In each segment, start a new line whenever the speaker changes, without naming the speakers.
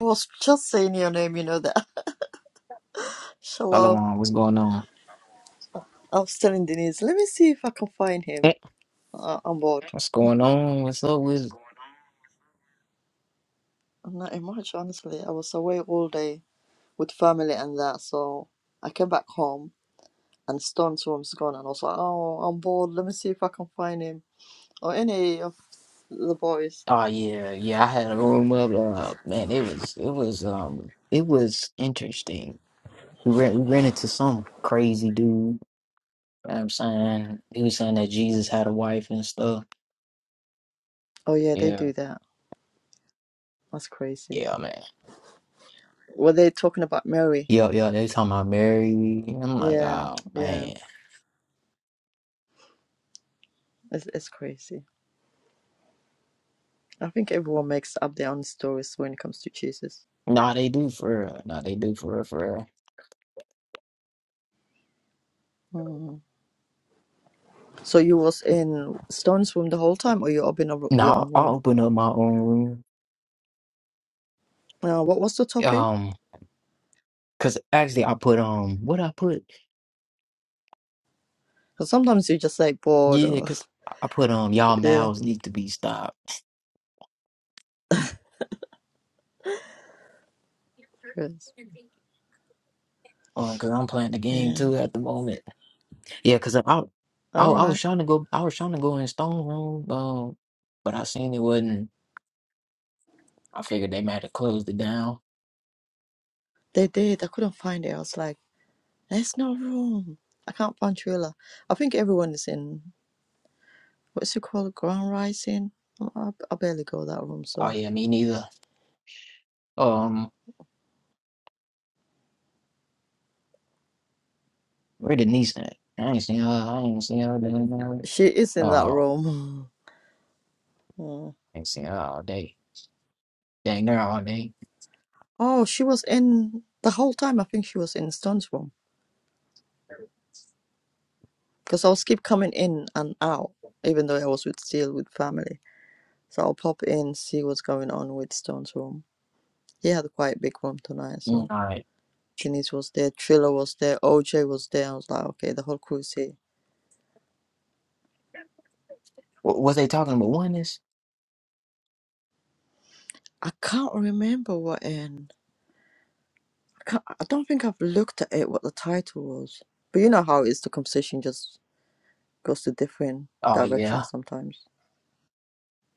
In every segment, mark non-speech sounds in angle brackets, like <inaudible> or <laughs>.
I was just saying your name, you know that. <laughs> Shalom.
Shalom, what's going on?
I was telling Denise, let me see if I can find him.
Eh,
Uh, I'm bored.
What's going on? What's up with?
I'm not in much, honestly. I was away all day with family and that, so I came back home and Stone's room's gone, and I was like, oh, I'm bored. Let me see if I can find him or any of the boys.
Oh yeah, yeah. I had a room up. Uh, man, it was it was um it was interesting. We ran we ran into some crazy dude. You know what I'm saying he was saying that Jesus had a wife and stuff.
Oh yeah, they
Yeah,
do that. That's crazy.
yeah, man.
Were they talking about Mary?
Yeah, yeah. They talking about Mary. I'm like,
Yeah,
oh
yeah.
man.
It's it's crazy. I think everyone makes up their own stories when it comes to Jesus.
Nah, they do for real. Nah, they do for real, for real.
Mm. So you was in Stone's room the whole time, or you up in a, ro- your
Nah,
own room?
I'll open up my own room.
Uh, what was the topic?
Um, cause actually I put um what I put.
'Cause sometimes you just like bored
Yeah,
or
cause I I put um y'all
<laughs> yeah,
mouths need to be stopped.
curious.
Um, cause I'm playing the game
yeah.
too at the moment. Yeah, cause I, I
All
I was
right,
trying to go I was trying to go in Stone Room, um, but I seen it wasn't. I figured they might have closed it down.
they did. I couldn't find it. I was like, there's no room. I can't find Trilla. I think everyone is in what's it called, ground rising. Oh, I, I barely go that room,
Oh
so
yeah, me neither. Um, where the niece at? I ain't seen her. I ain't seen her. down there.
she is in that
Oh,
room. <laughs> <sighs> Yeah.
I ain't seen her all day. Dang, there all day.
Oh, she was in the whole time. I think she was in Stone's room because I was keep coming in and out, even though I was with still with family. So I'll pop in, see what's going on with Stone's room. He had quite a big room tonight,
Mm,
so
all right.
Denise was there, Triller was there, OJ was there. I was like, okay, the whole crew's here.
What was they talking about? Oneness?
I can't remember what in. I can't, I don't think I've looked at it what the title was. But you know how it is the conversation just goes to different
Oh yeah.
directions sometimes.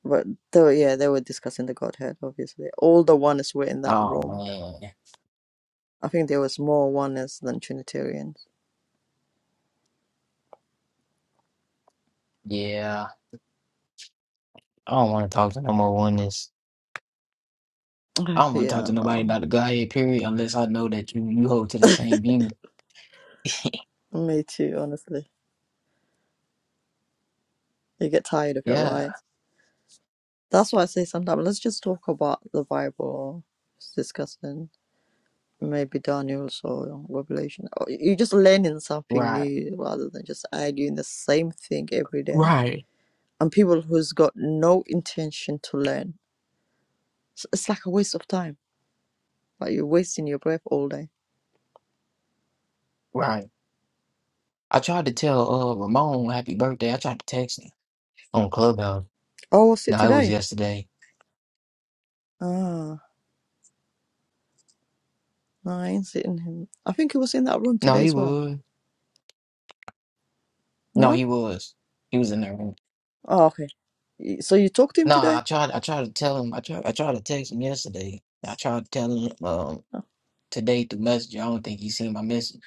But they were, yeah, they were discussing the Godhead, obviously. All the oneness were in that
Oh
room.
man.
I think there was more oneness than Trinitarians.
Yeah. I don't want to talk to no more oneness. I
<sighs>
don't want to talk
yeah,
to nobody
no.
about the Godhead period unless I know that you, you hold to the same view.
Me too, honestly. You get tired of it,
Yeah,
right? That's why I say sometimes let's just talk about the Bible. It's disgusting. Maybe Daniel's or Revelation. Or You're just learning something
right,
new rather than just arguing the same thing every day.
right,
And people who's got no intention to learn, it's it's like a waste of time. Like you're wasting your breath all day.
right. I tried to tell uh Ramon happy birthday. I tried to text him on Clubhouse.
Oh, what's it
No, it was
today?
yesterday.
Ah, no, I ain't sitting him. I think he was in that room
No,
today
he
as well.
was. No,
No?
he was. He was in there.
Oh, okay. Y- So you talked to him
No,
today?
I tried. I tried to tell him. I tried. I tried to text him yesterday. I tried to tell him um today through Messenger. I don't think he seen my message.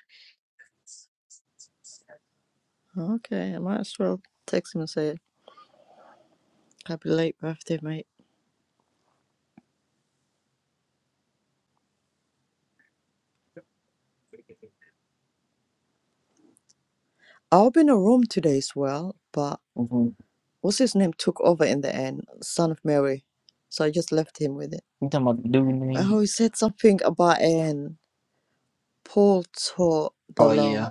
Oh, okay, I might as well text him and say Happy late birthday, mate. I'll be in a room today as well, but
hmm
what's his name took over in the end, son of Mary. So I just left him with it.
You talking about the dude name?
Oh, he said something about an Paul taught the
Oh
law.
yeah,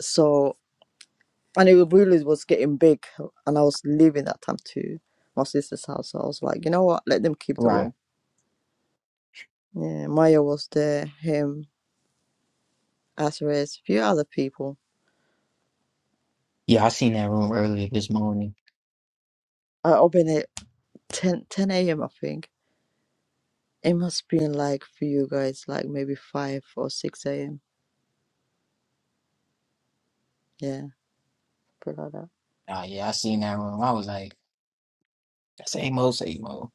So, and it really was getting big, and I was leaving that time to my sister's house. So I was like, you know what, let them keep the
right.
room. Yeah, Maya was there, him, Azarez, a few other people.
Yeah, I seen that room earlier this morning.
I opened it 10, 10 a.m., I think It must be in like for you guys, like maybe five or six a.m. Yeah, probably like that.
Ah, yeah, I seen that room. I was like, same old, same old.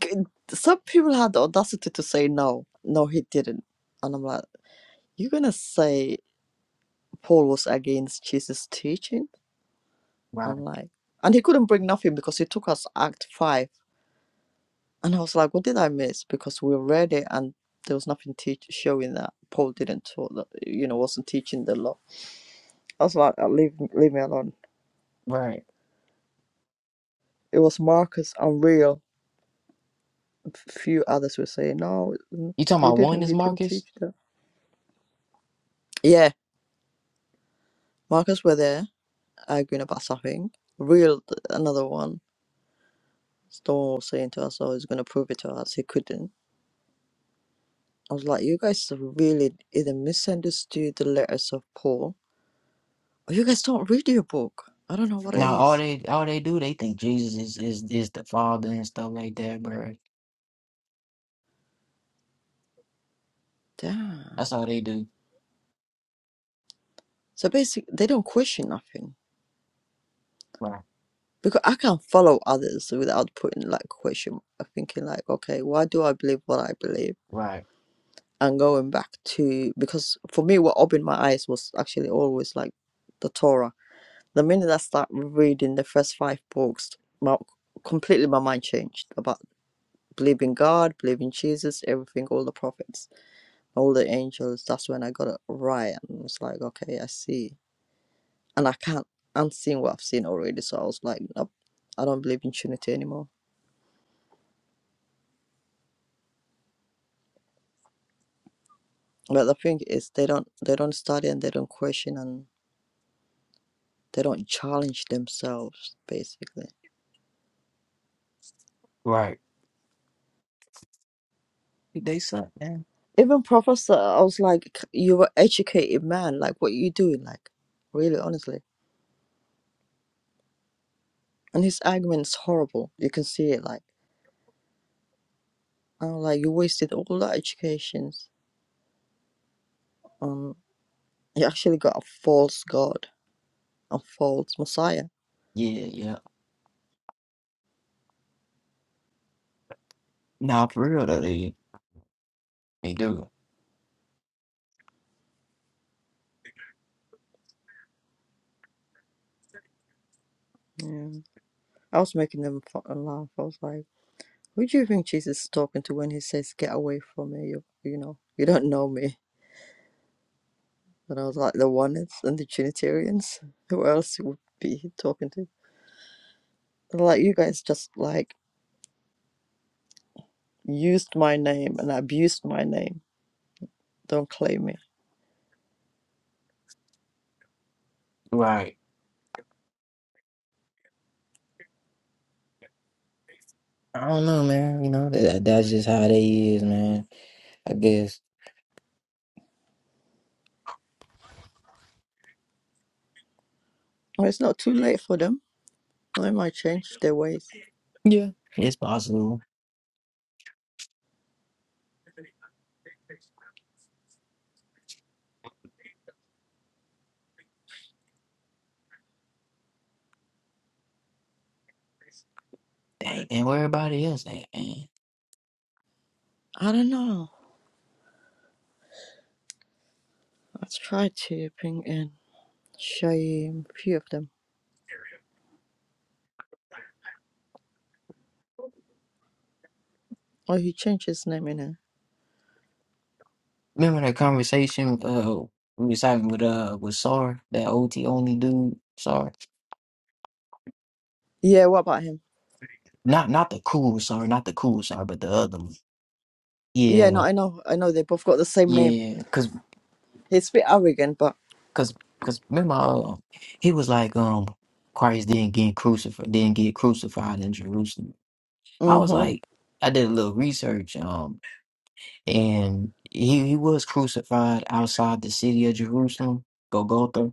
G- Some people had the audacity to say no. No, he didn't. And I'm like, you're gonna say Paul was against Jesus' teaching?
Right,
I'm like, and he couldn't bring nothing because he took us Act five, and I was like, what did I miss? Because we read it and there was nothing teach showing that Paul didn't taught that you know wasn't teaching the law. I was like, "Uh, leave leave me alone.
right.
It was Marcus and Real few others were saying, no, mm,
You talking
he
about
didn't,
oneness,
he didn't
Marcus?
teach that. Yeah, Marcus were there arguing about something. Real, another one. Storm was saying to us, oh, he's going to prove it to us. He couldn't. I was like, you guys really either misunderstood the letters of Paul or you guys don't read your book. I don't know what it
Now all
is.
they all they do, they think Jesus is is is the Father and stuff like that, bro.
Damn.
That's all they do.
So basically, they don't question nothing.
Right,
Because I can't follow others without putting like question, thinking like, okay, why do I believe what I believe?
right,
and going back to because for me what opened my eyes was actually always like the torah the minute i start reading the first five books my completely my mind changed about believing god believing jesus everything all the prophets all the angels that's when i got it right and it was like okay i see and i can't unseen what i've seen already so i was like nope i don't believe in trinity anymore but the thing is they don't they don't study and they don't question and they don't challenge themselves basically
right. They suck, man.
Even professor, I was like, "C- you're an educated man. Like, what are you doing? Like, really, honestly. And his argument's horrible. You can see it. Like, I'm like, you wasted all that educations. Um, you actually got a false god, a false messiah.
Yeah, yeah. Nah, for real though, they they do.
Yeah. I was making them fu- laugh. I was like, who do you think Jesus is talking to when he says, get away from me? You, you know, you don't know me. And I was like, the oneness and the Trinitarians. Who else would be talking to? Like, you guys just like used my name and abused my name. Don't claim me.
Right. I don't know, man. You know that that's just how they is, man. I guess.
Well, it's not too late for them. They might change their ways.
Yeah, it's possible. They ain't worry about it else.
I don't know. Let's try to bring in Shaim, a few of them. Oh, he changed his name in here.
Remember that conversation uh we was having with uh with Sar, that OT only dude, Sar.
Yeah, what about him?
Not not the cool Sar, not the cool Sar, but the other one.
Yeah, no,
Yeah,
I know. I know they both got the same name.
yeah, cause
He's a bit arrogant, but.
cause cause remember uh, he was like um Christ didn't get crucified didn't get crucified in Jerusalem. I was
Mm-hmm.
like I did a little research um and he he was crucified outside the city of Jerusalem, Golgotha.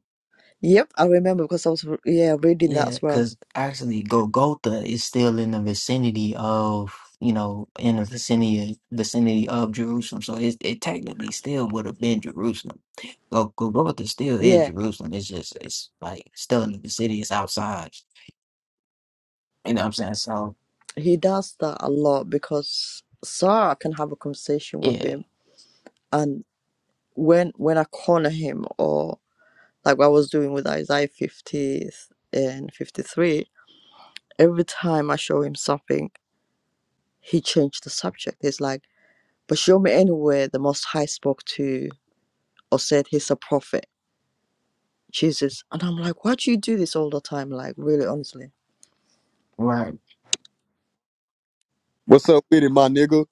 Yep, I remember because I was, yeah, reading that
Yeah,
as well.
because actually Golgotha is still in the vicinity of, you know, in the vicinity vicinity of Jerusalem. So it it technically still would have been Jerusalem. Gol- Golgotha still is
Yeah,
Jerusalem. It's just it's like still in the city. It's outside. You know what I'm saying? So
he does that a lot because Sarah can have a conversation with
yeah,
him and when when I corner him or. like what I was doing with Isaiah 50 and 53, every time I show him something, he changed the subject. He's like, but show me anywhere the Most High spoke to or said he's a prophet, Jesus. And I'm like, why do you do this all the time? Like, really, honestly.
right.
What's up with it, my nigga?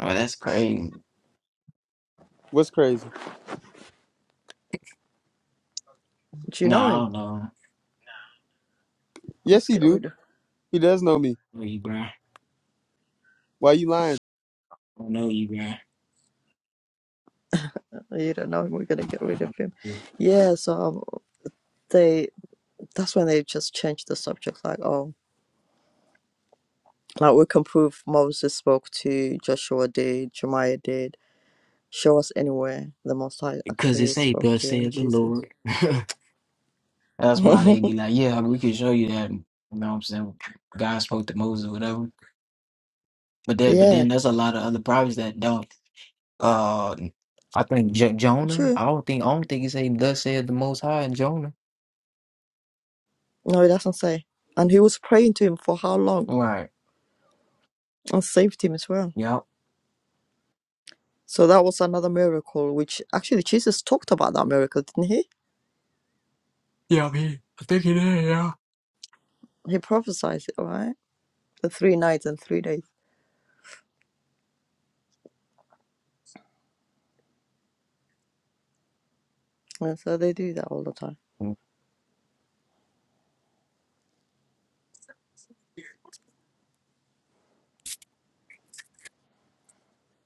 Oh, that's crazy.
What's crazy?
Do you
No,
know
I
him?
don't know. I
Yes,
Let's
he
get
do.
rid of
He does know me.
don't know you, bro. I
Why you lying?
don't know you, bro.
him. You don't know him. We're going to get rid of him. Yeah, so um, they that's when they just changed the subject. Like, oh, like we can prove Moses spoke to Joshua did, Jeremiah did show us anywhere the Most High
Because it
actually
say,
spoke
thus
to him,
said the
Jesus.
Lord. <laughs> That's why
<laughs>
they be like, yeah, we can show you that. You know what I'm saying? God spoke to Moses or whatever. But that, but
yeah,
then there's a lot of other prophets that don't. Uh, I think J- Jonah.
true.
I don't think. I don't think he said thus said the Most High in Jonah.
No, it doesn't say. And he was praying to him for how long
Right.
and saved him as well.
Yep.
So that was another miracle, which actually Jesus talked about that miracle, didn't he?
Yeah, I mean, I
He prophesied it, right? The three nights and three days. And so they do that all the time.
think-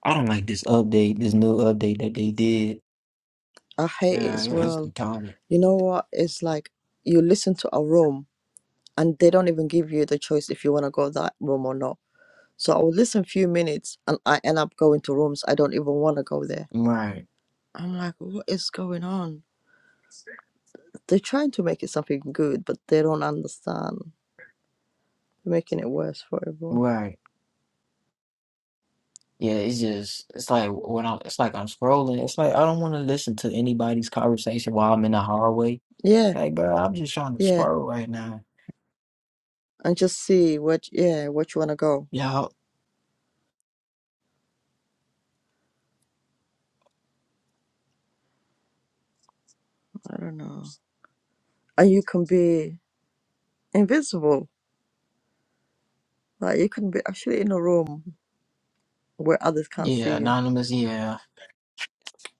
I don't like this update. This new update that they did.
I hate it
Yeah,
as
it- it's
well.
retarded.
You know what? It's like you listen to a room and they don't even give you the choice if you want to go that room or not So I will listen few minutes and I end up going to rooms I don't even want to go there.
Right.
I'm like, what is going on? They're trying to make it something good, but they don't understand. They're making it worse for everyone.
Right. Yeah, it's just it's like when I it's like I'm scrolling. It's like I don't want to listen to anybody's conversation while I'm in the hallway.
Yeah,
Like, bro, I'm just trying to
yeah.
squirrel right now.
And just see what yeah, what you wanna go.
Y'all,
I don't know. And you can be invisible. Like you can be actually in a room where others can't see
yeah,
you.
anonymous, yeah,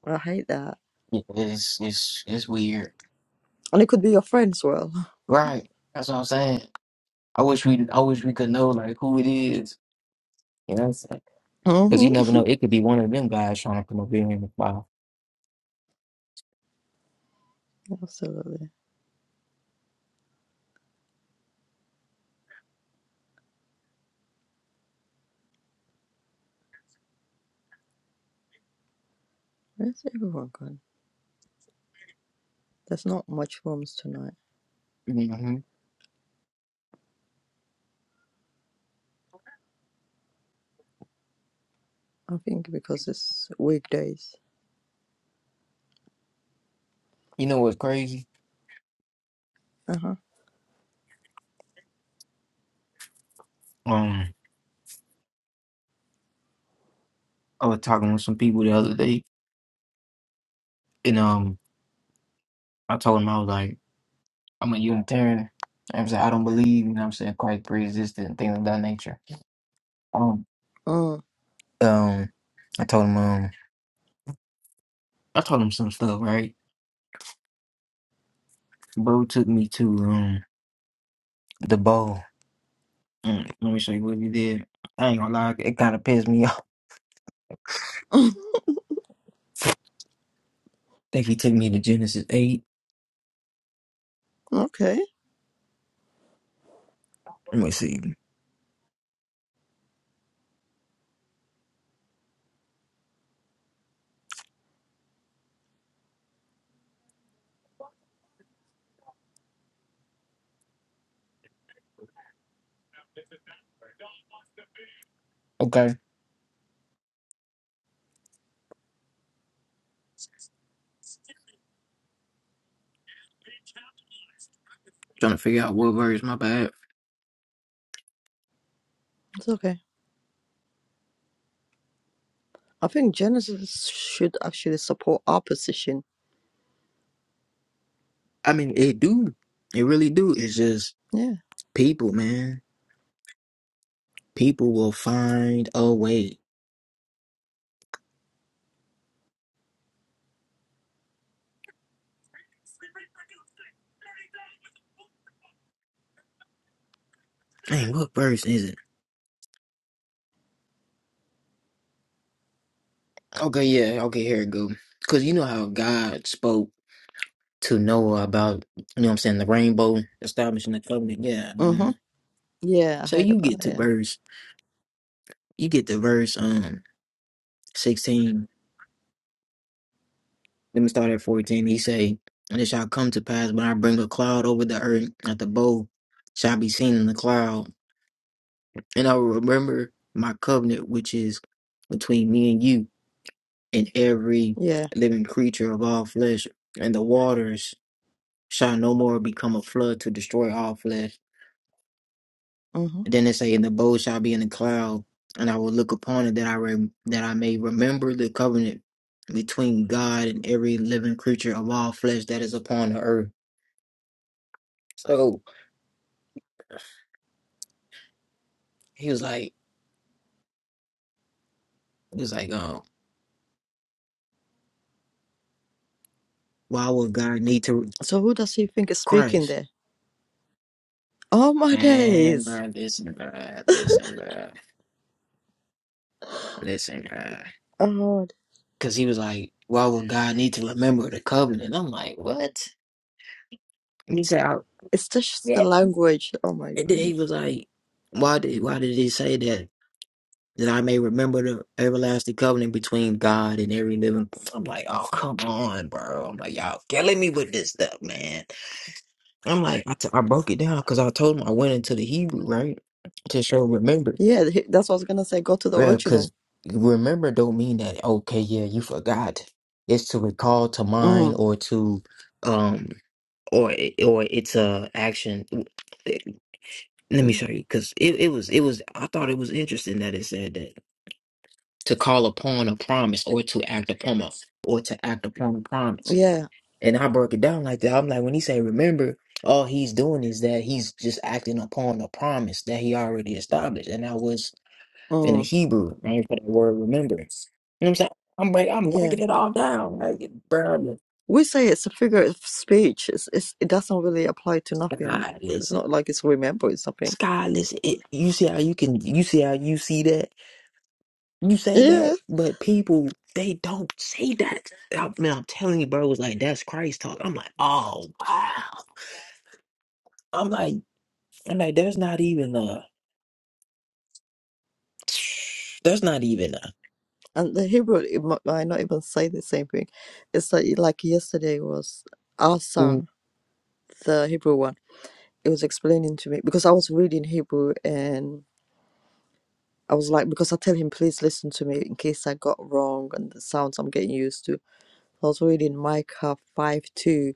I hate that.
yeah, it's it's it's weird,
And it could be your friend as well.
right? That's what I'm saying. I wish we, I wish we could know like who it is. You know what I'm saying?
<laughs>
Because
hmm
you never know, it could be one of them guys trying to come over here and file.
Absolutely. Where's everyone gone? There's not much rooms tonight.
hmm
I think because it's weekdays.
You know what's crazy?
Uh huh.
Um, I was talking with some people the other day, and um, I told them I was like, I'm a Unitarian. You know what I'm saying I don't believe, you know what I'm saying, Christ pre-existed and things of that nature. Um,
Oh,
um, I told him. I told him some stuff, right? Bro took me to um the bowl. Mm, let me show you what he did. I ain't gonna lie, it kind of pissed me <laughs> off.
<laughs>
think he took me to Genesis eight.
okay,
Let me see. Okay, trying to figure out what verse. My bad.
it's okay. I think Genesis should actually support our position.
I mean, it do. It really do. It's just
Yeah.
people, man. People will find a way. Man, what verse is it? Okay, yeah. Okay, here it go. Cause you know how God spoke to Noah about you know what I'm saying the rainbow establishing the covenant. Yeah,
Mm hmm.
man.
Yeah, I
So
heard
you
about
get
it.
to
Yeah.
verse you get the verse um sixteen. Let me start at fourteen. He say, "And it shall come to pass when I bring a cloud over the earth, that the bow shall be seen in the cloud, and I will remember my covenant which is between me and you and every
Yeah.
living creature of all flesh, and the waters shall no more become a flood to destroy all flesh."
Mm hmm.
And Then it say, "And the bow shall be in the cloud, and I will look upon it that I re- that I may remember the covenant between God and every living creature of all flesh that is upon the earth." So he was like, he was like, "Oh, why would God need to
So who does he think is speaking
Christ?"
there? Oh my
Man,
days.
bro, listen, bro, listen, bro, listen, bro.
Oh,
Because he was like, "Why would God need to remember the covenant?" I'm like, "What?" And he said, I,
it's just the
"Yeah."
language. Oh my
And then he
goodness.
was like, "Why did why did he say that?" that I may remember the everlasting covenant between God and every living. I'm like, oh come on, bro. I'm like, y'all killing me with this stuff, man. I'm like, I, t- I broke it down because I told him I went into the Hebrew right to show remember.
Yeah, he- that's what I was gonna say. Go to the
Yeah, because
original.
remember don't mean that okay, yeah, you forgot. It's to recall to
Mm.
mind or to um or it- or it's a action. Let me show you because it, it was it was I thought it was interesting that it said that to call upon a promise or to act upon a or to act upon a promise.
Yeah.
And I broke it down like that. I'm like, when he say remember, all he's doing is that he's just acting upon a promise that he already established. And that was in the
Mm.
Hebrew, right? For the word remember. You know what I'm saying? I'm break, I'm
Yeah.
breaking it all down. Like bro, the
We say it's a figure of speech. It's, it's, it doesn't really apply to nothing.
sky
It's
listen!
not like it's remembering something.
sky is it. You see how you can you see how you see that? You say
Yeah.
that, but people they don't say that. I mean, I'm telling you, bro, it was like that's Christ talk. I'm like, oh wow. I'm like, I'm like, there's not even a, there's not even a.
And the Hebrew it mi- might not even say the same thing. It's like, like yesterday was Asa,
Mm,
the Hebrew one. It was explaining to me because I was reading Hebrew and I was like, because I tell him, please listen to me in case I got wrong and the sounds I'm getting used to. I was reading Micah 5 2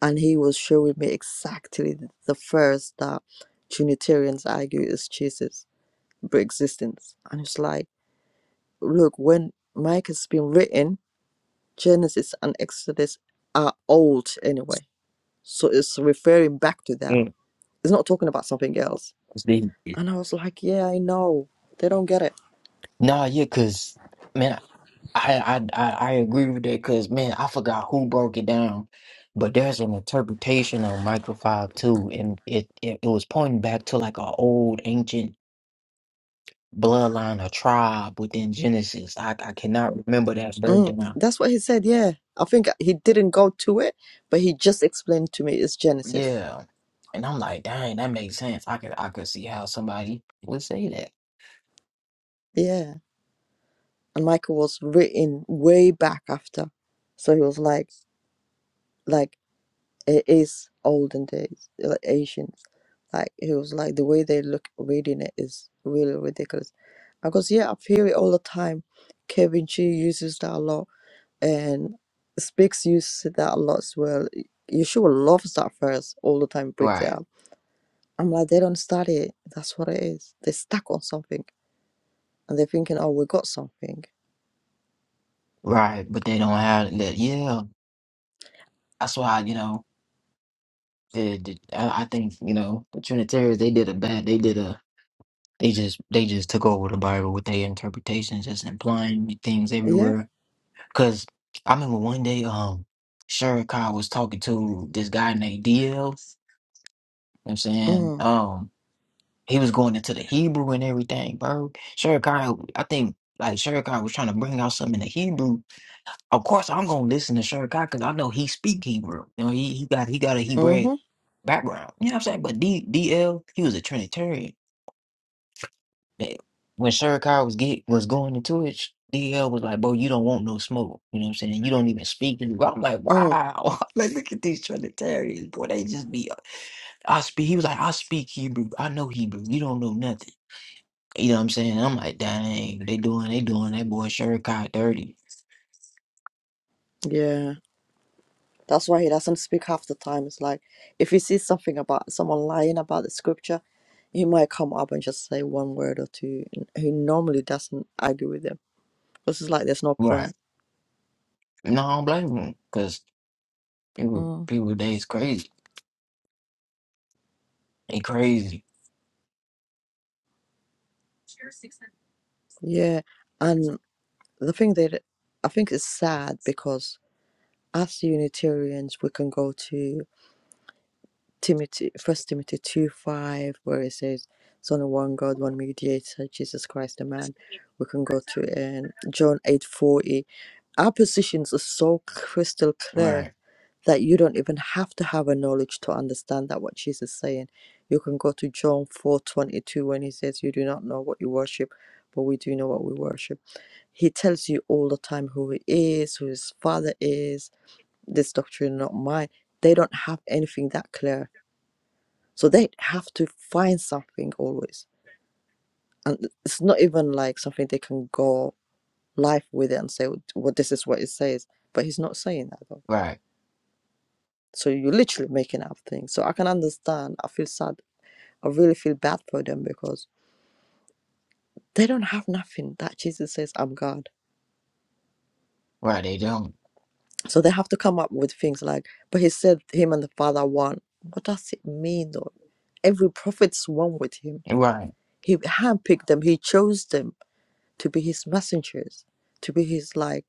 and he was showing me exactly the first that Trinitarians argue is Jesus pre-existence, and it's like, look, when Mike has been written, Genesis and Exodus are old anyway, so it's referring back to that.
mm,
It's not talking about something else.
it's the-
And I was like, yeah, I know they don't get it.
Nah, yeah, cause man, I I I, I agree with that, cause man, I forgot who broke it down, but there's an interpretation of Micah Five too, and it, it it was pointing back to like an old ancient. bloodline or tribe within Genesis. I, I cannot remember that
Mm,
breakdown.
that's what he said. Yeah, I think he didn't go to it, but he just explained to me it's Genesis.
Yeah. And I'm like, dang, that makes sense. I could I could see how somebody would say that.
Yeah and Michael was written way back after, so he was like like it is olden days like Asian. Like he was like the way they look reading it is really ridiculous. I goes yeah, I hear it all the time. Kevin Chi uses that a lot, and Speaks uses that a lot as well. Yeshua loves that verse all the time, brings it
Right.
up. I'm like they don't study it. That's what it is. They stuck on something, and they're thinking, oh, we got something.
Right. But they don't have that yeah. That's why, you know, the, the, I, I think, you know, the Trinitarians they did a bad they did a they just they just took over the Bible with their interpretations, just implying things
Yeah.
everywhere. Cause I remember one day, um, Sherry was talking to this guy named DL. You know what I'm saying?
Mm.
Um, He was going into the Hebrew and everything, bro. Shurikai, I think like Shurikai was trying to bring out something in the Hebrew. Of course, I'm gonna listen to Shurikai because I know he speak Hebrew. You know, he, he got he got a Hebrew
Mhm.
background. You know what I'm saying? But D DL, he was a Trinitarian. Yeah. When Shurikai was get was going into it, DL was like, "Bro, you don't want no smoke." You know what I'm saying? You don't even speak Hebrew. I'm like,
Mm.
"Wow!" <laughs> like, look at these Trinitarians, boy. They just be. uh, I speak. He was like, "I speak Hebrew. I know Hebrew. You don't know nothing." You know what I'm saying? I'm like, dang, they doing, they doing that boy Sherkai dirty.
Yeah. That's why he doesn't speak half the time. It's like if he sees something about someone lying about the scripture, he might come up and just say one word or two. And he normally doesn't argue with them because it's like there's no
Right.
point.
No, I don't blame them because people,
Mm,
people today is crazy. They crazy.
yeah, and the thing that I think is sad because as Unitarians we can go to Timothy, First Timothy two five, where it says, "It's only one God, one mediator, Jesus Christ, the man." We can go to um, John eight forty Our positions are so crystal clear
Right.
that you don't even have to have a knowledge to understand that what Jesus is saying. You can go to John 4:22 when he says, "You do not know what you worship, but we do know what we worship." He tells you all the time who he is, who his father is. This doctrine is not mine. They don't have anything that clear, so they have to find something always, and it's not even like something they can go life with it and say, "Well, this is what it says." But he's not saying that though
Right.
So you're literally making up things. So I can understand. I feel sad. I really feel bad for them because they don't have nothing that Jesus says, I'm God.
Right. They don't.
So they have to come up with things like, but he said him and the Father one. What does it mean though? Every prophet's one with him.
Right.
He handpicked them, he chose them to be his messengers, to be his like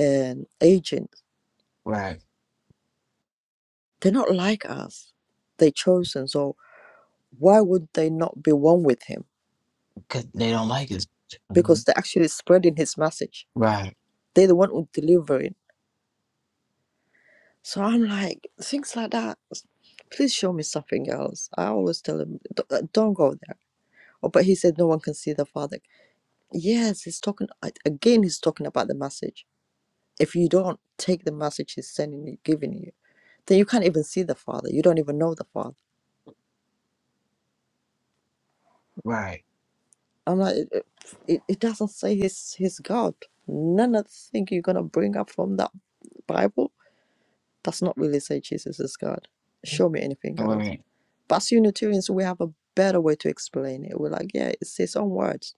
um, agent.
Right.
They're not like us. They chosen. So why would they not be one with him?
Because they don't like us.
Because
Mhm.
they're actually spreading his message
Right.
They're the one who delivering. So I'm like, things like that. Please show me something else. I always tell him, "D- uh, don't go there. Oh, but he said no one can see the father. Yes, he's talking a- again. He's talking about the message. If you don't take the message he's sending you, giving you, then you can't even see the father. You don't even know the father.
Right.
I'm like, it, it, it it doesn't say he's he's God. None of the thing you're gonna bring up from that Bible does not really say Jesus is God. Show me anything else.
Right.
But as Unitarians, we have a better way to explain it. We're like, yeah, it's his own words.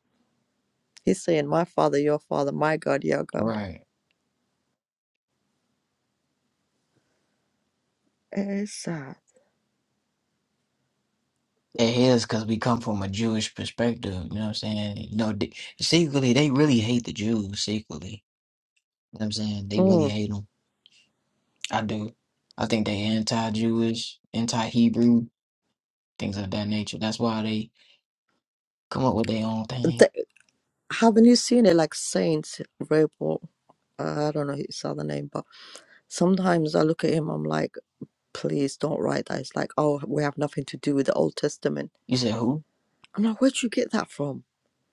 He's saying, my father, your father, my God, your God.
Right.
It's, uh,
They hate us because we come from a Jewish perspective. You know what I'm saying? No, they, secretly, they really hate the Jews, secretly. You know what I'm saying? They really
mm.
hate them. I do. I think they anti-Jewish, anti-Hebrew. things of that nature. That's why they come up with their own thing.
Th- haven't you seen it like Saint Rebel? Uh, I don't know his other name, but sometimes I look at him, I'm like, please don't write that. It's like, oh, we have nothing to do with the Old Testament.
You said who?
I'm like, where'd you get that from?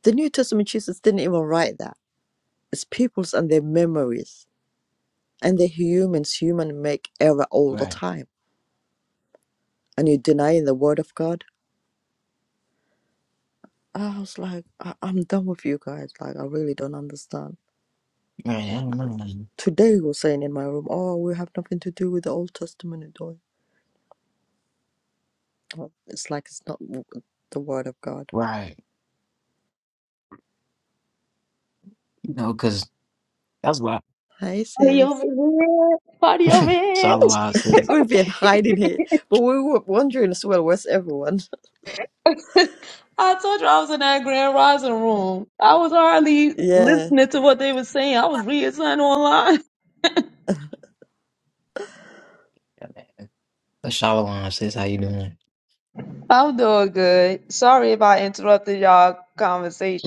The New Testament Jesus didn't even write that. It's people's and their memories. And the humans, human make error all the
Right.
time and you're denying the word of God. I was like, I- I'm done with you guys. Like, I really don't understand.
Right. I don't know.
Today, he was saying in my room, oh, we have nothing to do with the Old Testament at all. Oh, It's like it's not w- the word of God.
Right. You know, because that's why
Hi,
Party over
sis.
here. Party over here.
Shalawah
<laughs>
says,
We've been hiding here, but we were wondering as well, where's everyone?
<laughs> I told you I was in that Grand Rising room. I was
<laughs>
hardly
yeah.
listening to what they were saying. I was reading something online.
Shalawah says, how you doing?
<laughs> I'm doing good. Sorry if I interrupted y'all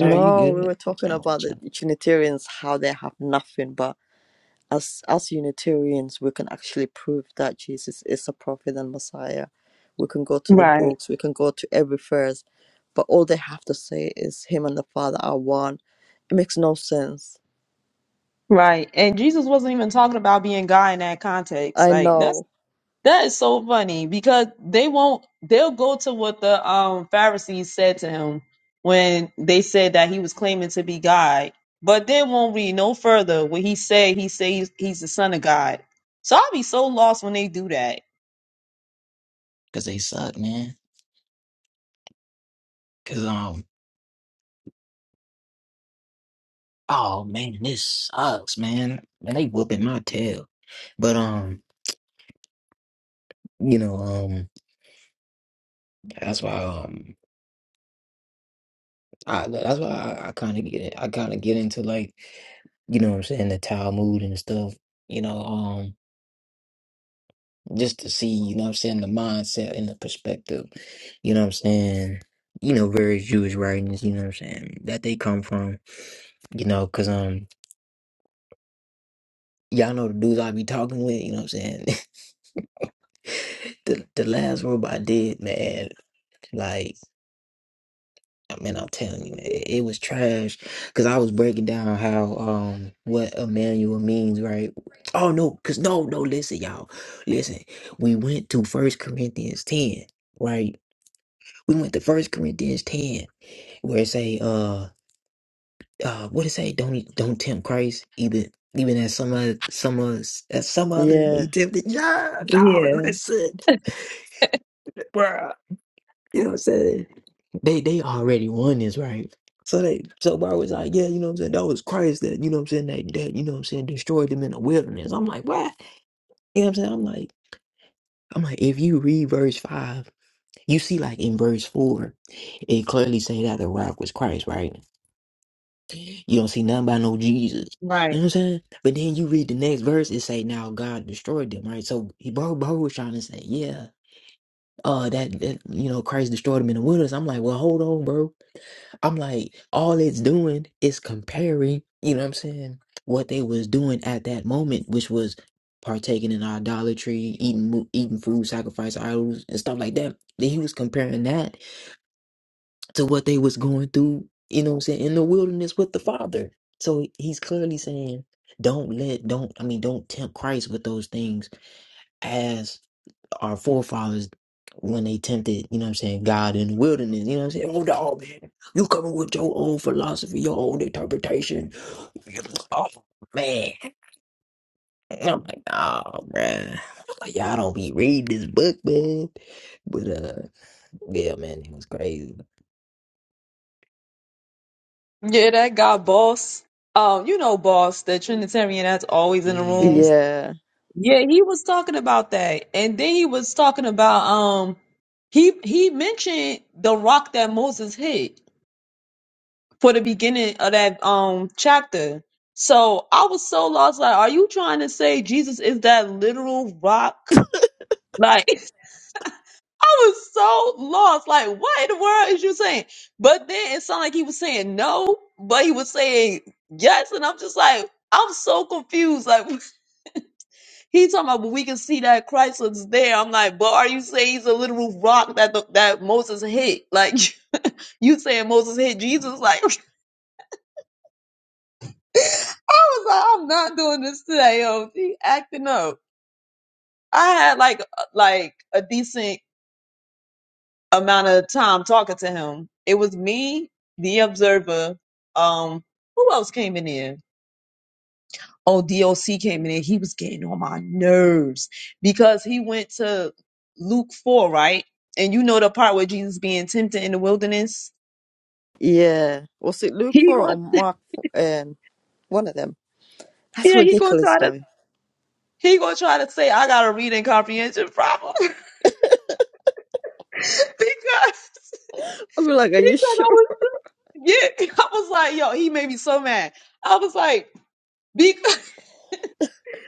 Oh, you
we
good?
were talking about the
Because
Trinitarians, how they have nothing but as as Unitarians, we can actually prove that Jesus is a prophet and Messiah. We can go to the
Right.
books, we can go to every verse, but all they have to say is him and the Father are one. It makes no sense.
Right. And Jesus wasn't even talking about being God in that context.
I
Like that's
know.
That is so funny because they won't they'll go to what the um Pharisees said to him when they said that he was claiming to be God, but they won't read no further what he said he says he's, he's the son of God. So I'll be so lost when they do that.
they suck, man. Because, um, oh, man, this sucks, man. Man, they whooping my tail. But, um, you know, um, that's why, um, I, that's why I, I kind of get it. I kind of get into like, you know what I'm saying, the Talmud and stuff. You know, um, just to see, you know what I'm saying, the mindset and the perspective, you know what I'm saying, you know, various Jewish writings, you know what I'm saying, that they come from, you know, because, um, y'all know the dudes I be talking with, you know what I'm saying, <laughs> the, the last robe I did, man, like, I mean, I'm telling you, it, it was trash, because I was breaking down how, um, what Emmanuel means, right, oh, no, because, no, no, listen, y'all, listen, we went to First Corinthians 10, right, we went to First Corinthians 10 where it say uh uh what it say don't e, don't tempt Christ even even as some oth- some us as some other
Yeah,
they tempted John dog
Yeah,
listen bruh you know what I'm saying they they already won this right so they so Bar was like yeah you know what I'm saying that was Christ that you know what I'm saying that that you know what I'm saying destroyed them in the wilderness I'm like what you know what I'm saying I'm like I'm like if you read verse five you see like in verse four it clearly say that the rock was Christ right You don't see nothing about no Jesus.
right.
You know what I'm saying? But then you read the next verse, it say, now God destroyed them, right? So he bro, bro was trying to say, yeah, uh, that, that, you know, Christ destroyed them in the wilderness. I'm like, well, hold on, bro. I'm like, all it's doing is comparing, you know what I'm saying, what they was doing at that moment, which was partaking in idolatry, eating, mo- eating food, sacrifice idols, and stuff like that. Then he was comparing that to what they was going through, you know what I'm saying, in the wilderness with the Father. So he's clearly saying, don't let, don't, I mean, don't tempt Christ with those things as our forefathers when they tempted, you know what I'm saying, God in the wilderness, you know what I'm saying? Oh, dog, man, you coming with your old philosophy, your old interpretation. Oh, man. And I'm like, oh, man. Like, y'all don't be reading this book, man. But, uh, yeah, man, it was crazy.
Yeah, that guy boss. Um, you know boss, the Trinitarian that's always in the
Yeah.
rooms.
yeah,
Yeah, he was talking about that. And then he was talking about um he he mentioned the rock that Moses hit. for the beginning of that um chapter. So I was so lost. Like, are you trying to say Jesus is that literal rock? Like <laughs> I was so lost. Like, what in the world is you saying? But then it sounded like he was saying no, but he was saying yes, and I'm just like, I'm so confused. Like <laughs> he talking about, but we can see that Christ was there. I'm like, but are you saying he's a literal rock that the, that Moses hit? Like <laughs> you saying Moses hit Jesus? Like <laughs> I was like, I'm not doing this today, yo. She acting up. I had like uh, like a decent amount of time talking to him. It was me, the observer. Um, who else came in here? Oh, DOC came in here. He was getting on my nerves because he went to Luke four, right? And you know the part where Jesus being tempted in the wilderness.
yeah. Was it Luke
He
four or
going,
Mark four? Um, one of them? That's
yeah, he gonna
ridiculous,
try
though.
to,
<laughs>
he gonna try to say, I got a reading comprehension problem <laughs> because because
i will be like, are you
I
sure?
was. Yeah, <laughs> I was like, yo, he made me so mad. I was like, because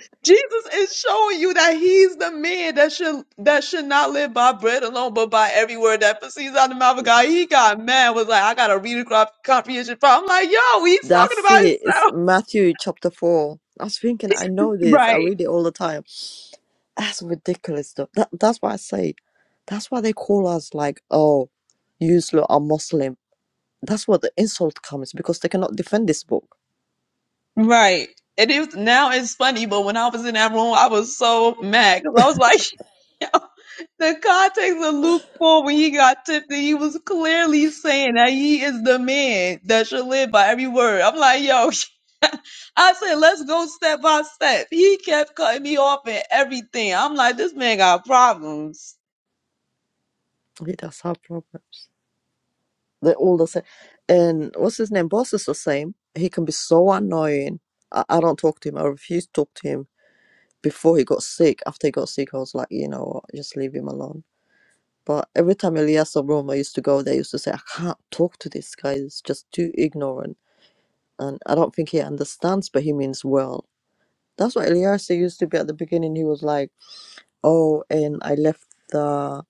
<laughs> Jesus is showing you that he's the man that should that should not live by bread alone, but by every word that proceeds out of the mouth of God. He got mad, was like, I got a reading comp- comprehension problem. I'm like, yo, he's talking
That's
about
it. It's
himself.
Matthew chapter four. I was thinking, I know
<laughs>
this. I
Right,
read it all the time That's ridiculous stuff. That that's why I say. That's why they call us like, oh, you lot are Muslim. That's what the insult comes because they cannot defend this book.
right. And it was, now it's funny, but when I was in that room, I was so mad because I was like, <laughs> The context of Luke 4 when he got tempted, he was clearly saying that he is the man that should live by every word. I'm like, yo, <laughs> I said, let's go step by step. He kept cutting me off and everything. I'm like, this man got problems.
Okay, that's our problems. They're all the same. And what's his name? Boss is the same. He can be so annoying. I, I don't talk to him. I refuse to talk to him before he got sick. After he got sick, I was like, you know what, just leave him alone. But every time Elias room I used to go, they used to say, I can't talk to this guy. He's just too ignorant and I don't think he understands, but he means well. That's what Eliasa used to be at the beginning. He was like, "Oh, and I left the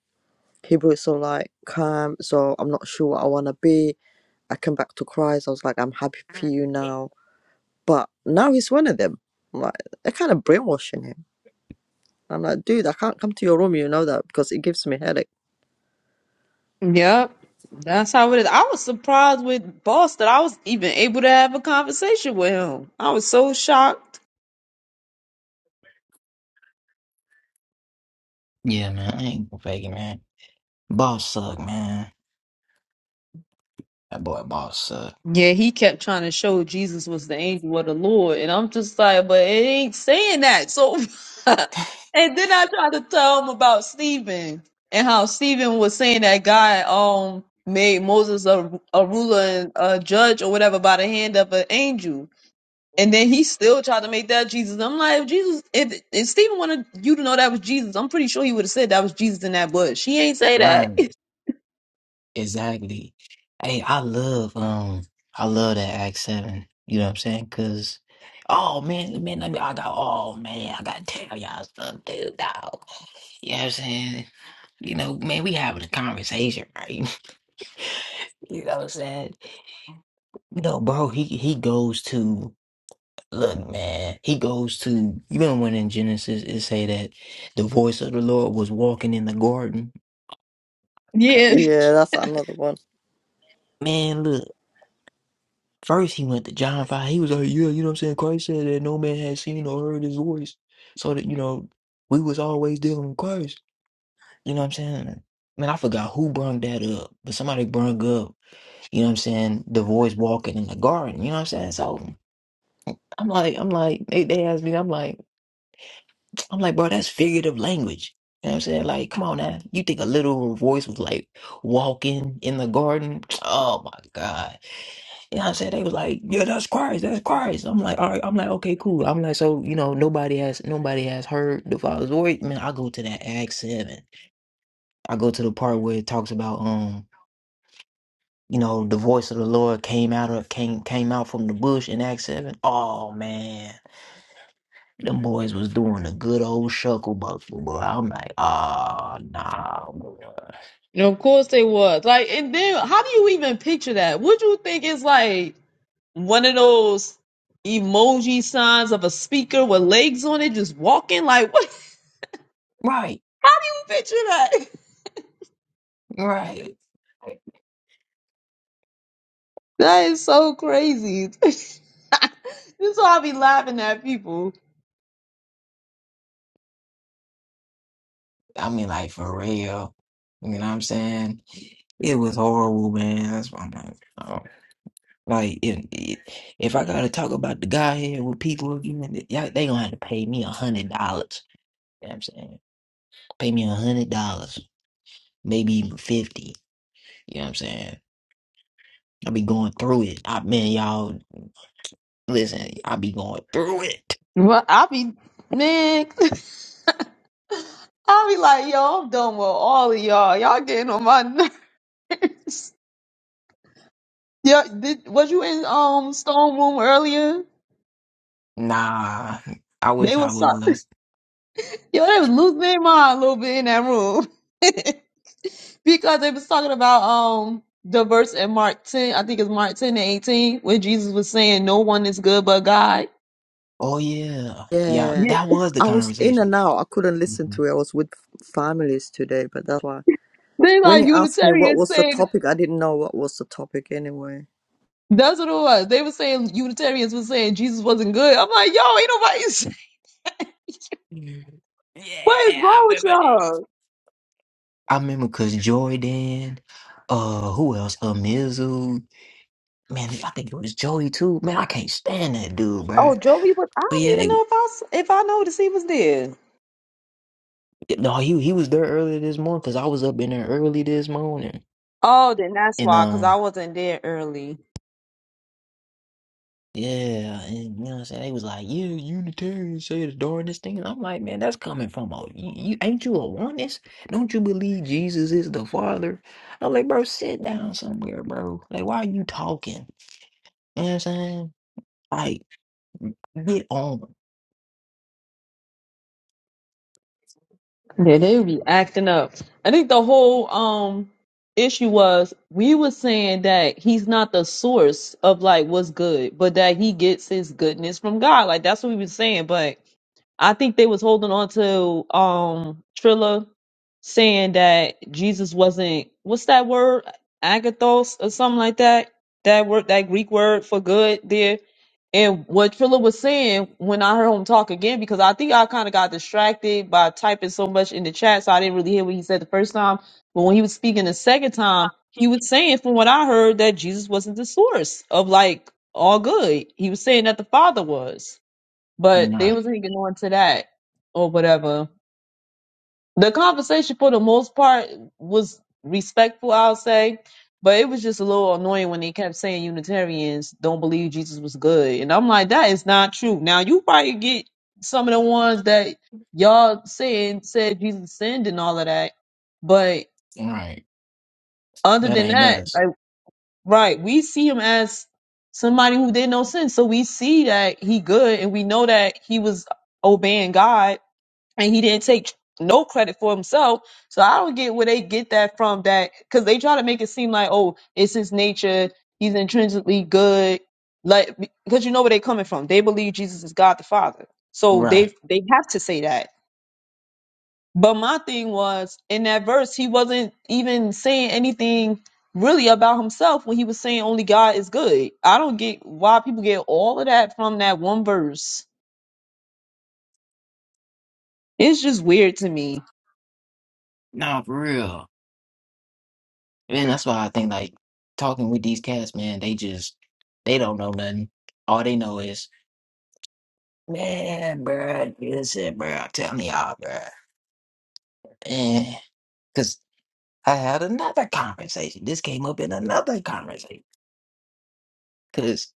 Hebrew so like camp, so I'm not sure what I want to be. I came back to Christ. I was like, I'm happy for you now." But now he's one of them. I'm like they're kind of brainwashing him. I'm like, dude, I can't come to your room. You know that because it gives me headache.
Yep. That's how it is. I was surprised with Boss that I was even able to have a conversation with him. I was so shocked.
Yeah, man, I ain't gonna fake it, man. Boss suck, man. That boy boss suck.
Yeah, he kept trying to show Jesus was the angel of the Lord, and I'm just like, but it ain't saying that. So, <laughs> and then I tried to tell him about Stephen and how Stephen was saying that God um made Moses a, a ruler and a judge or whatever by the hand of an angel, and then he still tried to make that Jesus. I'm like, if Jesus, if, if Stephen wanted you to know that was Jesus, I'm pretty sure he would have said that was Jesus in that bush. He ain't say that.
Right.
<laughs>
Exactly. Hey, I love um I love that Act Seven. You know what I'm saying? Cause oh man, man, let me I got oh man, I gotta tell y'all something, dude, dog. You know what I'm saying? You know, man, we having a conversation, right? <laughs> you know what I'm saying? You know, bro, he he goes to Look, man, he goes to you remember when in Genesis it say that the voice of the Lord was walking in the garden. God,
Yeah.
Yeah, that's another one.
Man, look, first he went to John five. He was like, yeah, you know what I'm saying. Christ said that no man had seen or heard his voice, so that you know we was always dealing with Christ. You know what I'm saying? Man, I forgot who brung that up, but somebody brung up. You know what I'm saying? The voice walking in the garden. You know what I'm saying? So I'm like, I'm like, they, they asked me, I'm like. I'm like, bro, that's figurative language. You know what I'm saying? Like, come on now. You think a little voice was like walking in the garden? <tsk> Oh my God. You know what I'm saying? They was like, Yeah, that's Christ, that's Christ. I'm like, all right, I'm like, okay, cool. I'm like, so, you know, nobody has nobody has heard the father's voice. Man, I go to that Act seven. I go to the part where it talks about um, you know, the voice of the Lord came out of came came out from the bush in Act seven. Oh man. Them boys was doing a good old shuckle buckle, boy. I'm like, ah, nah. bruh."
Of course they was. Like, and then how do you even picture that? Would you think it's like one of those emoji signs of a speaker with legs on it just walking? Like, what <laughs> do
Right,
you picture that?
right.
That is so crazy. <laughs> this is why I be laughing at people.
I mean, like, for real. You know what I'm saying? It was horrible, man. That's why I'm like, oh. Like, if, if I gotta talk about the guy here with people again, y'all- they gonna have to pay me a hundred dollars. You know what I'm saying? Pay me a hundred dollars, maybe even fifty. You know what I'm saying? I be going through it. I man, y'all, listen, I be going through it.
Well, I be man, <laughs> I be like, yo, I'm done with all of y'all. Y'all getting on my <laughs> nerves. Yeah, did was you in um Stone Room earlier?
Nah, I
They
wish I
was. so
was.
Yo, they was losing their mind a little bit in that room <laughs> because they was talking about um the verse in Mark ten, I think it's Mark ten and eighteen, where Jesus was saying, "No one is good but God."
Oh yeah, yeah,
Yeah,
Yeah.
that was the
I was in
conversation.
and out. I couldn't listen
Mhm.
to it. I was with families today, but that's why.
They
When
like
you asked me what
Unitarians
was the
saying
topic, I didn't know what was the topic anyway.
that's what it was. They were saying Unitarians was saying Jesus wasn't good. I'm like, yo, ain't nobody. <laughs>
Mhm.
What is
Yeah,
wrong
I
with
remember that.
y'all?
I remember because Jordan, uh, who else? Uh, Mizzle. Man, I think it was Joey too. Man, I can't stand that dude,
Oh,
bruh.
Joey, was. I
But
don't
yeah,
even
they,
know if I s- if I noticed he was there.
no, he he was there earlier this morning because I was up in there early this morning,
Oh, then that's
and
why, because
um.
I wasn't there early.
Yeah, and you know what I'm saying? They was like, yeah, Unitarians say the darndest thing. And I'm like, man, that's coming from a you, you ain't you a oneness? Don't you believe Jesus is the Father? I'm like, bro, sit down somewhere, bro. Like, why are you talking? You know what I'm saying? Like, get on.
Yeah, they be acting up. I think the whole um issue was we were saying that he's not the source of like what's good, but that he gets his goodness from God. Like that's what we were saying. But I think they was holding on to um Trilla saying that Jesus wasn't what's that word? Agathos or something like that. That word that Greek word for good there and what Philip was saying when I heard him talk again, because I think I kind of got distracted by typing so much in the chat, so I didn't really hear what he said the first time. But when he was speaking the second time, he was saying, from what I heard, that Jesus wasn't the source of like all good. He was saying that the Father was, but they
Right,
was hanging on to that or whatever the conversation for the most part was respectful, I'll say, but it was just a little annoying when they kept saying Unitarians don't believe Jesus was good, and I'm like, that is not true. Now you probably get some of the ones that y'all saying said Jesus sinned and all of that, but
right.
other
That
than
ain't
that,
us.
like right, we see him as somebody who did no sin, so we see that he good, and we know that he was obeying God and he didn't take no credit for himself. So I don't get where they get that from. That because they try to make it seem like oh, it's his nature. He's intrinsically good. Like because you know where they're coming from. They believe Jesus is God the Father. So
Right.
they they have to say that. But my thing was in that verse, he wasn't even saying anything really about himself when he was saying only God is good. I don't get why people get all of that from that one verse. It's just weird to me.
Nah, for real. And that's why I think like talking with these cats, man, they just they don't know nothing. All they know is Man, bruh, listen, bruh, I'm telling y'all, bruh. because I had another conversation. This came up in another conversation. Because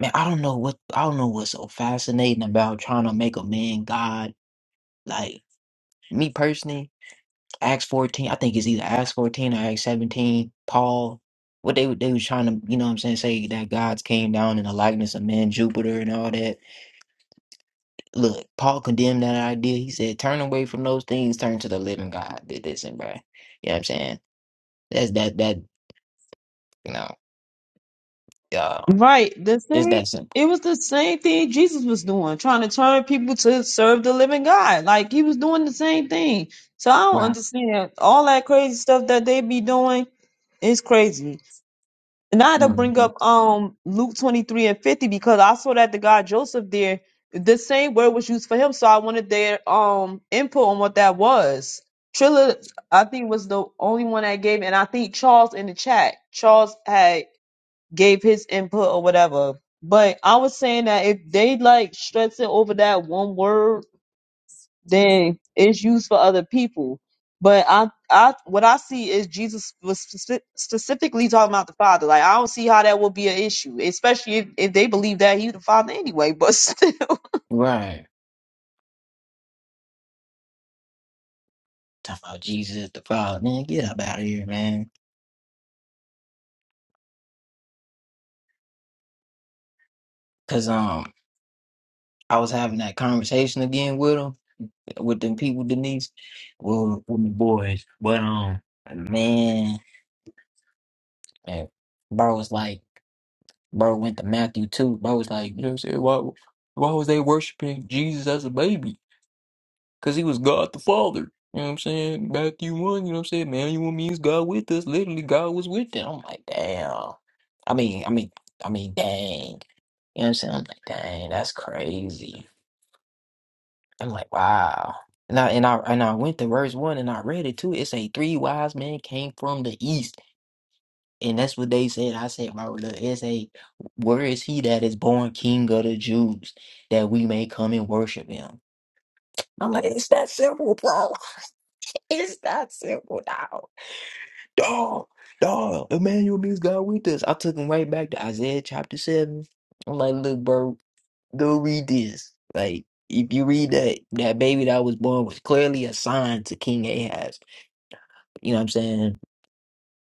man, I don't know what I don't know what's so fascinating about trying to make a man God. Like me personally, Acts fourteen. I think it's either Acts fourteen or Acts seventeen. Paul. What they were- they was trying to, you know what I'm saying, say that gods came down in the likeness of man, Jupiter and all that. Look, Paul condemned that idea. He said, turn away from those things, turn to the living God. Did this and that. You know what I'm saying? That's that that you know.
Right. The
It's
same
that simple.
it was the same thing Jesus was doing, trying to turn people to serve the living God. Like he was doing the same thing. So I don't
Right.
understand all that crazy stuff that they be doing is crazy. And I had to bring
hmm
up um Luke 23 and 50 because I saw that the guy Joseph there, the same word was used for him. So I wanted their um input on what that was. Trilla, I think, was the only one that gave, and I think Charles in the chat. Charles had gave his input or whatever. But I was saying that if they like stress it over that one word, then it's used for other people. But I, I, what I see is Jesus was speci- specifically talking about the Father. Like I don't see how that would be an issue, especially if, if they believe that he's the Father anyway. But <laughs> still,
Right. Talking about Jesus, the Father. Man, get up out of here, man. Cause um I was having that conversation again with him, with them people, Denise. Well with my boys. But um man, man bro was like bro went to Matthew too. Bro was like, you know what I'm saying? Why why was they worshiping Jesus as a baby? Because he was God the Father. You know what I'm saying? Matthew 1, you know what I'm saying? Man, you want me is God with us. Literally, God was with them. I'm like, damn. I mean, I mean, I mean, dang. You know what I'm saying? I'm like, dang, that's crazy. I'm like, wow. And I and I and I went to verse one and I read it too. It say three wise men came from the east. And that's what they said. I said, bro, look, it's a where is he that is born king of the Jews that we may come and worship him? I'm like, it's that simple, bro. It's that simple, dog. Dog, dog. Emmanuel means God with us. I took him right back to Isaiah chapter seven. I'm like, look, bro, go read this. Like, if you read that, that baby that was born was clearly a sign to King Ahaz. You know what I'm saying?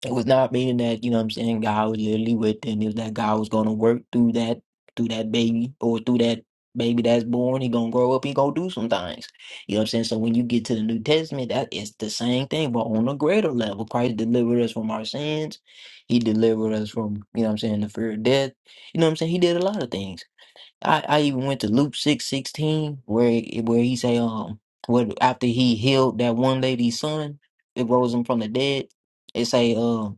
It was not meaning that, you know what I'm saying, God was literally with them. It was that God was gonna work through that through that baby or through that baby that's born, he gonna grow up, he gonna do some things. You know what I'm saying? So when you get to the New Testament, that it's the same thing, but on a greater level. Christ delivered us from our sins. He delivered us from, you know what I'm saying, the fear of death. You know what I'm saying? He did a lot of things. I, I even went to Luke six sixteen where it- where he say um what after he healed that one lady's son, it rose him from the dead. It say um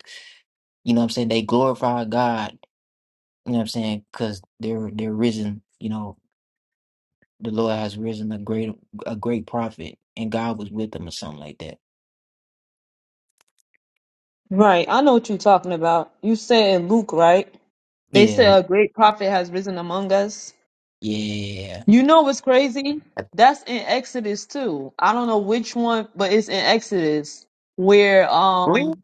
you know what I'm saying? They glorify God, you know what I'm saying? Cuz they're they're risen, you know, the Lord has risen a great a great prophet and God was with them or something like that.
right? I know what you're talking about. You said in Luke, right? They
Yeah,
said a great prophet has risen among us.
yeah.
You know what's crazy? That's in Exodus too. I don't know which one, but it's in Exodus where
Really?
um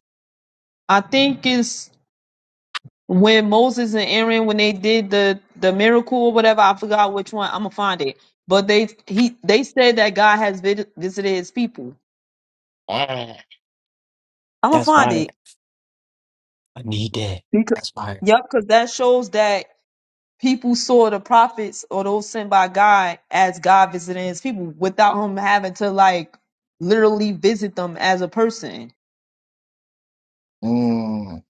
I think it's when Moses and Aaron when they did the the miracle or whatever. I forgot which one. I'm gonna find it. But they he they said that God has vid- visited His people.
Yeah.
I'm gonna
That's
find
fire.
it.
I need that.
Because,
That's fire.
yep, because that shows that people saw the prophets or those sent by God as God visiting His people without Him having to like literally visit them as a person.
Mm,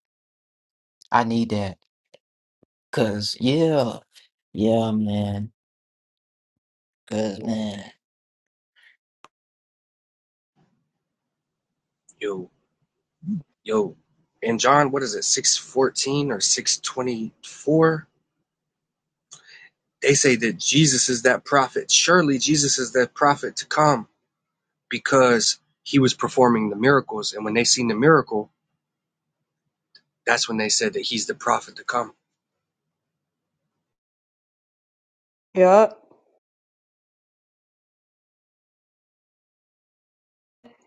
I need that. Cause yeah, yeah, man. Cause man,
Yo, yo. And John, what is it, 614 or 624? They say that Jesus is that prophet. Surely Jesus is that prophet to come because he was performing the miracles. And when they seen the miracle, that's when they said that he's the prophet to come.
Yep.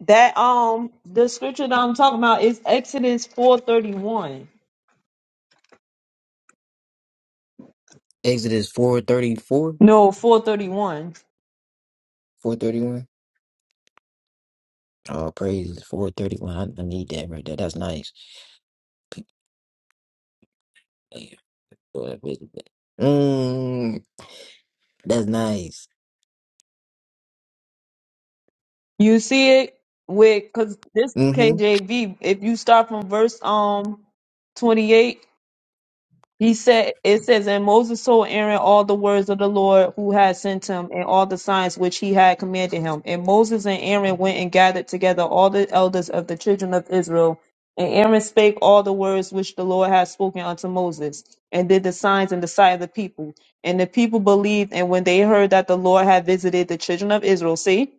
That um the scripture that I'm talking about is Exodus 431.
Exodus four thirty four,
No, 431.
four thirty one. Oh, praise four thirty one. I, I need that right there. That's nice. Boy, wait a minute. Mm, that's nice.
You see it with cuz this
Mm-hmm.
KJV if you start from verse um 28 He said, it says, and Moses told Aaron all the words of the Lord who had sent him and all the signs which he had commanded him. And Moses and Aaron went and gathered together all the elders of the children of Israel. And Aaron spake all the words which the Lord had spoken unto Moses and did the signs in the sight of the people. And the people believed. And when they heard that the Lord had visited the children of Israel, see,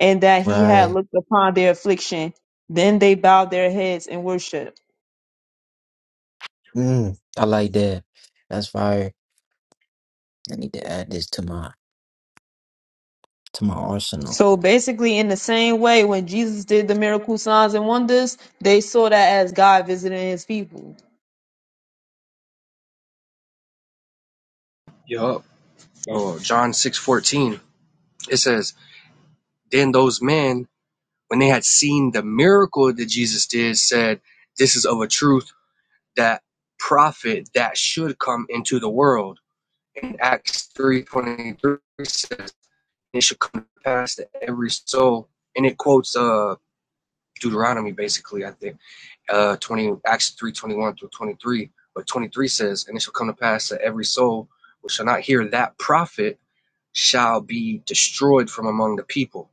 and that he had
Right.
looked upon their affliction, then they bowed their heads and worshiped.
Mm, I like that. That's fire. I need to add this to my to my arsenal.
So basically, in the same way, when Jesus did the miracle signs and wonders, they saw that as God visiting his people.
Yup. Oh, John 614. It says, Then those men, when they had seen the miracle that Jesus did, said, This is of a truth that prophet that should come into the world in Acts three twenty three says, "It shall come to pass that every soul," and it quotes uh Deuteronomy basically, I think, uh twenty Acts three twenty one through twenty three. But twenty three says, "And it shall come to pass that every soul which shall not hear that prophet shall be destroyed from among the people."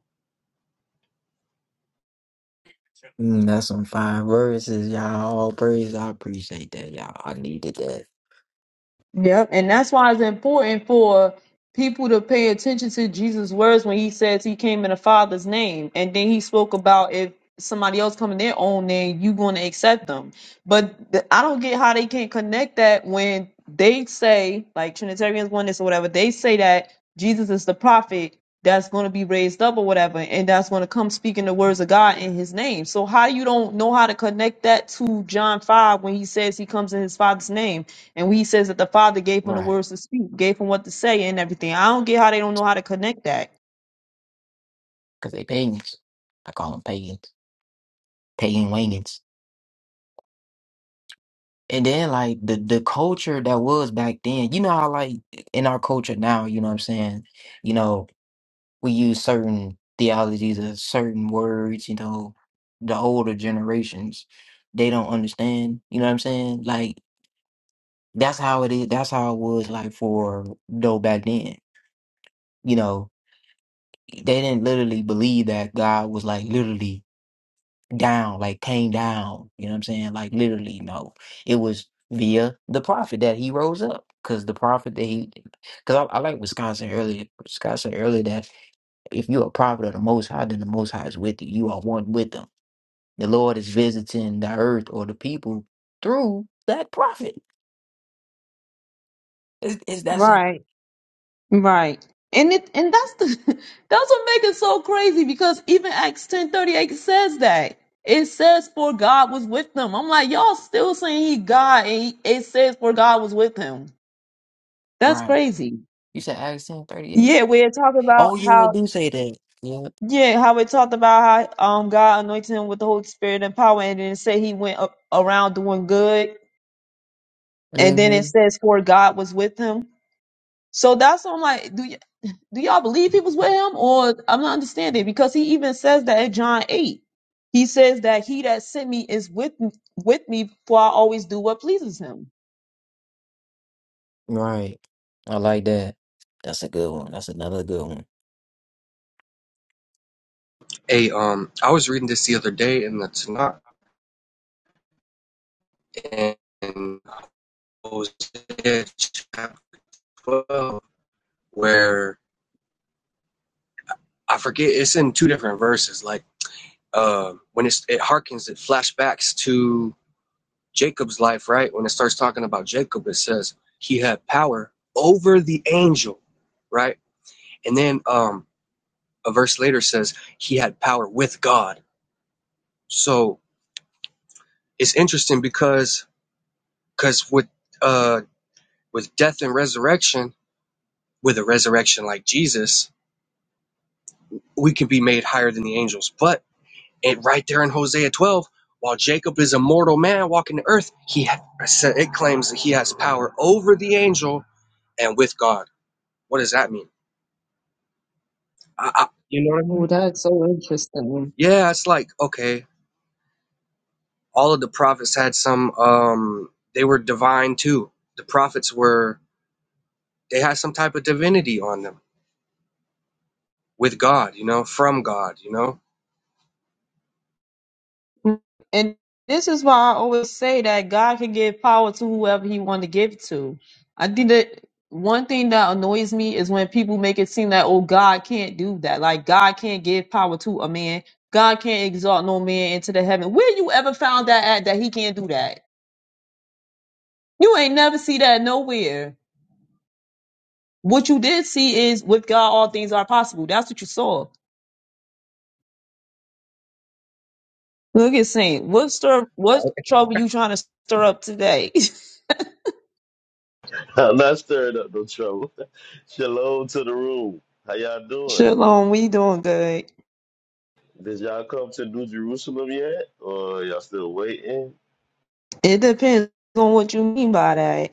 Mm, that's some fire verses, y'all. All praise. I appreciate that, y'all. I needed that.
Yep, and that's why it's important for people to pay attention to Jesus' words when he says he came in the Father's name, and then he spoke about if somebody else come in their own name, you going to accept them. But th- I don't get how they can't connect that when they say, like Trinitarians, oneness, or whatever, they say that Jesus is the prophet that's going to be raised up or whatever, and that's going to come speaking the words of God in His name. So how you don't know how to connect that to John five when he says he comes in His Father's name? And we says that the Father gave him the
Right.
words to speak, gave him what to say and everything. I don't get how they don't know how to connect that.
Cause they pagans. I call them pagans. Pagan wagons. And then like the the culture that was back then, you know how like in our culture now, you know what I'm saying? You know, we use certain theologies or certain words, you know, the older generations, they don't understand, you know what I'm saying? Like that's how it is that's how it was like for though back then. You know, they didn't literally believe that God was like literally down, like came down, you know what I'm saying? Like literally, no. It was via the prophet that he rose up. Cause the prophet that he cause I, I like Wisconsin earlier Wisconsin earlier that If you are a prophet of the Most High, then the Most High is with you. You are one with them. The Lord is visiting the earth or the people through that prophet. Is, is that simple?
Right. Right. And it and that's the <laughs> that's what makes it so crazy because even Acts ten thirty eight says that. It says for God was with them. I'm like, y'all still saying he God and he, it says for God was with him. That's
Right.
crazy.
You said Acts ten thirty eight.
Yeah, we had talked about
Oh, yeah, it
how
do say that. Yeah.
yeah, how we talked about how um God anointed him with the Holy Spirit and power and then it said he went a- around doing good and then it
Mm-hmm.
says for God was with him. So that's what I'm like, do y- do y'all believe he was with him, or I'm not understanding because he even says that in John eight, he says that he that sent me is with with me, for I always do what pleases him.
Right. I like that. That's a good one. That's another good one.
Hey, um, I was reading this the other day in the Tanakh in Hosea chapter twelve, where I forget it's in two different verses, like. Um, when it's, it harkens, it flashbacks to Jacob's life, right? When it starts talking about Jacob, it says he had power over the angel, right? And then um, a verse later says he had power with God. So it's interesting because because with uh, with death and resurrection, with a resurrection like Jesus, we can be made higher than the angels, but And right there in Hosea 12, while Jacob is a mortal man walking the earth, he ha- it claims that he has power over the angel and with God. What does that mean? I, I, you know,
Oh, that's so interesting.
yeah, it's like okay, all of the prophets had some. Um, they were divine too. The prophets were they had some type of divinity on them with God. You know, from God. You know,
And this is why I always say that God can give power to whoever He want to give it to. I think that one thing that annoys me is when people make it seem that oh God can't do that, like God can't give power to a man, God can't exalt no man into the heaven. Where you ever found that at that He can't do that? You ain't never see that nowhere. What you did see is with God all things are possible. That's what you saw. Look at Saint. What stir? What trouble you trying to stir up today? <laughs>
I'm not stirring up no trouble. <laughs> Shalom to the room. How y'all doing?
Shalom. We doing good.
Did y'all come to New Jerusalem yet? Or y'all still waiting?
It depends on what you mean by that.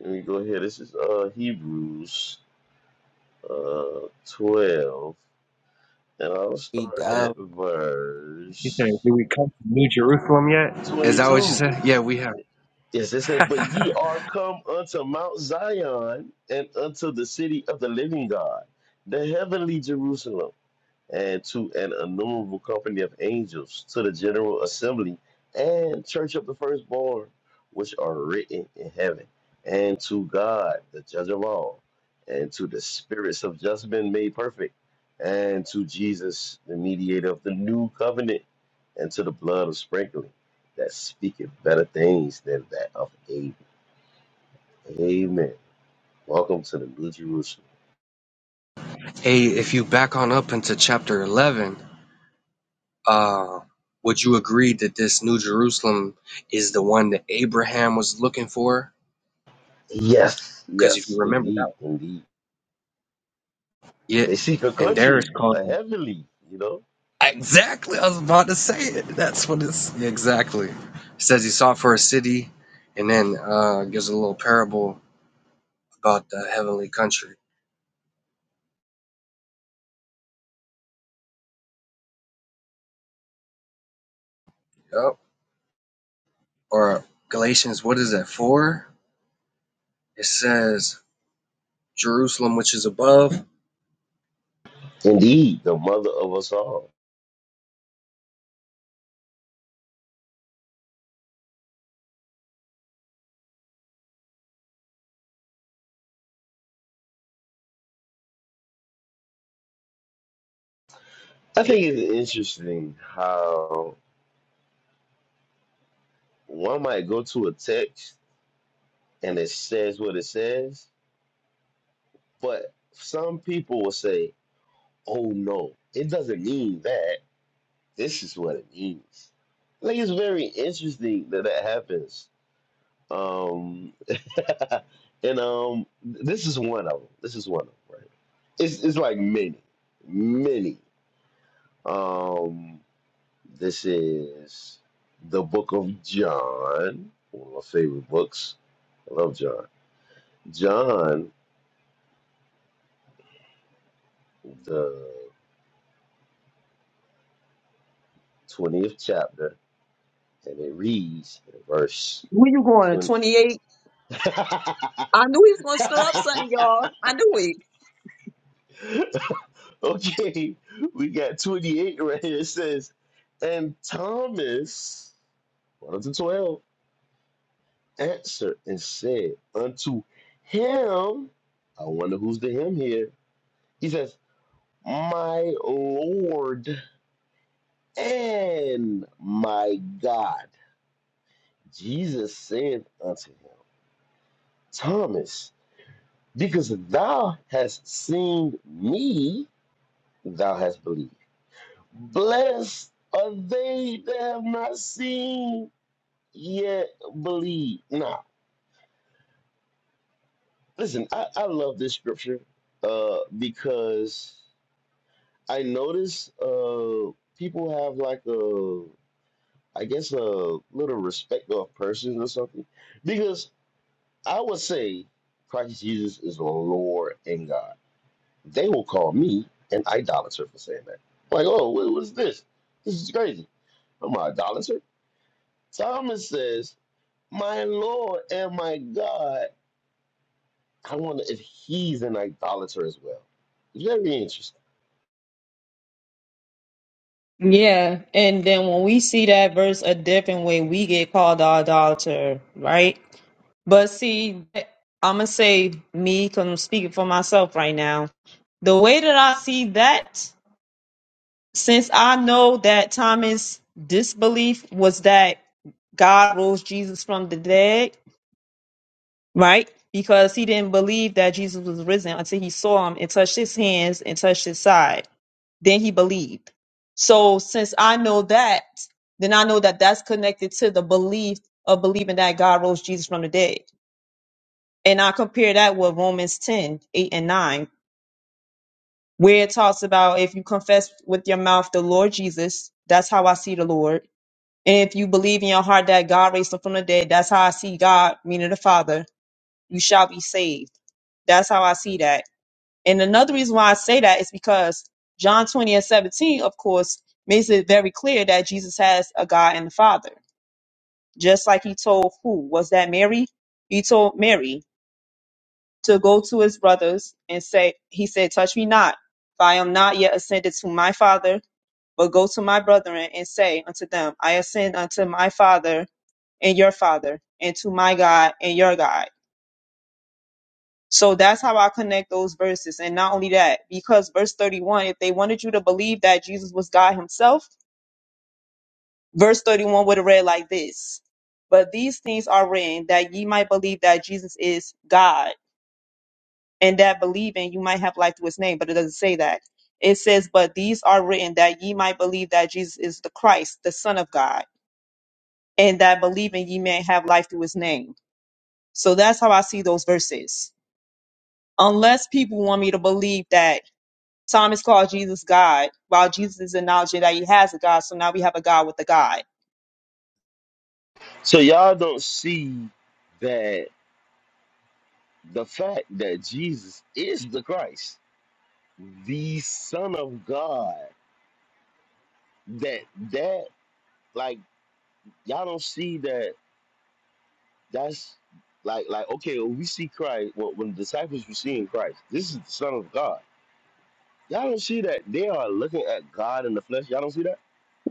Let me go ahead. This is uh Hebrews uh 12. And I'll
Big
start at
dog.
verse
is that what you
22.
said? Yeah, we have.
Yes, it says, But ye are come unto Mount Zion and unto the city of the living God, the heavenly Jerusalem and to an innumerable company of angels, to the general assembly and church of the firstborn, which are written in heaven, and to God, the judge of all, and to the spirits of just men made perfect, and to Jesus, the mediator of the new covenant, and to the blood of sprinkling that speaketh better things than that of Abel. Amen. Welcome to the New Jerusalem.
Hey, if you back on up into chapter 11. Uh, would you agree that this New Jerusalem is the one that Abraham was looking for?
Yes,
Because if you
yes,
remember that,
indeed, indeed.
yeah,
They seek a
and there
country,
it's
a
called
heavenly, you know.
exactly. I was about to say it. That's what it's exactly. It says he sought for a city, and then uh, gives a little parable about the heavenly country. Yep. Or Galatians, what is that for? It says Jerusalem, which is above.
Indeed, the mother of us all. I think it's interesting how one might go to a text and it says what it says, but some people will say, oh no, it doesn't mean that. This is what it means. I think it's very interesting that that happens. Um, <laughs> and um, this is one of them. This is one of them, right? It's, it's like many, many. Um, this is the book of John, one of my favorite books. I love John. John, the 20th chapter, and it reads in verse
Where you going?
20.
28?
<laughs>
I knew he was going to stir up something, y'all. I knew it.
okay, we got 28 right here. It says, And Thomas, one of the 12, answered and said unto him, I wonder who's the him here He says, My Lord and my God. Jesus said unto him, Thomas, because thou hast seen me, thou hast believed. Blessed are they that have not seen, yet believe. Now, listen, I, I love this scripture uh, because I notice uh, people have like a I guess a little respect of persons or something. Because I would say Christ Jesus is Lord and God. They will call me an idolater for saying that. Like, oh, what was this? This is crazy. I'm an idolater. Thomas says, My Lord and my God. I wonder if he's an idolater as well. Very interesting.
Yeah, and then when we see that verse a different way, we get called an adulterer, right? But see, I'm gonna say me because I'm speaking for myself right now. The way that I see that, since I know that Thomas' disbelief was that God rose Jesus from the dead, right? Because he didn't believe that Jesus was risen until he saw him and touched his hands and touched his side. Then he believed. So since I know that, then I know that that's connected to the belief of believing that God rose Jesus from the dead. And I compare that with Romans 10, 8, and 9, where it talks about if you confess with your mouth the Lord Jesus, that's how I see the Lord. And if you believe in your heart that God raised him from the dead, that's how I see God, meaning the Father, you shall be saved. That's how I see that And another reason why I say that is because John 20 and 17, of course, makes it very clear that Jesus has a God and a Father. Just like he told who? Was that Mary? He told Mary to go to his brothers and say, He said, Touch me not, for I am not yet ascended to my Father, but go to my brethren and say unto them, I ascend unto my Father and your Father, and to my God and your God. So that's how I connect those verses. And not only that, because verse 31, if they wanted you to believe that Jesus was God himself, verse 31 would have read like this. But these things are written that ye might believe that Jesus is God and that believing you might have life through his name. But it doesn't say that. It says, but these are written that ye might believe that Jesus is the Christ, the son of God, and that believing ye may have life through his name. So that's how I see those verses. Unless people want me to believe that Thomas called Jesus God, while Jesus is acknowledging that he has a God. So now we have a God with a God.
So y'all don't see that the fact that Jesus is the Christ the Son of God. That that like y'all don't see that. That's like like okay. When we see Christ, well, when the disciples were seeing Christ, this is the Son of God. Y'all don't see that they are looking at God in the flesh. Y'all don't see that.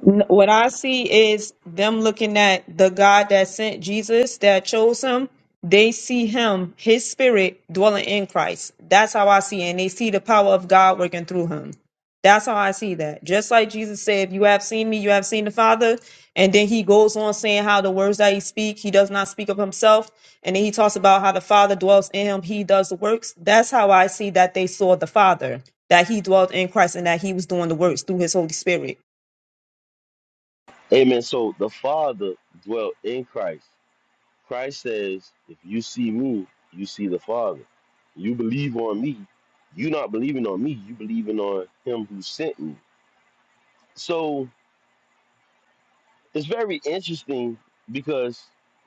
N- What I see is them looking at the God that sent Jesus, that chose him. They see him, his spirit dwelling in Christ. That's how I see it. And they see the power of God working through him. That's how I see that. Just like Jesus said, if you have seen me, you have seen the Father. And then he goes on saying how the words that he speak, he does not speak of himself. And then he talks about how the Father dwells in him. He does the works. That's how I see that they saw the Father, that he dwelt in Christ and that he was doing the works through his Holy Spirit.
Amen. So the Father dwelt in Christ. Christ says, "If you see me, you see the Father. You believe on me. You not believing on me. You believing on Him who sent me." So It's very interesting because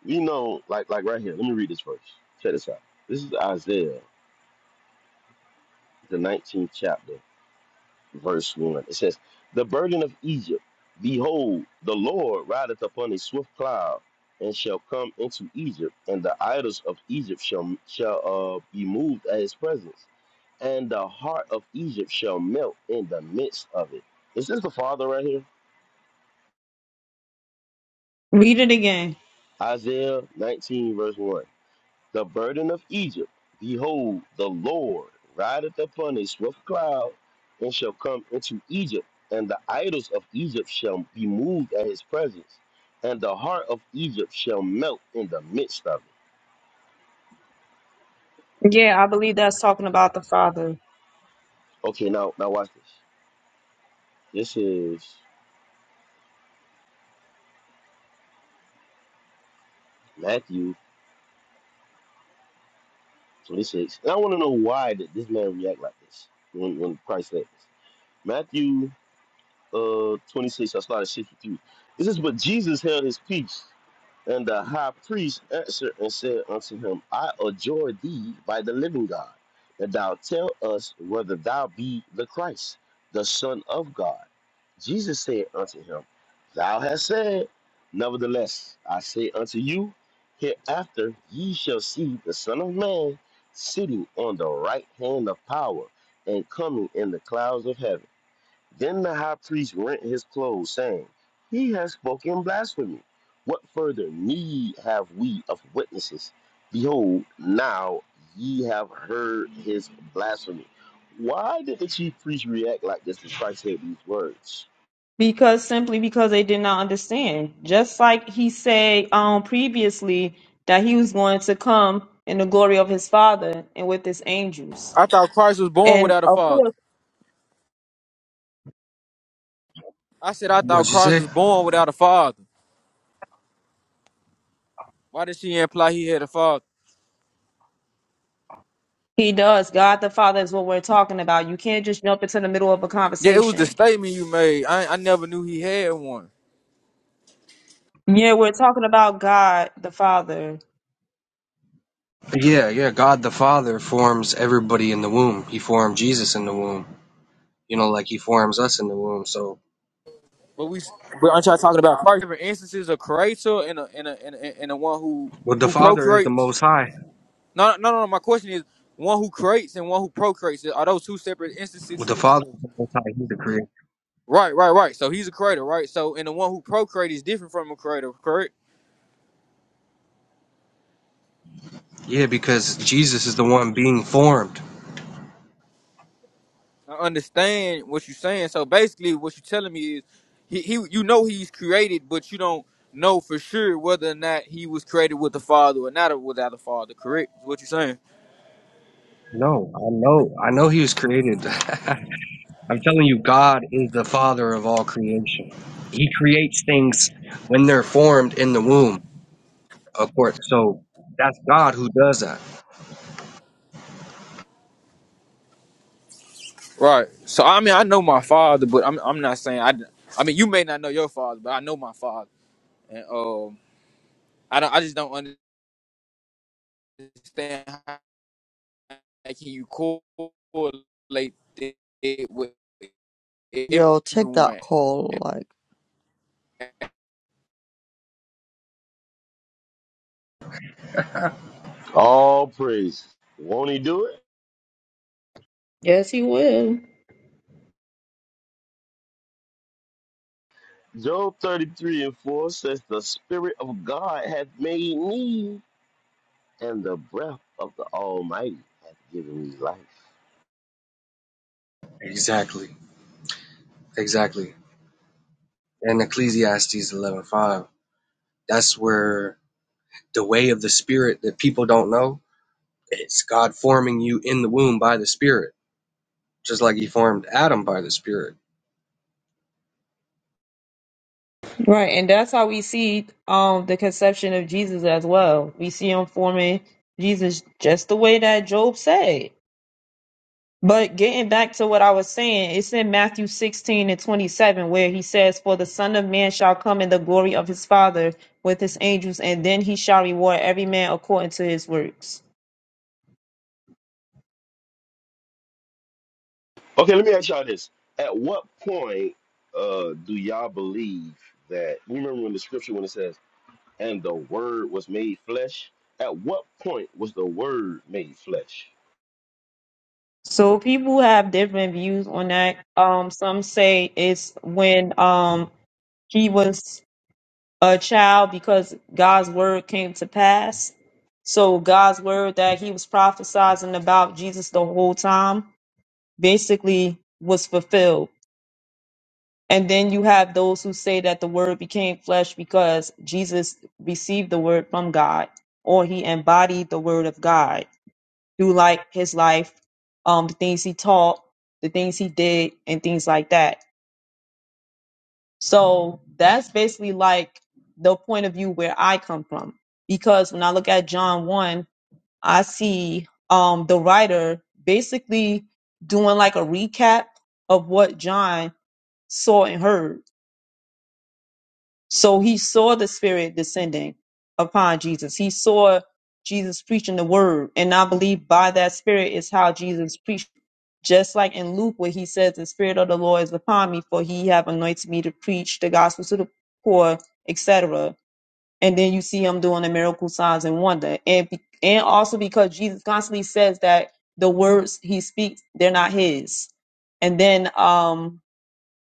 you know, like like right here. Let me read this verse. Check this out. This is Isaiah, the 19th chapter, verse one. It says, "The burden of Egypt, behold, the Lord rideth upon a swift cloud, and shall come into Egypt, and the idols of Egypt shall shall uh, be moved at his presence, and the heart of Egypt shall melt in the midst of it." Is this the Father right here?
Read it again.
Isaiah 19, verse 1. the burden of Egypt. Behold, the Lord rideth upon a swift cloud, and shall come into Egypt, and the idols of Egypt shall be moved at his presence, and the heart of Egypt shall melt in the midst of it.
Yeah, I believe that's talking about the Father.
Okay, now now watch this. This is Matthew 26. And I want to know why did this man react like this when, when Christ said this. Matthew uh 26. I started 63. with you. It says, But Jesus held his peace, and the high priest answered and said unto him, I adjure thee by the living God, that thou tell us whether thou be the Christ, the Son of God. Jesus said unto him, Thou hast said, Nevertheless, I say unto you, hereafter ye shall see the Son of Man sitting on the right hand of power and coming in the clouds of heaven. Then the high priest rent his clothes, saying, He has spoken blasphemy. What further need have we of witnesses? Behold, now ye have heard his blasphemy. Why did the chief priest react like this when Christ said these words?
Because simply because they did not understand. Just like he said um previously that he was going to come in the glory of his father and with his angels.
I thought Christ was born
And
without a
of
father.
course
I said I thought
What'd you
Christ
say?
was born without a father. Why did she imply he had a father?
he does. God the Father is what we're talking about. You can't just jump into the middle of a
Yeah, it was the
conversation.
statement you made. I I never knew he had one.
Yeah, we're talking about God the Father.
Yeah, yeah. God the Father forms everybody in the womb. He formed Jesus in the womb. You know, like He forms us in the womb. So,
But we got Christ different instances of creator and a and a and a, and a one who
well, the
who
Father is the
procreates.
Most High.
No, no, no. no, My question is one who creates and one who procreates. Are those two separate
Well,
instances?
the Father is the Most High. He's the Creator.
Right, right, right. So he's a creator, right? So and the one who procreates is different from a creator, correct?
Yeah, because Jesus is the one being formed.
I understand what you're saying. So basically, what you're telling me is, he, he you know he's created, but you don't know for sure whether or not he was created with the father or not without the father. Correct? Is what you're saying?
No, I know. I know He was created. <laughs> I'm telling you, God is the Father of all creation. He creates things when they're formed in the womb. Of course. So that's God who does that.
Right. So I mean, I know my father, but I'm I'm not saying I. I mean, you may not know your father, but I know my father, and um, I don't. I just don't understand how can you correlate it with
Yo, take that
everyone.
call. Like
All praise. Won't he do it?
Yes, He will.
Job 33 and 4 says, The Spirit of God hath made me, and the breath of the Almighty hath given me life.
Exactly. Exactly. And Ecclesiastes 11:5. That's where the way of the spirit that people don't know, it's God forming you in the womb by the spirit, just like he formed Adam by the spirit.
Right, and that's how we see um the conception of Jesus as well. We see him forming Jesus just the way that Job said. But getting back to what I was saying, it's in Matthew 16 and 27 where he says, For the Son of Man shall come in the glory of his Father with his angels, and then he shall reward every man according to his works.
Okay, let me ask y'all this. At what point uh do y'all believe that you remember when the scripture when it says, and the word was made flesh? At what point was the word made flesh?
So people have different views on that. Um, some say it's when um he was a child because God's word came to pass. So God's word that he was prophesizing about Jesus the whole time basically was fulfilled. And then you have those who say that the word became flesh because Jesus received the word from God or he embodied the word of God through like his life, um, the things he taught, the things he did, and things like that. So that's basically like the point of view where I come from. Because when I look at John 1, I see um, the writer basically doing like a recap of what John saw and heard so he saw the Spirit descending upon Jesus. He saw Jesus preaching the word. And I believe by that Spirit is how Jesus preached. Just like in Luke, where he says, The Spirit of the Lord is upon me, for he have anointed me to preach the gospel to the poor, etc. And then you see him doing the miracle signs and wonder. And, be- and also because Jesus constantly says that the words he speaks, they're not his. And then, um,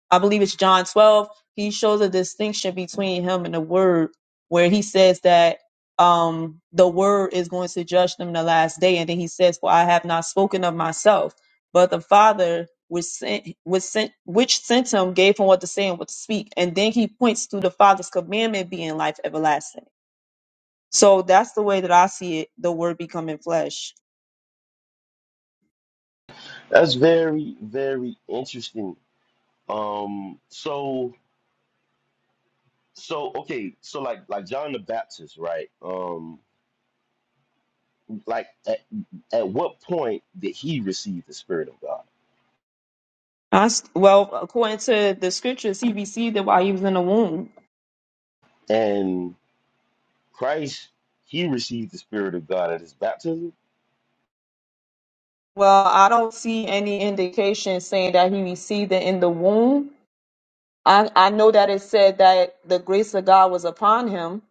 I believe it's John 12, he shows a distinction between him and the word, where he says that um, the word is going to judge them in the last day. And then he says, For I have not spoken of myself, but the Father which sent, which sent, which sent him gave him what to say and what to speak. And then he points to the Father's commandment being life everlasting. So that's the way that I see it, the word becoming flesh.
That's very, very interesting. Um so so okay, so like like John the Baptist, right? Um like at, at what point did he receive the Spirit of God?
I s well, according to the scriptures, he received it while he was in the womb.
And Christ, he received the Spirit of God at his baptism
Well, I don't see any indication saying that he received it in the womb. I, I know that it said that the grace of God was upon him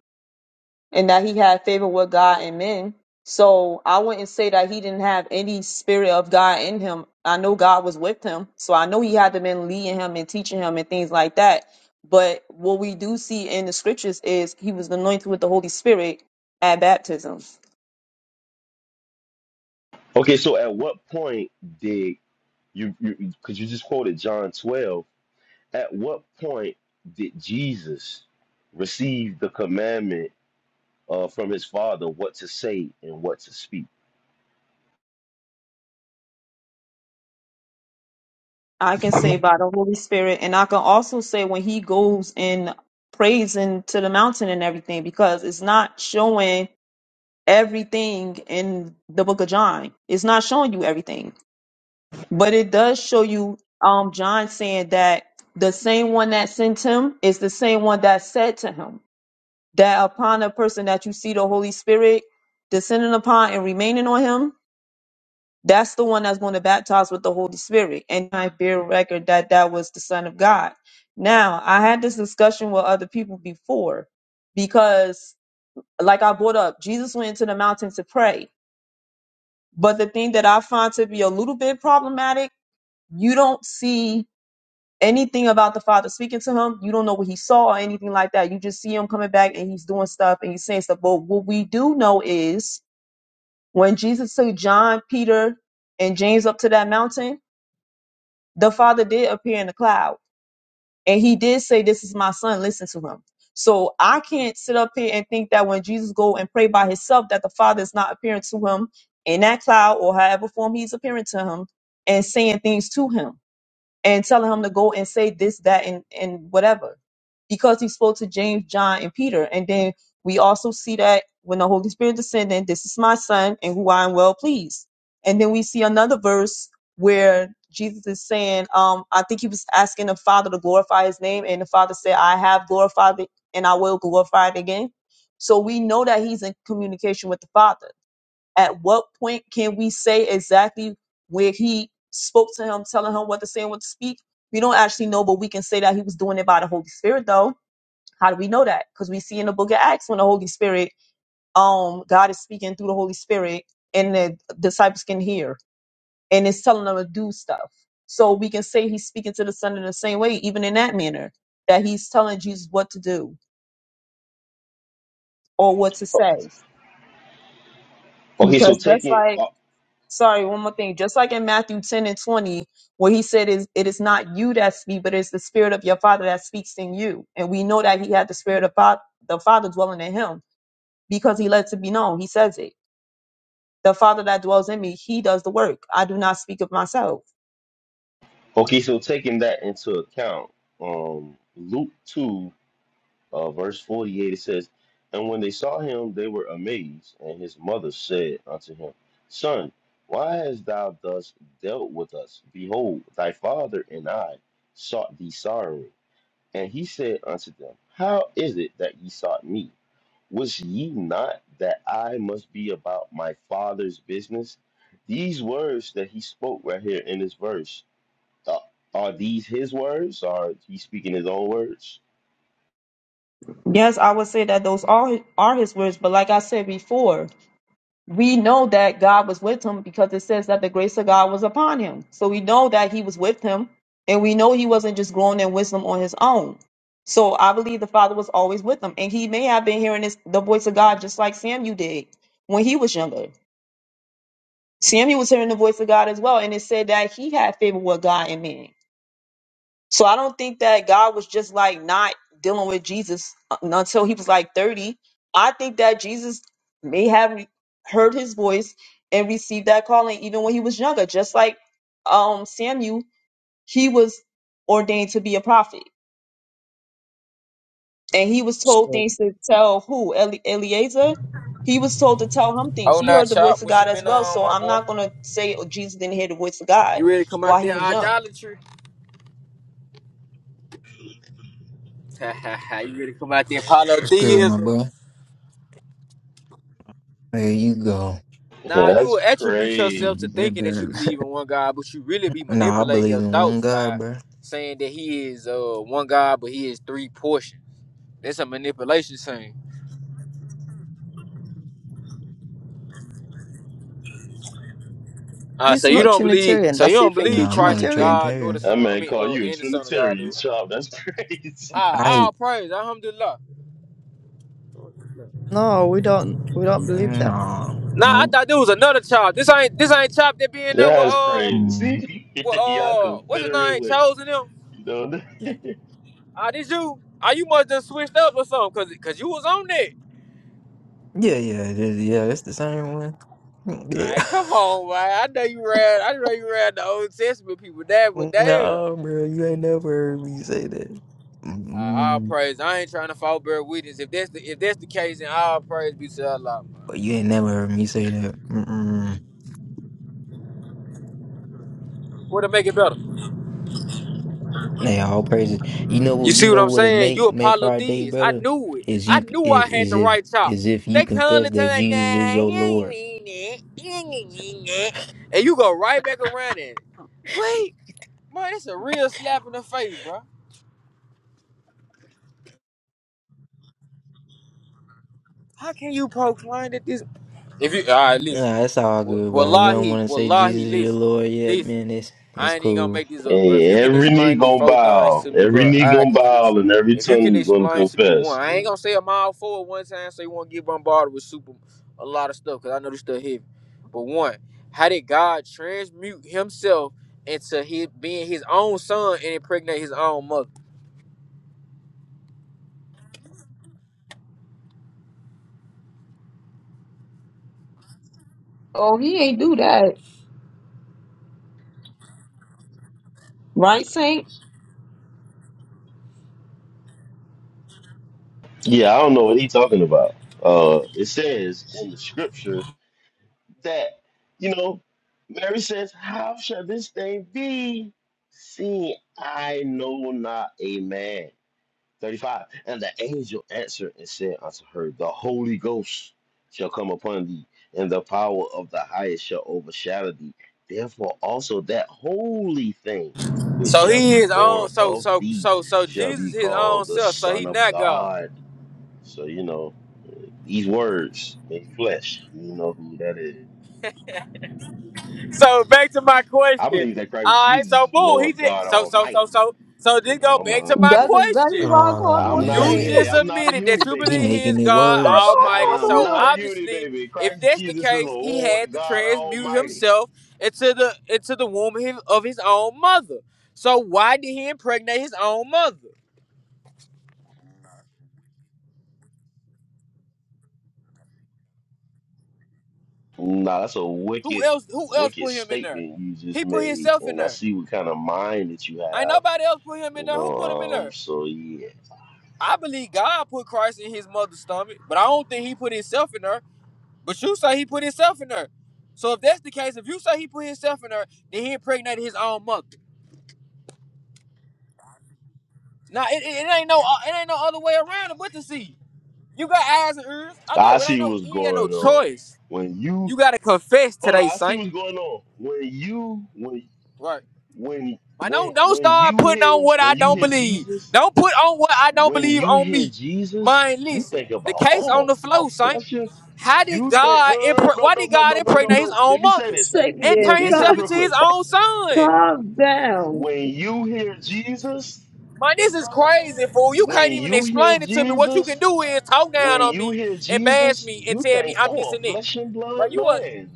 and that he had favor with God and men. So I wouldn't say that he didn't have any spirit of God in him. I know God was with him. So I know he had to been leading him and teaching him and things like that. But what we do see in the scriptures is he was anointed with the Holy Spirit at baptism.
Okay, so at what point did you you because you just quoted John 12, at what point did Jesus receive the commandment uh, from his father what to say and what to speak?
I can
I
say
mean,
by the Holy Spirit, and I can also say when he goes and prays into the mountain and everything, because it's not showing everything in the book of John. It's not showing you everything, but it does show you um John saying that the same one that sent him is the same one that said to him that upon a person that you see the Holy Spirit descending upon and remaining on him, that's the one that's going to baptize with the Holy Spirit. And I bear record that that was the Son of God. Now, I had this discussion with other people before because, like I brought up, Jesus went into the mountain to pray. But the thing that I find to be a little bit problematic, you don't see anything about the Father speaking to him. You don't know what he saw or anything like that. You just see him coming back and he's doing stuff and he's saying stuff. But what we do know is when Jesus took John, Peter, and James up to that mountain, the father did appear in the cloud and he did say this is my son listen to him so i can't sit up here and think that when jesus go and pray by himself that the father is not appearing to him in that cloud or however form he's appearing to him and saying things to him and telling him to go and say this, that, and and whatever, because he spoke to James, John, and Peter. And then we also see that when the Holy Spirit descended, this is my son, and who I am well pleased. And then we see another verse where Jesus is saying, um, I think he was asking the Father to glorify His name, and the Father said, I have glorified it, and I will glorify it again. So we know that He's in communication with the Father at what point can we say exactly where he spoke to him, telling him what to say and what to speak? We don't actually know, but we can say that he was doing it by the Holy Spirit, though. How do we know that? Because we see in the book of Acts when the Holy Spirit, um, God is speaking through the Holy Spirit, and the disciples can hear, and it's telling them to do stuff. So we can say he's speaking to the Son in the same way, even in that manner, that he's telling Jesus what to do or what to say.
Okay, so
Because that's
taking
like
uh,
sorry, one more thing. Just like in Matthew 10 and 20, where he said is it is not you that speak, but it's the spirit of your father that speaks in you. And we know that he had the spirit of fa- the father dwelling in him because he lets it be known. He says it. The father that dwells in me, he does the work. I do not speak of myself.
okay, so taking that into account, um Luke 2 Uh, verse 48 it says, And when they saw him, they were amazed. And his mother said unto him, Son, why hast thou thus dealt with us? Behold, thy father and I sought thee sorrowing. And he said unto them, How is it that ye sought me? Was ye not that I must be about my father's business? These words that he spoke right here in this verse, uh, are these his words? Or he speaking his own words? <laughs>
Yes, I would say that those are are his words, but like I said before, we know that God was with him because it says that the grace of God was upon him. So we know that he was with him, and we know he wasn't just growing in wisdom on his own. So I believe the Father was always with him, and he may have been hearing this, the voice of God just like Samuel did when he was younger. Samuel was hearing the voice of God as well, and it said that he had favor with God and man. So I don't think that God was just like not dealing with Jesus uh, until he was like 30. I think that Jesus may have heard his voice and received that calling even when he was younger, just like um Samuel, he was ordained to be a prophet. And he was told
so
things to tell who? Eli- Eliezer? He was told to tell him things.
Oh,
He
now
heard the
chop,
voice of
what you
God as
been
well.
on,
So
my
I'm
boy?
not going to say oh, Jesus didn't hear the voice of God
You ready to come out
while he
there
was young.
idolatry? <laughs> you ready to come out there
What's good, my
polytheism?
boy? There you go.
Yeah,
Nah, you will
that's
attribute yourself to
crazy.
Mm, good,
thinking that you
good.
believe in one God, but you really be
<laughs> nah, I
manipulating
believe
your
in one
thoughts
God,
by
bro.
saying that He is uh one God, but He is three portions. That's a manipulation thing. Uh,
he's
so you
not
don't believe,
Trinitarian.
so you
Does he
don't
think
believe
you're
Yeah, I'm not
Christ
a
is
Trinitarian?
God nor the
Trinitarian.
That
Son. I
man
mean,
called
uh,
you a
and the Son of God,
Trinitarian,
dude.
child. That's <laughs> crazy.
Ah,
I,
all praise, alhamdulillah.
No, we don't. We don't believe that.
no
Nah, I
nope.
thought there was another child. This ain't this ain't chop that be in there with
That's
uh
crazy.
Mm-hmm.
<laughs>
with
Y'all
uh what's his
Confederate
name?
with,
Chosen him.
you know. <laughs>
Ah, did you? Ah, you must have switched up or something, cause, cause you was on that.
Yeah, yeah, it is. yeah. It's the same one. Mm,
All
Yeah.
right, come on, man. I know you read. I know you read the Old Testament people.
<laughs>
That, but damn.
no, bro, you ain't never heard me say that.
I all
Mm,
praise. I ain't trying to fall bear witness. If that's the if that's the case, then all praise be to Allah, man.
you ain't never heard me say that. Mm-mm.
What to make it better?
Hey, all praises. You know
You
what? You
see what
know
I'm
what'll
saying? You
make make
Apollo
our day
Theist. I
better
knew it.
is
I
you
knew
i-
I had
is
the
it
right chop.
is if you
They come to
confess that
tell me,
Jesus is
nah,
your
he ain't
Lord.
mean it. He ain't mean it." and you go right back around it. Wait, man, it's a real slap in the face, bro. How can you poke proclaim at this? If you all right, listen.
Nah, that's all
Wa-
good, bro. You don't
Wallahi,
want to say
wallahi,
Jesus is your
listen,
Lord yet,
listen.
man. It's
I
it's
ain't even gonna
cool.
make this up, bro. If
Hey,
you can
every knee
explain these
gonna
four things
bow,
to me,
every
bro,
knee
I
gonna
confess.
bow, and every
If you can
tongue gonna
explain to me one,
confess. You
I ain't
know?
gonna say a mile four at one time, so you won't get bombarded with super a lot of stuff, cause I know this stuff heavy. But one, how did God transmute Himself into His being His own Son and impregnate His own mother?
Oh, he ain't do that. Right, Saint?
Yeah, I don't know what he talking about. Uh, it says in the scriptures that you know, Mary says, "How shall this thing be, seeing I know not a man?" 35. And the angel answered and said unto her, The Holy Ghost shall come upon thee, and the power of the highest shall overshadow thee. Therefore also that holy thing which
So
shall
He
be
His
born
own, so
of
so
thee
so so
shall
Jesus
be
His own
called the
self, so
Son
He
of
not God.
God. So, you know, these words made flesh. You know who that is.
so back to my
I believe
question.
that Christ
All right,
Jesus
so
is the
boom, he
Lord
did.
God
So so
Almighty.
so so so.
You
Then
know,
go
I'm
back to
a,
my
yeah.
That's exactly
question.
what I called
Oh
on
I'm not a,
You
Saint.
just
yeah,
man,
I'm not a
admitted that
uni
you
baby.
he
believe he is
making it
God
That's
worse.
what
Almighty.
I
I'm
So
called on
not
him.
a unity,
obviously,
baby.
if
Christ
that's the
Jesus is the
case, he
Lord
had to
God
transmute
Almighty.
himself into the into the womb of his of his own mother. So why did he impregnate his own mother?
Nah, that's a
Who
wicked,
else? Who else
wicked
put him in there?
statement you just
He put
made,
himself in
and I
there.
see what kind of mind that you
Ain't
have.
nobody else put him in
You
there. Who put him in
know, um,
there?
so yeah,
I believe God put Christ in his mother's stomach, but I don't think he put himself in her. But you say he put himself in her. So if that's the case, if you say he put himself in her, then he impregnated his own mother. Now it, it, it ain't no uh, it ain't no other way around it but to see. You got eyes and ears. I know
I
it ain't
see
no
what's
you ain't got no
going on.
choice.
When you
You gotta confess
hold
today,
on, I see
Saint.
what's going on. When you when
Right.
when
I don't
when
don't
when
start
you
putting on
hear
what I
when you
don't
hear
believe.
Jesus.
Don't put on what I don't
when
believe
you
on
hear
me.
Jesus,
Mind,
you
listen.
think
The
about
case on the
all
flow, Saint.
affliction.
How did
You think no,
God impreg-
no,
why
no, no,
did
no,
God
no, no, no, no,
impregnate his
no.
own
Let me say
mother
this. Let
and
Sapien,
let
turn
me say
himself
calm,
this real
into his
quick.
own son?
calm down.
When you hear Jesus,
Man, this is crazy, fool. You
when
can't even
you hear
explain it to me. What you can
Jesus,
do is talk down
when
on
you
me
hear
and bash
Jesus,
me and
you
tell me
think,
I'm this
oh, a
and that.
flesh and
Bro,
blood
you a
man,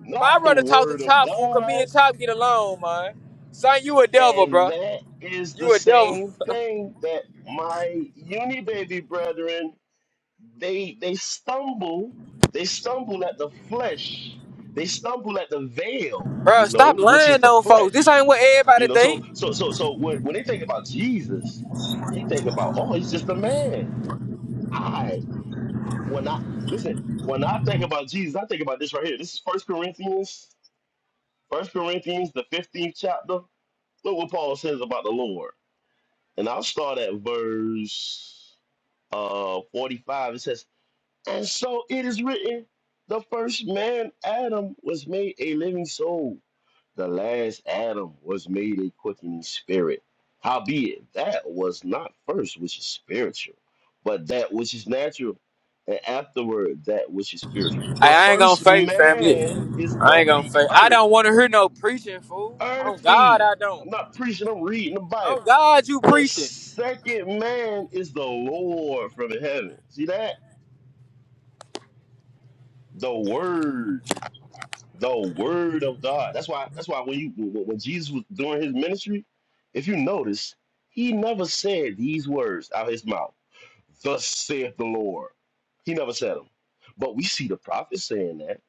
not
my
the
brother talk to
Word of
Top fool, cause me
God,
and Top get along, man. Son, you a devil,
and
bro.
that is the
You a devil.
same thing that my uni baby brethren they they stumble they stumble at the flesh they stumble at the
<laughs>
veil
bro,
you know
stop
which is
lying
the
on folks. This
flesh
ain't what everybody
you know so
think.
so so so when, when they think about jesus they think about oh he's just a man i when i listen when i think about jesus i think about this right here this is first corinthians first corinthians the 15th chapter look what paul says about the lord and i'll start at verse uh 45 it says And so it is written, the first man, Adam, was made a living soul. The last Adam was made a quickening spirit. Howbeit, that was not first which is spiritual, but that which is natural, and afterward that which is spiritual.
I,
The
I ain't gonna
first
fake family.
man is
I
of
ain't gonna
the
fake. I
earth,
don't wanna hear no preaching, fool. On God,
earthy.
I don't.
I'm not preaching, I'm reading the
Oh
Bible.
God, you
The
preaching?
second man is the Lord from heaven. See that? The Word the word of God. That's why. That's why when you when when Jesus was doing his ministry, if you notice, he never said these words out of his mouth. Thus saith the Lord. He never said them. But we see the prophets saying that.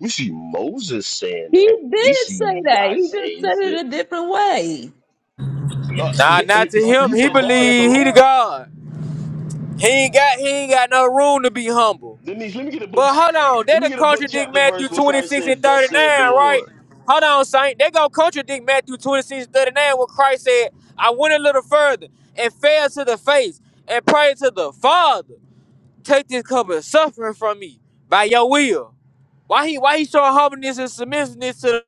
We see Moses saying
He
that. We
did
see
say that. He just
Isaiah
said
say,
it a different way.
uh,
Nah,
th-
not
he
to
he
him.
he
He
said, "Thus saith the
believe he the
Lord."
God. He ain't got he ain't got no room to be humble.
Let me let me get a book.
But hold on,
Let me
that'll
get a book
contradict
chapter
Matthew
verse where Christ
26 and
said, "Thus
39,
saith the
right?
Lord."
Hold on, Saint. They gonna contradict Matthew 26 and 39 when Christ said, I went a little further and fell to the face and prayed to the Father. Take this cup of suffering from me by your will. Why he why he showing humbleness and submissiveness to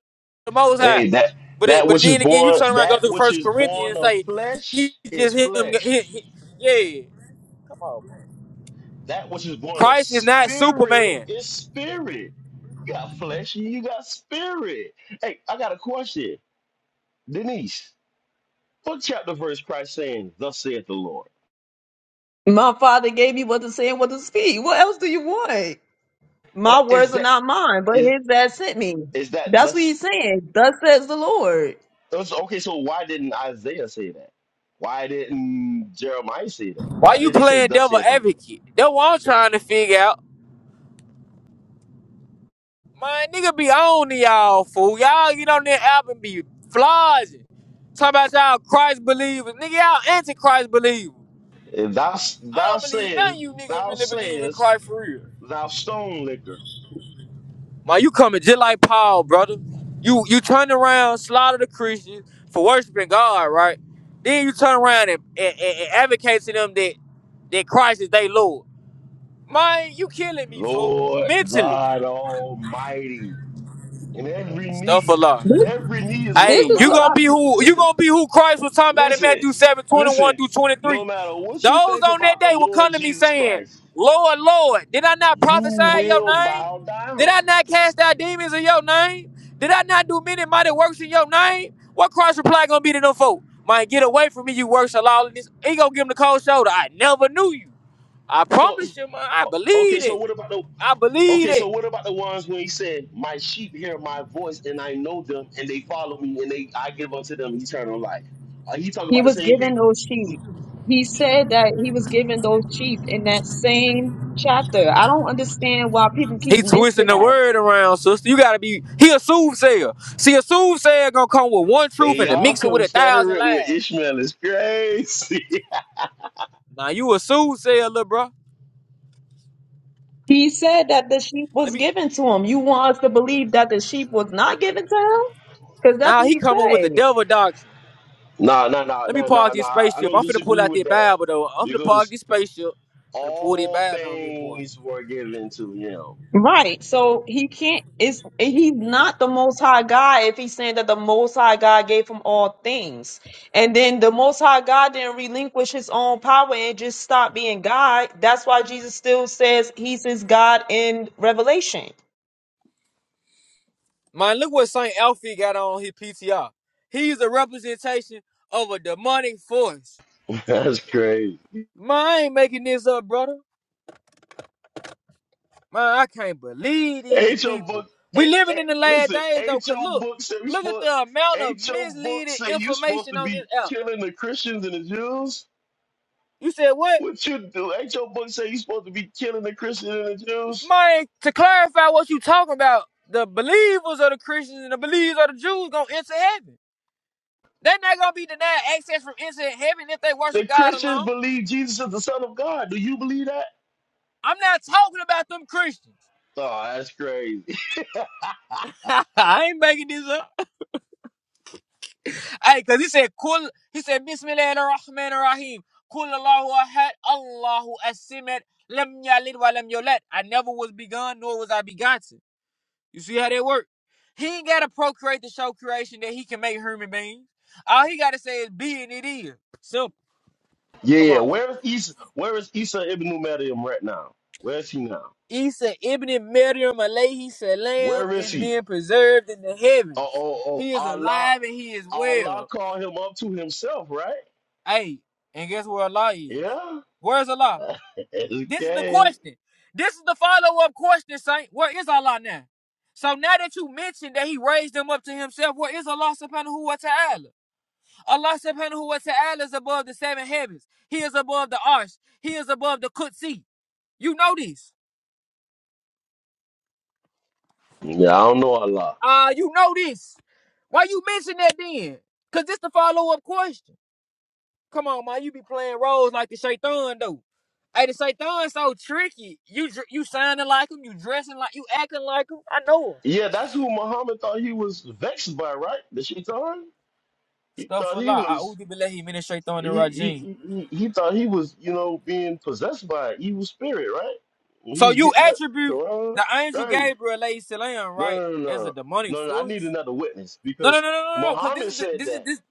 the Most High?
Hey, that
But it,
that
but
which is
then again, you
born
turn around and
that
go to
which
First
is born
Corinthians and
of
say
flesh
he
is
just him.
flesh.
He, he, yeah,
That which is born of
Christ is not
spirit
Superman.
is spirit. You got flesh and you got spirit. Hey, I got a question, Denise. Book chapter verse Christ saying, "Thus saith the Lord."
My father gave me what to say and what to speak. What else do you want?
Uh,
My
is
words are
that
not mine, but
is
his that sent me.
is that
That's what he's
thus?
saying. Thus says the Lord.
it's- okay, so why didn't Isaiah say that? Why didn't Jeremiah say that?
Why
Why
you
did they say,
playing
"Thus
devil
saith the Lord"?
advocate? That's what I'm trying to figure out. Man, nigga be on to y'all fool. Y'all get on that app and be flogging. Talk about y'all Christ believers. Nigga, y'all anti-Christ believers.
If thou
I
thou
don't believe none of
sayest
you niggas
thou
really believe in
sayest
Christ for real.
thou stone liquor.
Man, you coming just like Paul, brother. You you turn around, slaughter the Christians for worshiping God, right? Then you turn around and, and, and, and advocate to them that that Christ is their Lord. Man, you killing me, fool.
Lord
Mentally.
God Almighty. And every
Stuff a
knee,
lot.
This,
every knee is going
this
to
Hey,
is
you
what
gonna
I.
bow.
be who you
Listen,
gonna be who Christ was talking about in
listen,
Matthew 7 21
listen.
through 23.
No matter what you
Those
think
on that
about the
day will come
Lord
to me
Jesus
saying,
Christ,
Lord, Lord, did I not
you
prophesy in your
will
name?
bow
Did
down.
I not cast out demons in your name? Did I not do many mighty works in your name? What Christ reply gonna be to them folk? Man, get away from me, you works of lawlessness. He gonna give him the cold shoulder. I never knew you. I
So,
promise you, man. I
okay,
believe
so
it.
what about the.
I believe
Okay,
it.
so what about the ones when he said, "My sheep hear my voice, and I know them, and they follow me, and they I give unto them eternal life"? Are he talking
He
about the
was
same
given
people?
those sheep. He said that he was given those sheep in that same chapter. I don't understand why people keep
He twisting
missing
the
that
word around, sister. You gotta be. He a soothsayer. See, a soothsayer gonna come with one
And
truth and then
y'all
mix it with a thousand
Confederate
lies.
with Ishmael is crazy.
Now you a soothsayer, little bro.
He said that the sheep
Let
was
me.
given to him. You want us to believe that the sheep was not given to him? Because that's
Now
what
he
he
coming with the
said.
devil doctrine.
<laughs> nah, nah, nah,
Let me
nah,
park
nah, nah.
this
I I
spaceship.
don't
I'm finna pull
disagree
out
with
that
that
Bible though. I'm finna park
because
this spaceship. finna pull that
all
Bible on this boy.
things were given to him.
Right. So he can't it's he's not the most high God if he's saying that the most high God gave him all things. And then the most high God didn't relinquish his own power and just stop being God. That's why Jesus still says he's his God in Revelation.
Man, look what Saint Alfie got on his PTR. He's a representation of a demonic force.
<laughs> That's crazy.
Man, I ain't making this up, brother. Man, I can't believe these
Ain't your book?
people.
eh,
We
eh,
living in the last
listen,
days though,
ain't
cause
your
look,
book say we
look at
supposed?
the amount of
Ain't your book
misleading
say you supposed
information
to
on this
be
app.
killing the Christians and the Jews?
You said what?
What you do? Ain't your book say you supposed to be killing the Christians and the Jews?
Man, to clarify what you talking about, the believers of the Christians and the believers of the Jews gonna enter heaven. They're not gonna be denied access from entering heaven if they worship
The
God
Christians
alone.
believe Jesus is the Son of God. Do you believe that?
I'm not talking about them Christians.
Oh, that's crazy.
<laughs> I ain't making this up. Hey, cause he said Kul he said Bismillah Rahman Rahim. Kul Allahu Ahad Allahu Asimad Lam Yalid wa Lam Yolad. I never was begun, nor was I begotten. You see how that work? He ain't gotta procreate to show creation that he can make human beings. All he gotta say is be and it is. Simple.
Yeah,
Come
yeah.
on, man.
Where is Isa? Where is Isa Ibn Maryam right now? Where is he now?
Isa Ibn Maryam alayhi salam
Where is
is
he?
being preserved in the
Oh,
heavens.
oh, oh!
He is
Allah,
alive and he is
Allah
well.
called him up to Himself, right?
Hey, and guess where Allah is?
Yeah.
Where's
<laughs>
Allah? This is the
okay.
question. This is the follow-up question, Saint. Where is Allah now? So now that you mentioned that he raised them up to himself, where is Allah subhanahu wa ta'ala? Allah subhanahu wa ta'ala is above the seven heavens. He is above the arsh. He is above the kutsi. You know this.
Yeah, I don't know Allah.
Uh, you know this. Why you mention that then? Cause this the follow up question. Come on, man. You be playing roles like the shaitan though. Hey, the shaitan so tricky. You you sounding like him. You dressing like you acting like him. I know him.
Yeah, that's who Muhammad thought he was vexed by, right? The shaitan. He
Stuff
thought
a
he
lot.
was.
A'udhu billahi min shaitan
He
rajim.
he, he he thought he was, you know, being possessed by an evil spirit, right? When he
So
was
you
getting that
attribute
Quran,
the
it's
angel
crazy.
Gabriel alayhi salam,
No, no,
right,
no, no,
as a
no.
demonic
no, no, I need
force?
another witness
No, no,
because
no, no, no, no. Cause this
Muhammad
is the,
said
this is
that
this.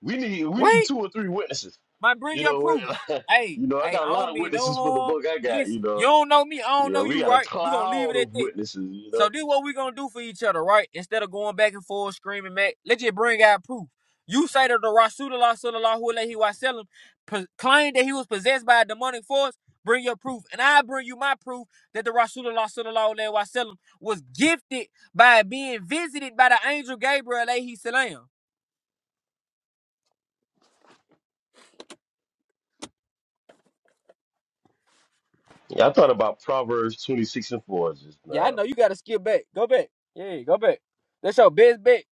we need we need
Wait,
two or three witnesses.
my bring
You
your
know,
proof.
we <laughs>
Hey,
you know, I
hey,
got
I
a
don't
lot of
mean no
witnesses for the
harm.
book I got. You
Listen, you
know,
don't know me. I don't
yeah,
know
we
you,
got a
right? We're gonna leave
cloud
it at
of
that.
witnesses. You
So
know,
this what we gonna do for each other, right? Instead of going back and forth screaming, Mac, let's just bring out proof. You say that the Rasulullah sallallahu alaihi wasallam po- claimed that he was possessed by a demonic force. Bring your proof, and I bring you my proof that the Rasulullah sallallahu alaihi wasallam was gifted by being visited by the angel Gabriel alaihi salam.
Yeah, I thought about Proverbs twenty six and four just
Yeah, I
now.
know you gotta skip back. Go back. Yeah, go back. That's your best bet.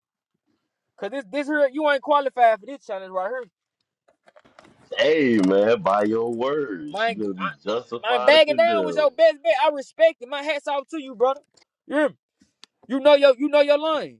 Cause this this here you ain't qualified for this challenge right here.
Hey, man, by your
My
words,
I,
you're gonna be
that- my
justified and
bagging down was
condemned.
your best bet. I respect it. My hats off to you, brother. Yeah. You know your you know your line.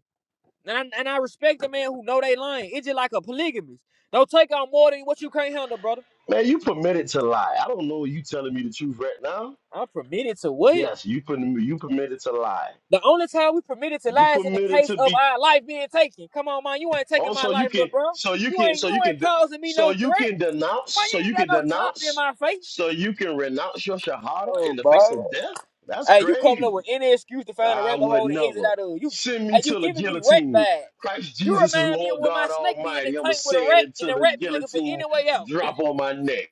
And I, and I respect the man who know they line. It's just like a polygamist. Don't take on more than what you can't handle, brother.
Man, you permitted to lie. I don't know. You telling me the truth right now?
I'm permitted to what?
Yes, you per- you permitted to lie.
The only time we permitted to
You
lie is in the
permitted
case
to be
of our life being taken. Come on, man. You ain't taking
Oh,
my
so you
life, little
can,
bro.
so you
You
can,
ain't
so
you
you
ain't
can, de-
causing me
so
no
you
threat.
can denounce,
Boy,
so
you ain't
you
got
can
no chop in
denounce,
my face.
so you can renounce your shahada
Oh,
in the
boy.
face of death. That's
Hey, you coming
crazy.
up with any excuse to find a
I
rabbit
would
hole to exit
never
out of. You,
send me
hey, you
to the
giving me rat
guillotine.
vibes.
Christ
You
Jesus is
remind me of
Lord
when my
God
snake be in the
Almighty. I'ma
tank with
say
a
it
rat, and
until
the
the
rat be looking for any
guillotine
way out.
drop on my neck.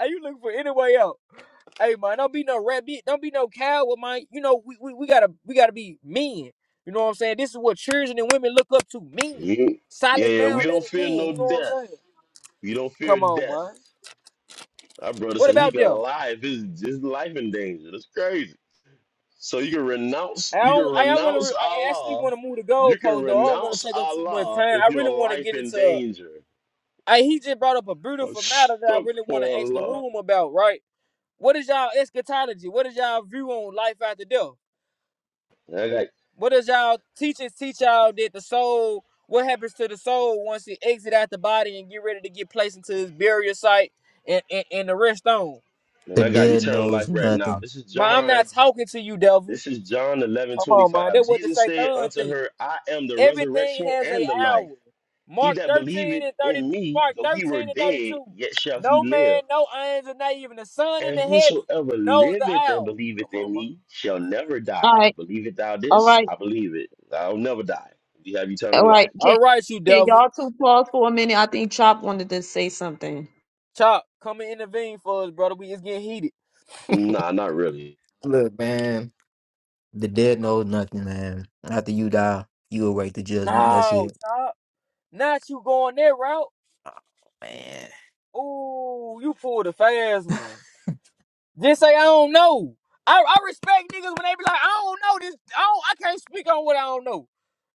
Hey, you looking for any way out? Hey, man, don't be no rabbit. Don't be no coward, man. You know we, we, we gotta we gotta be men. You know what I'm saying? This is what children and women look up to. Men,
Mm. Yeah,
solid,
yeah, we
founded
don't
men.
fear no
You know what I'm
death.
saying?
We don't fear
Come on,
death.
man.
Our brother
What
said he
about
can
them?
lie if his, his life in danger. That's crazy. So you can renounce,
I
you can
don't. I, I want to.
renounce
I actually
Allah.
want to move the
You can
goalpost though. I don't want
renounce
to take up too much
Allah
time.
if
I
your
really want to
life
get
in
into.
danger.
I he just brought up a
I'm
beautiful matter that I
stuck
really want to
for
ask the
Allah.
room about. Right? What is y'all eschatology? What is y'all view on life after death?
And I got
What does y'all teachers teach y'all that the soul? What happens to the soul once it exit out the body and get ready to get placed into his burial site and and, and the rest on?
and
The
I got
dead
eternal
knows
life right
nothing.
now. This is
Man, I'm not
John.
talking to you, devil.
This is John 11
Come on,
25.
man. That's what the
Jesus said
Satan
unto
think.
her, I am the
Everything
resurrection
has a
and the life.
hour.
He
Mark
that
13
believeth
and 30
in me,
Mark
though he were
13 and
dead,
32.
yet shall he
No
live.
man, no angel, not even the sun in
And
the heaven
whosoever
knows the
liveth and
hour.
believeth
Come
in
on, bro.
me shall never
All
die.
right.
Believeth thou
All
this?
right.
I believe it. I'll never die. You have
All
eternal life.
right.
All
Can
right, you
can
devil.
y'all two pause for a minute? I think Chop wanted to say something.
Chop, come and intervene for us, brother. We it's getting heated.
Nah, not really.
Look, man, the dead knows nothing, man. After you die, you await the judgment. That's
No,
it.
Chop. Not you going that route.
Oh, man.
Ooh, you pulled a fast one. Just say I don't know. I, I respect niggas when they be like, I don't know this. I don't, I can't speak on what I don't know.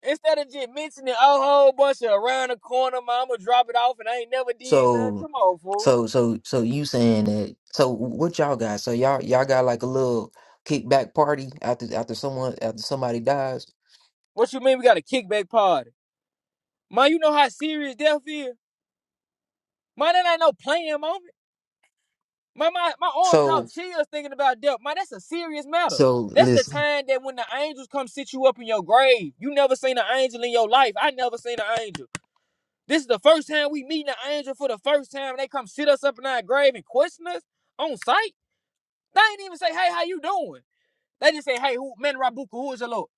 Instead of just mentioning a whole bunch of around the corner, mama drop it off, and I ain't never did nothing.
So,
Come on, fool.
so, so, so you saying that? So, what y'all got? So y'all, y'all got like a little kickback party after after someone after somebody dies.
What you mean we got a kickback party? Man, you know how serious death is. Man, that ain't no playing moment. Man, my my arms caught
So,
chills thinking about death. Man, that's a serious matter.
so
That's the
listen.
time that when the angels come sit you up in your grave. You never seen an angel in your life. I never seen an angel. This is the first time we meeting an angel for the first time, and they come sit us up in our grave and question us on sight. They ain't even say, "Hey, how you doing?" They just say, "Hey, who man Rabuka? Who is the Lord?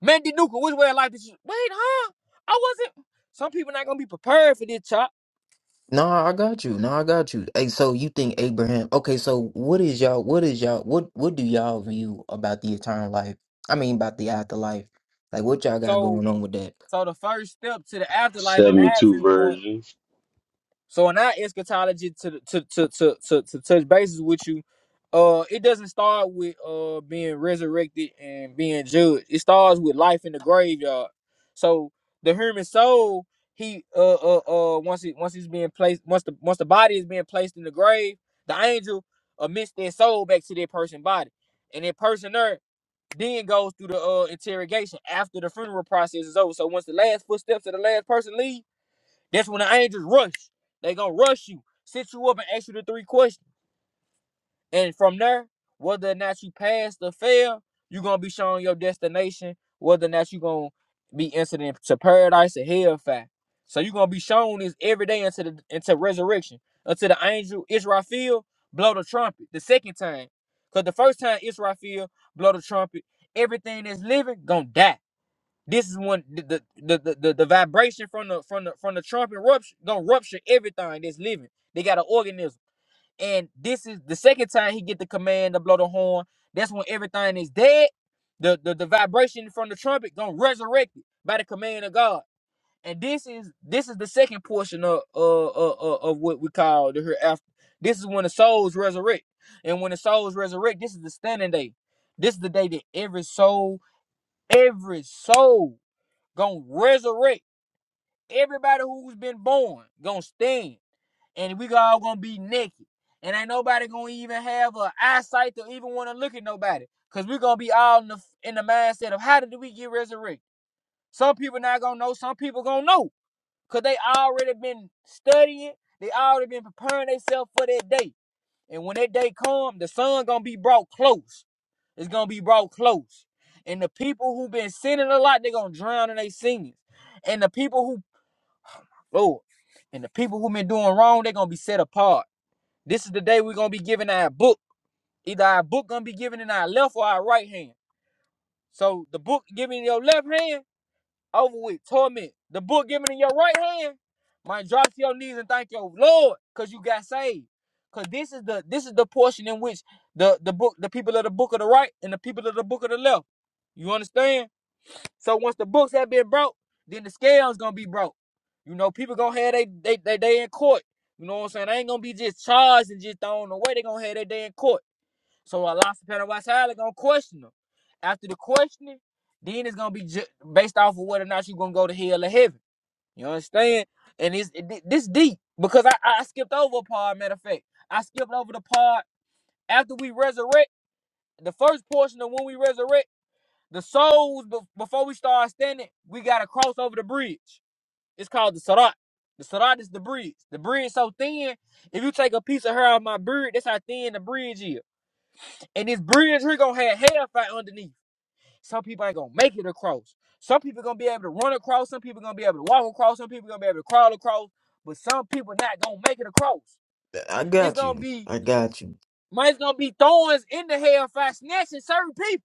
Man Dinuka? Which way of life did you?" Wait, huh? I wasn't. Some people not gonna be prepared for this, chop.
No, I got you. No, I got you. Hey, so you think Abraham? Okay, so what is y'all? What is y'all? What what do y'all view about the eternal life? I mean, about the afterlife. Like, what y'all got
So,
going on with that?
so the first step to the afterlife and our
72
viewpoint
version.
So in our eschatology to to to to to, to touch bases with you, uh, it doesn't start with uh being resurrected and being judged. It starts with life in the graveyard. So the human soul, he uh uh uh once it once it's being placed once the once the body is being placed in the grave, the angel admits their soul back to their person body, and that person there then goes through the uh interrogation after the funeral process is over. So once the last footsteps of the last person leave that's when the angels rush. They gonna rush you, sit you up, and ask you the three questions. And from there, whether or not you pass or fail, you gonna be shown your destination. Whether or not you gonna be entered into paradise or hellfire. So you gonna be shown this every day into the into resurrection until the angel Israel blow the trumpet the second time. Cause the first time Israel blow the trumpet, everything that's living gonna die. This is when the the, the, the, the the vibration from the from the from the trumpet rupture gonna rupture everything that's living. They got an organism. And this is the second time he get the command to blow the horn. That's when everything is dead. The the, the vibration from the trumpet gonna resurrect it by the command of God. And this is this is the second portion of uh, uh, uh, of what we call the hereafter. This is when the souls resurrect. And when the souls resurrect, this is the standing day. This is the day that every soul, every soul gonna resurrect everybody who's been born gonna stand and we all gonna be naked and ain't nobody gonna even have an eyesight to even want to look at nobody because we gonna be all in the, in the mindset of how did we get resurrected some people not gonna know some people gonna know because they already been studying they already been preparing themselves for that day and when that day come the sun gonna be brought close it's gonna be brought close and the people who been sinning a lot they gonna drown in their sins and the people who Lord. And the people who been doing wrong, they're gonna be set apart. This is the day we're gonna be giving our book. Either our book gonna be given in our left or our right hand. So the book given in your left hand, over with, torment. The book given in your right hand, might drop to your knees and thank your Lord, cause you got saved. Cause this is the this is the portion in which the the book, the people of the book of the right and the people of the book of the left. You understand? So once the books have been broke, then the scale's gonna be broke. You know, people gonna have they they they day in court. You know what I'm saying? They ain't gonna be just charged and just thrown away. They gonna have their day in court. So a lot of people are gonna question them. After the questioning, then it's gonna be ju- based off of whether or not you gonna go to hell or heaven. You understand? And it's it, this deep because I I skipped over a part. Matter of fact, I skipped over the part after we resurrect. The first portion of when we resurrect. The souls, be- before we start standing, we got to cross over the bridge. It's called the Sarat. The Sarat is the bridge. The bridge so thin, if you take a piece of hair out of my beard, that's how thin the bridge is. And this bridge, we going to have hellfire underneath. Some people ain't going to make it across. Some people going to be able to run across. Some people going to be able to walk across. Some people going to be able to crawl across. But some people not going to make it across.
I
It's
got
going to
you.
be,
I got you.
man, it's going to be thorns in the hellfire snatching certain people.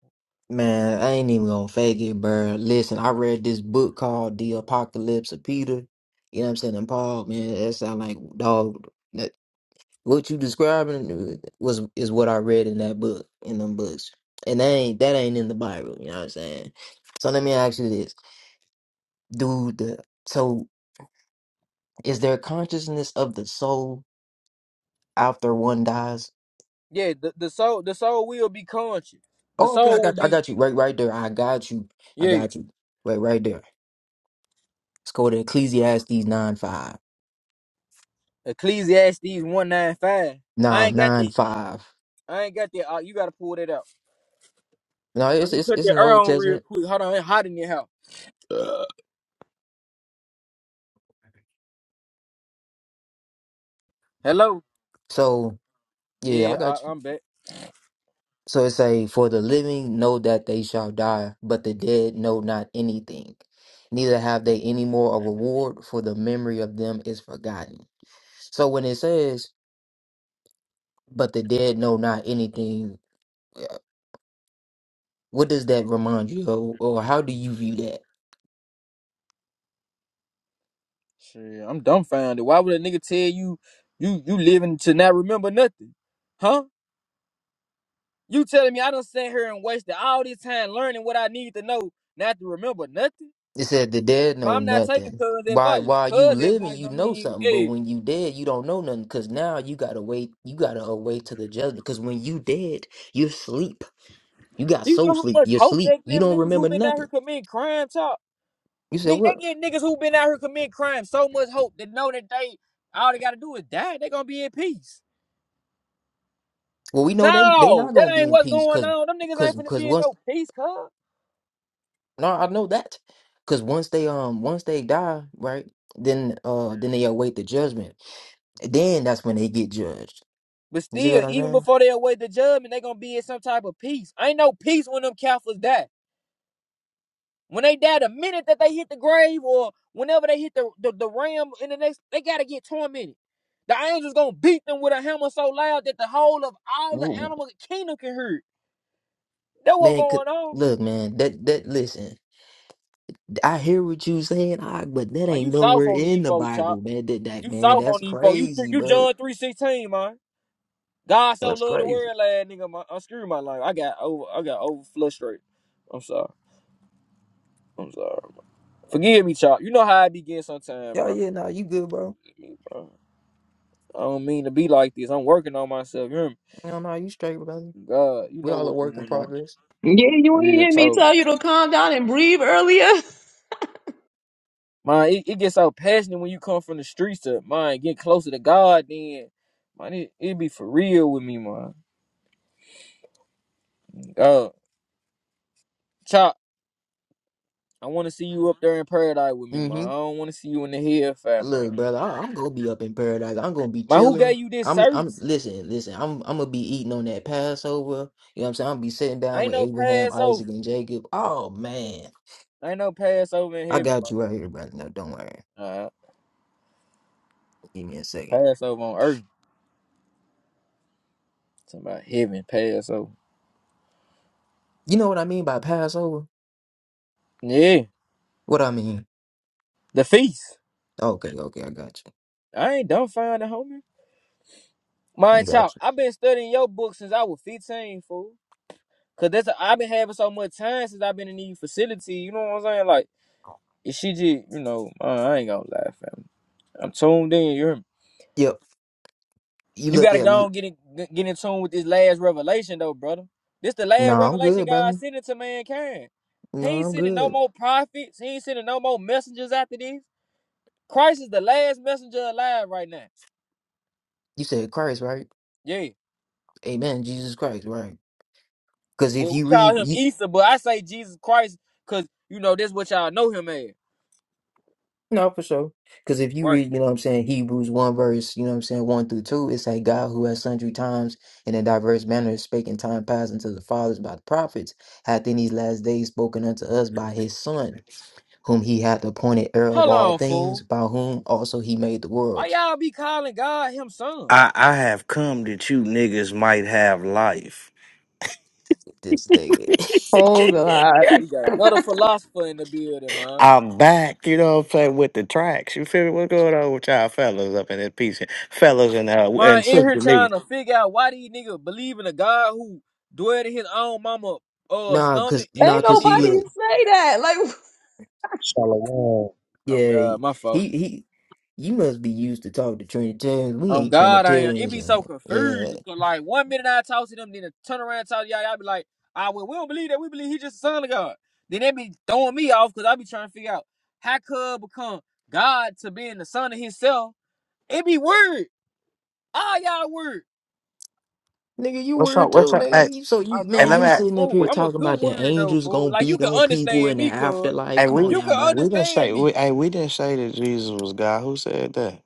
Man, I ain't even gonna fake it, bro. Listen, I read this book called The Apocalypse of Peter. You know what I'm saying? And Paul, man, that sound like dog. That what you describing was is what I read in that book, in them books. And that ain't that ain't in the Bible, you know what I'm saying? So let me ask you this. Do the so is there consciousness of the soul after one dies?
Yeah, the, the soul the soul will be conscious. The
Oh, okay, I
soul will
got I
be
got you. Right right there. I got you. I
yeah.
got you. Right right there. Let's go to Ecclesiastes nine five.
Ecclesiastes one nine five. I
No,
ain't got
nine
that.
five.
I ain't got that. Uh, you gotta pull that out.
No,
Man,
it's
let me
it's
cut
it's
that
an
air
Old
on real
Testament.
quick. Hold on, it's hot in your house. Uh, Hello.
So yeah,
Yeah,
I
I,
got you.
I'm back.
So it say, For the living know that they shall die, but the dead know not anything. Neither have they any more a reward, for the memory of them is forgotten. So when it says, But the dead know not anything, uh, what does that remind you of, or how do you view that?
Shit, I'm dumbfounded. Why would a nigga tell you you you living to not remember nothing? Huh? You telling me I done sat here and wasted all this time learning what I need to know not to remember nothing?
It said the dead
Ma,
know
I'm not taking
nothing.
cuz
Why
advice.
while you
Cuz
living,
advice
you
don't
know
even
something, but
yeah.
when you dead, you don't know nothing. Cause now you gotta wait. You gotta await to the judgment. Cause when you dead, you're sleep. You got
Do you
soul
know how
sleep.
much
You're
hope
sleep.
they
You
give
don't
niggas who
remember
been out here
nothing.
committing crimes? Y'all,
You said
nigga, they
what?
give niggas who been out here committing crimes so much hope that know that they all they gotta do is die. They gonna be in peace.
Well, we know they they
No,
not
that
gonna be
ain't
in
what's
peace.
going
Cause
on. Them niggas ain't
cause
finna
cause
be in
once
no peace, cuz.
no, I know that. Cause once they um once they die, right? Then uh then they await the judgment. Then that's when they get judged.
But
You see
still,
what I'm
even
saying?
before they await the judgment, they gonna be in some type of peace. Ain't no peace when them Catholics die. When they die, the minute that they hit the grave or whenever they hit the, the, the ram in the next, they gotta get tormented. The angels gonna beat them with a hammer so loud that the whole of all the
Woo-
animal kingdom can hear. it. That what
Man, could,
going on?
look, man. That that listen. I hear what you saying, I, but that
Man, you
ain't
soft
nowhere
on these
in the
folks, chop.
Bible, man. That that
You
man,
soft on
that's
these folks. You th-
crazy,
you
bro.
John three sixteen, man. God so
That's
loved the
crazy.
world, lad, nigga. Man. I'm screwed my life. I got over. I got over frustrated. I'm sorry. I'm sorry. Forgive me, chop. You know how I begin sometimes,
Yeah,
bro.
yeah. No, you good, bro.
bro. I don't mean to be like this. I'm working on myself. You hear me?
No, no, you straight, brother.
God, you
We
know
all a
what's
work in
going on.
progress.
Yeah, you ain't
Real
hear me
talk.
tell you to calm down and breathe earlier. <laughs>
Man, it, it gets so passionate when you come from the streets to man, get closer to God then. Man, it, it be for real with me, man. Uh Chop, I wanna see you up there in paradise with me,
Mm-hmm.
man. I don't wanna see you in the hellfire, man.
Look, brother, I, I'm gonna be up in paradise. I'm gonna be
Man, who
chilling.
gave you this
I'm, I'm,
certainty?
listen, listen. I'm, I'm gonna be eating on that Passover. You know what I'm saying? I'm gonna be sitting down
Ain't
with
no
Abraham, Isaac,
Passover.
and Jacob. Oh man,
Ain't no Passover in
I
heaven,
got
man.
you right here, brother. No, don't worry.
Nah,
Give me a second.
Passover on earth. It's about heaven, Passover.
You know what I mean by Passover?
Yeah.
What I mean?
The feast.
Okay, okay, I got
I ain't done finding homie.
you. I
Mind y'all,
got you.
I've been studying your book since I was 15, fool. Cause that's a, I've been having so much time since I've been in the facility. You know what I'm saying? Like, if she just, you know, uh, I ain't gonna lie, fam. I'm tuned in. You hear me?
Yep. You
You
look
gotta
at.
go
Lu-
and get in, get in tune with this last revelation, though, brother. This the
No,
last
I'm
revelation
good,
God
brother.
sending to mankind. He
No,
ain't
I'm
sending no
good.
more prophets. He ain't sending no more messengers after this. Christ is the last messenger alive right now.
You said Christ, right?
Yeah.
Amen. Jesus Christ, right? Because
Well,
if you
we call
read,
him
you,
Easter, but I say Jesus Christ because you know that's what y'all know him as.
No, for sure. Because if you
Right.
read, you know what I'm saying, Hebrews 1 verse, you know what I'm saying, 1 through 2, it's like God who has sundry times and in diverse manners spake in time past unto the fathers by the prophets, hath in these last days spoken unto us by his Son, whom he hath appointed heir of
Hold
all
on,
things,
fool.
by whom also he made the
Why
worlds.
y'all be calling God him son?
I, I have come that you niggas might have life.
This day.
Oh God.
We got another philosopher in the building, man.
I'm back, you know what I'm saying, with the tracks. You feel me? What's going on with y'all fellas up in this piece? Fellas and uh
Man,
and
in here
sister me.
trying to figure out why these niggas believe in a God who dwelled in his own mama
<laughs>
uh
nah, cause
stomach and,
nah,
Ain't
and
cause he
nobody
then
look,
say that. Like <laughs>
Shalom.
Oh
yeah, he
God, my fault.
he you must be used to talk to Trinitarians. We
Oh
ain't
God, I am. It
Trinitarians.
be so
man. Yeah.
confusing. 'cause, like one minute I talk to them, then I turn around and talk to y'all, y'all be like, ah, well, we don't believe that. We believe he's just the son of God. Then they be throwing me off because I be trying to figure out how could become God to being the son of himself. It be weird. All y'all word.
Nigga, you
What's up?
weird
What's
too,
up? Hey,
nigga. You so
I
you
hey
man,
let
know
me
you
it,
ask-
but
sitting up
fool,
here
we,
I'm a
talking
good
about the
word though,
angels
fool.
gonna
Like you
beat
can
on people
understand
in the
me, cuz.
afterlife.
hey,
Come on
we
You
now,
can
bro.
we didn't say
understand me.
we hey, we didn't say that Jesus was God. Who said that?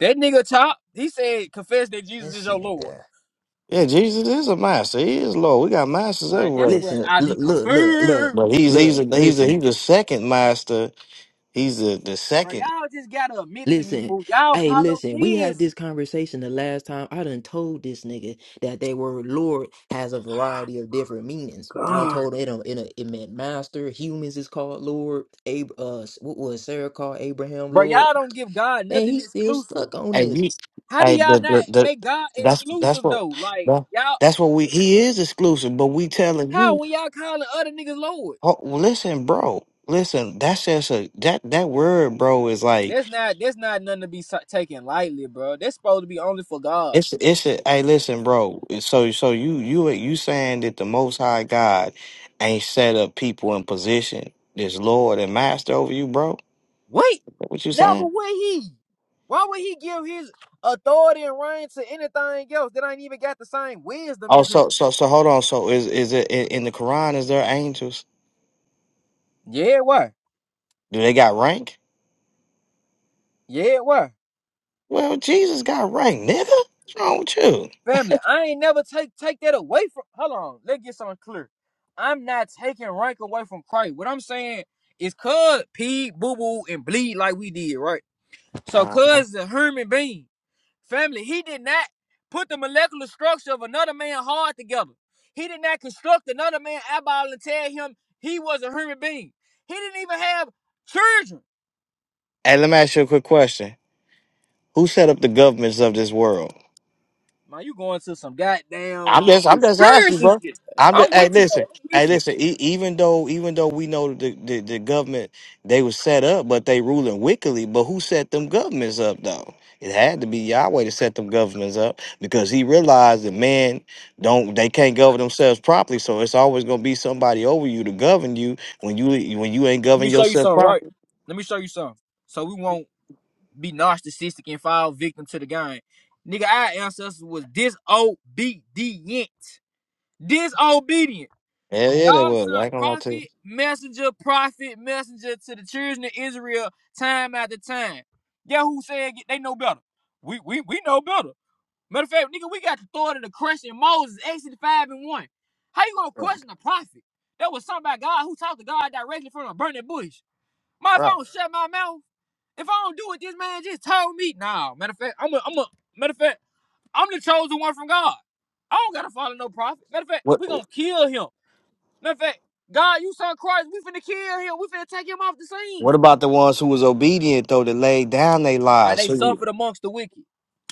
That nigga top, he said, confess that Jesus is
This
your Lord.
nigga.
Yeah, Jesus is a master. He is Lord. We got masters
Alright, that's
everywhere.
what
Listen,
I be
look, look, look, look,
confirmed.
But he's he's a,
look,
he's a, he's
listen,
the second master. He's the, the
Bro,
second.
y'all just gotta admit to me,
listen.
fool. Y'all
Hey, listen, we had this
polytheism.
conversation the last time. I done told this nigga that they word Lord has a variety of different meanings. I done
God.
told it it, it, it meant master, humans is called Lord, Ab- uh what was Sarah called Abraham
Bro,
Lord.
y'all don't give God
Man,
nothing
he's still
exclusive.
stuck on
Hey,
this.
you,
How do
hey,
y'all
the,
not
the, the,
make God
that's that's
exclusive
what
though? Like,
that,
y'all,
that's what we he is exclusive, but we telling
how
you,
when y'all calling other niggas Lord?
oh, well, listen, bro, listen, that's just a that that word, bro, is like
That's not that's not nothing to be so- taken lightly, bro. That's supposed to be only for God.
it's it's a hey, listen, bro. So so you you you saying that the Most High God ain't set up people in position, this Lord and Master over you, bro?
Wait,
Is that What you
never
saying?
would he. Why would he give his authority and reign to anything else that ain't even got the same wisdom
Oh,
as him?
so so so hold on. So is is it in in the Quran? Is there angels?
Yeah, it
Do they got rank?
Yeah, it
Well, Jesus got right, nigga. What's wrong with you?
Family, I ain't never take take that away from. Hold on, let's get something clear. I'm not taking rank away from Christ. What I'm saying is, cuz pee, boo boo, and bleed like we did, right? So,
Uh-huh.
cuz is a human being. Family, he did not put the molecular structure of another man's heart together. He did not construct another man's eyeball and tell him he was a human being. He didn't even have children.
Hey, let me ask you a quick question. Who set up the governments of this world?
Man, you going to some
I'm
goddamn
just, I'm just asking,
conspiracy
bro.
shit.
I'm just,
I'm
hey,
with you, though.
listen,
I'm
hey,
with you.
listen. E- even though, even though we know the, the the government they was set up, but they ruling wickedly. But who set them governments up though? It had to be Yahweh to set them governments up because he realized that man don't they can't govern themselves properly. So it's always gonna be somebody over you to govern you when you when you ain't
Let me
govern
show you
yourself
something,
properly.
right? Let me show you something. So we won't be narcissistic and fall victim to the game. Nigga, our ancestors was disobedient. Disobedient.
Hell yeah, they
God
was. I
sent
ain't gonna lie to
prophet,
you.
messenger, prophet, messenger to the children of Israel time after time. Yeah, who said they know better? We we we know better. Matter of fact, nigga, we got the authority to question Moses, Exodus 5 and 1. How you gonna
Right.
question a prophet? That was something about God who talked to God directly from a burning bush. My if I
Right.
don't shut my mouth, if I don't do what this man just told me, nah. Matter of fact, I'm a I'm a matter of fact, I'm the chosen one from God. I don't gotta follow no prophet. Matter of fact,
What
we gonna kill him. Matter of fact, God, you saw Christ. We finna kill him. We finna take him off the
What
scene.
about the ones who was obedient though that laid down their
Man,
lives?
they
So
suffered amongst the wicked.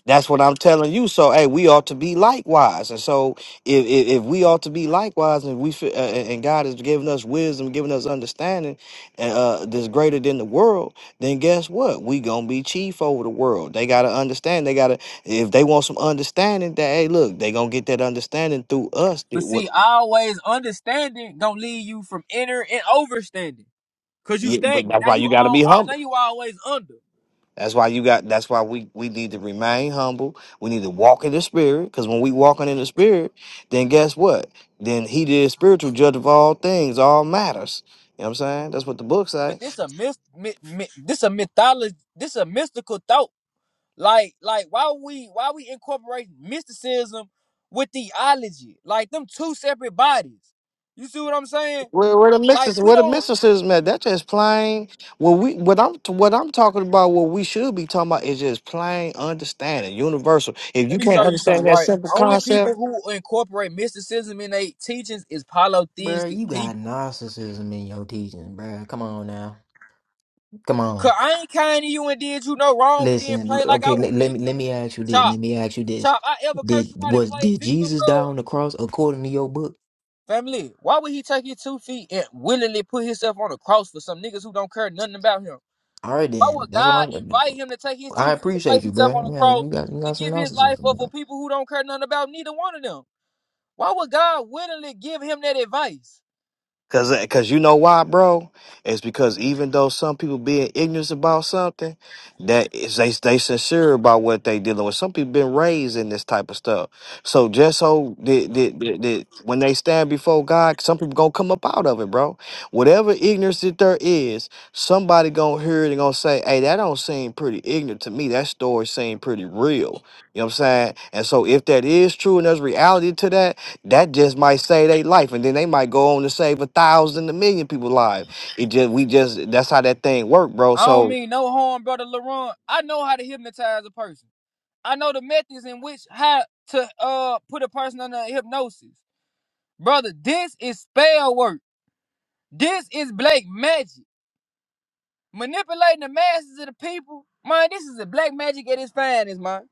that's what I'm telling you. So hey, we ought to be likewise. And so if if, if we ought to be likewise, and we fi- uh, and God has given us wisdom, giving us understanding, uh, that's greater than the world, then guess what? We gonna be chief over the world. They gotta understand. They gotta if they want some understanding. That hey, look, they gonna get that understanding through us.
But
That What?
see, always understanding don't lead you from inner and overstanding. Cause you
Yeah, but
stagnant.
that's
Now
why
you
you gotta
all
be
uh,
humble.
now you always under.
That's why you got. That's why we we need to remain humble. We need to walk in the spirit. Because when we walking in the spirit, then guess what? Then he did spiritual judge of all things, all matters. You know what I'm saying? That's what the book
But
say.
this a myth, mi mi- this a mythology this a mystical thought. Like like why we why we incorporate mysticism with theology? Like them two separate bodies. You see what I'm saying?
Where, where the
Like
mysticism,
we
where the
don't
mysticism at? That's just plain. What we what I'm what I'm talking about. What we should be talking about is just plain understanding, universal. If
Let
you
me show
can't
you something,
understand that
right?
simple
Only
concept.
people who incorporate mysticism in their teachings is
Bruh,
polytheistic
you got
people.
narcissism in your teachings, bruh. Come on now. Come
Cause
on.
I ain't kind to you and did you no wrong and then
Listen,
play like I
okay, let,
was
let me
victim.
let me ask you this.
Chop,
Let me ask you this.
chop, I ever curse
Did
you out and
was
play
did
victim,
Jesus die
cuz?
on the cross according to your book?
Family, why would he take his two feet and willingly put himself on the cross for some niggas who don't care nothing about him?
All right
Why
then.
would
That's what
God
I'm
invite him to take his
I
two feet to place
appreciate you,
himself on the
bruh. Yeah,
cross
you got you
to
got some
give his life
narcissism,
up for
bruh.
people who don't care nothing about neither one of them? Why would God willingly give him that advice?
Cause, uh, cause you know why, bro? It's because even though some people being ignorant about something, that is they they sincere about what they dealing with. Some people been raised in this type of stuff. So just so that, that, that, that when they stand before God, some people gonna come up out of it, bro. Whatever ignorance that there is, somebody gonna hear it and gonna say, "Hey, that don't seem pretty ignorant to me. That story seemed pretty real." You know what I'm saying? And so if that is true and there's reality to that, that just might save their life, and then they might go on to save a thousand, a million people lives. It just we just that's how that thing work, bro.
I don't
So
mean no harm, brother LaRon. I know how to hypnotize a person. I know the methods in which how to uh put a person under hypnosis. Brother, this is spell work. This is black magic. Manipulating the masses of the people. Man, this is a black magic at its finest, man.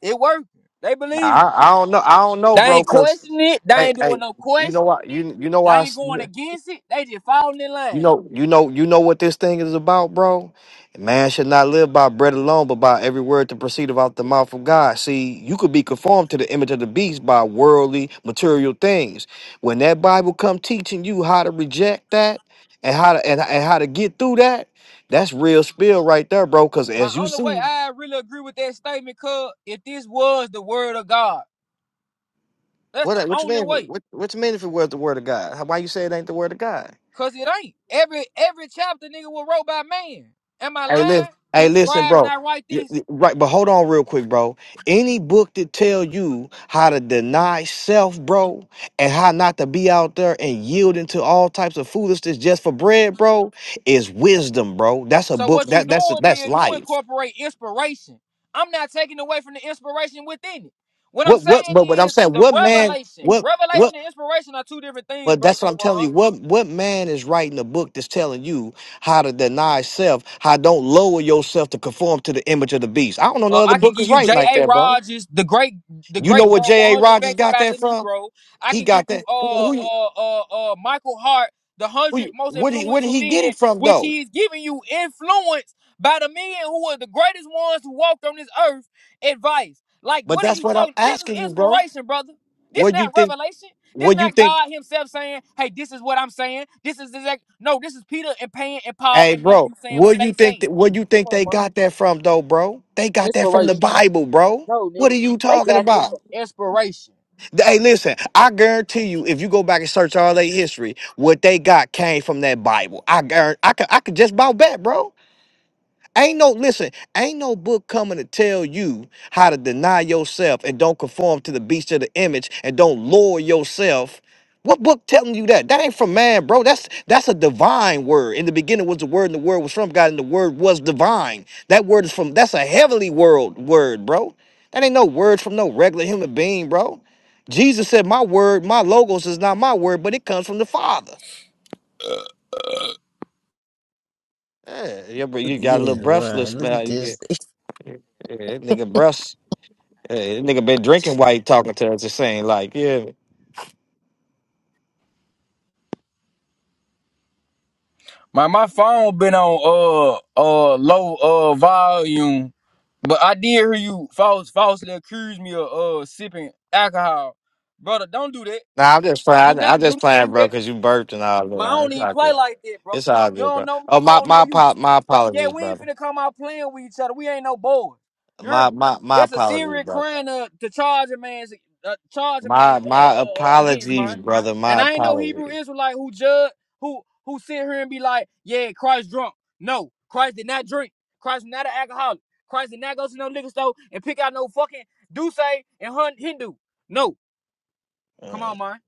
It working. They
nah,
believe it.
I, I don't know, I don't know,
They
bro.
ain't
Cause
questioning it. They
hey,
ain't doing
hey,
no
you know
questioning
what?
it.
You you know
They
why? I
ain't
s-
going against it. They just falling in
You
line.
know, you know, you know what this thing is about, bro. Man should not live by bread alone, but by every word that proceedeth out the mouth of God. See, you could be conformed to the image of the beast by worldly, material things. When that Bible come teaching you how to reject that and how to and, and how to get through that, that's real spill right there, bro. Because
My
as you
only way
see,
I really agree with that statement, cuz, if this was the word of God. That's the
what what you
only
mean?
way.
What what you mean if it was the word of God? How- Why you say it ain't the word of God?
Cause it ain't. Every every chapter nigga was wrote by man. Am I
Hey, listen,
lying?
hey,
Did
listen,
scribes
bro.
not write
Y-
this?
y- Right, but hold on real quick, bro. Any book that tell you how to deny self, bro, and how not to be out there and yielding to all types of foolishness just for bread, bro, is wisdom, bro. That's a
So
book.
what you
That that's
doing
that's
is you
life.
incorporate inspiration. I'm not taking away from the inspiration within it. What I'm
What what?
saying
But what I'm
is
saying,
the
what man?
revelation.
What what?
Revelation and inspiration are two different things,
But
brother
that's what I'm telling
LaRon.
you. What what man is writing a book that's telling you how to deny self, how don't lower yourself to conform to the image of the beast? I don't know no
Uh,
other
I can
book
give
that's
you
writing like
J.A.
that, bro.
Rogers, the great, the
You know
great
where
uh,
J.A.
100
Rogers
facts
got
about
that
the
from?
Negro. I
He
can give
got
you
that. Who,
uh
who, you-
uh uh uh Michael Hart, the one
who,
hundred
you-
most
where, did, where did
influential
he get
men,
it from
which
though?
he is giving you influence by the men who are the greatest ones who walked on this earth. Advice, like
But
what are
that's
you
what I'm
talking? This is
asking you, bro.
inspiration, brother. This
What you
not
think?
revelation. This
What you
not
think?
God Himself saying, "Hey, this is what I'm saying." This is exact. No, this is Peter and Pan and Paul
Hey,
and
bro.
Matthew saying what
What you
they
think?
saying.
That, what you
Come
think
on,
they
man.
got that from though, bro? They got that from the
Inspiration.
Bible, bro.
No,
What are
nigga.
you talking about?
Inspiration.
Hey, listen. I guarantee you, if you go back and search all their history, what they got came from that Bible. I guarantee. I could. I could just about bet, bro. Ain't no listen, ain't no book coming to tell you how to deny yourself and don't conform to the beast of the image and don't lower yourself. What book telling you that? That ain't from man, bro. That's that's a divine word. In the beginning was the word, and the word was from God, and the word was divine. That word is from that's a heavenly world word, bro. That ain't no word from no regular human being, bro. Jesus said, My word, my logos is not my word, but it comes from the Father. Eh, Yeah, you you
Look at
got a
yeah,
little
bruh.
breathless,
Look at
man. You-
this. <laughs>
yeah, that nigga breath. Hey, nigga been drinking while he talking to us. Just saying, like, yeah.
My my phone been on uh uh low uh volume, but I did hear you false falsely accuse me of uh sipping alcohol, brother. Don't do that.
Nah, I'm just
Do
playing. I- I'm
not do
just
not
playing,
do that.
bro, because you burped and all
Man, I
that.
don't
It's
even
all
play
good.
like that, bro.
It's all
You
good,
don't
bro.
know me,
Oh,
I
my
don't
my
know you.
apo- my
So, yeah,
apologies,
we ain't
brother.
finna come out playing with each other. We ain't no boys. You hear
My
me?
my my
That's a
apologies,
serious
brother.
crime to, to charge a man, uh, charge a man
My
uh, uh,
my
uh, uh, against,
apologies,
man.
brother.
And
My
I ain't no Hebrew
apologies.
Israelite who judge who who sit here and be like, yeah, Christ drunk. No, Christ did not drink. Christ was not an alcoholic. Christ did not go to no liquor store and pick out no fucking Duce and Hun- Hindu. No, come
Mm.
on, man.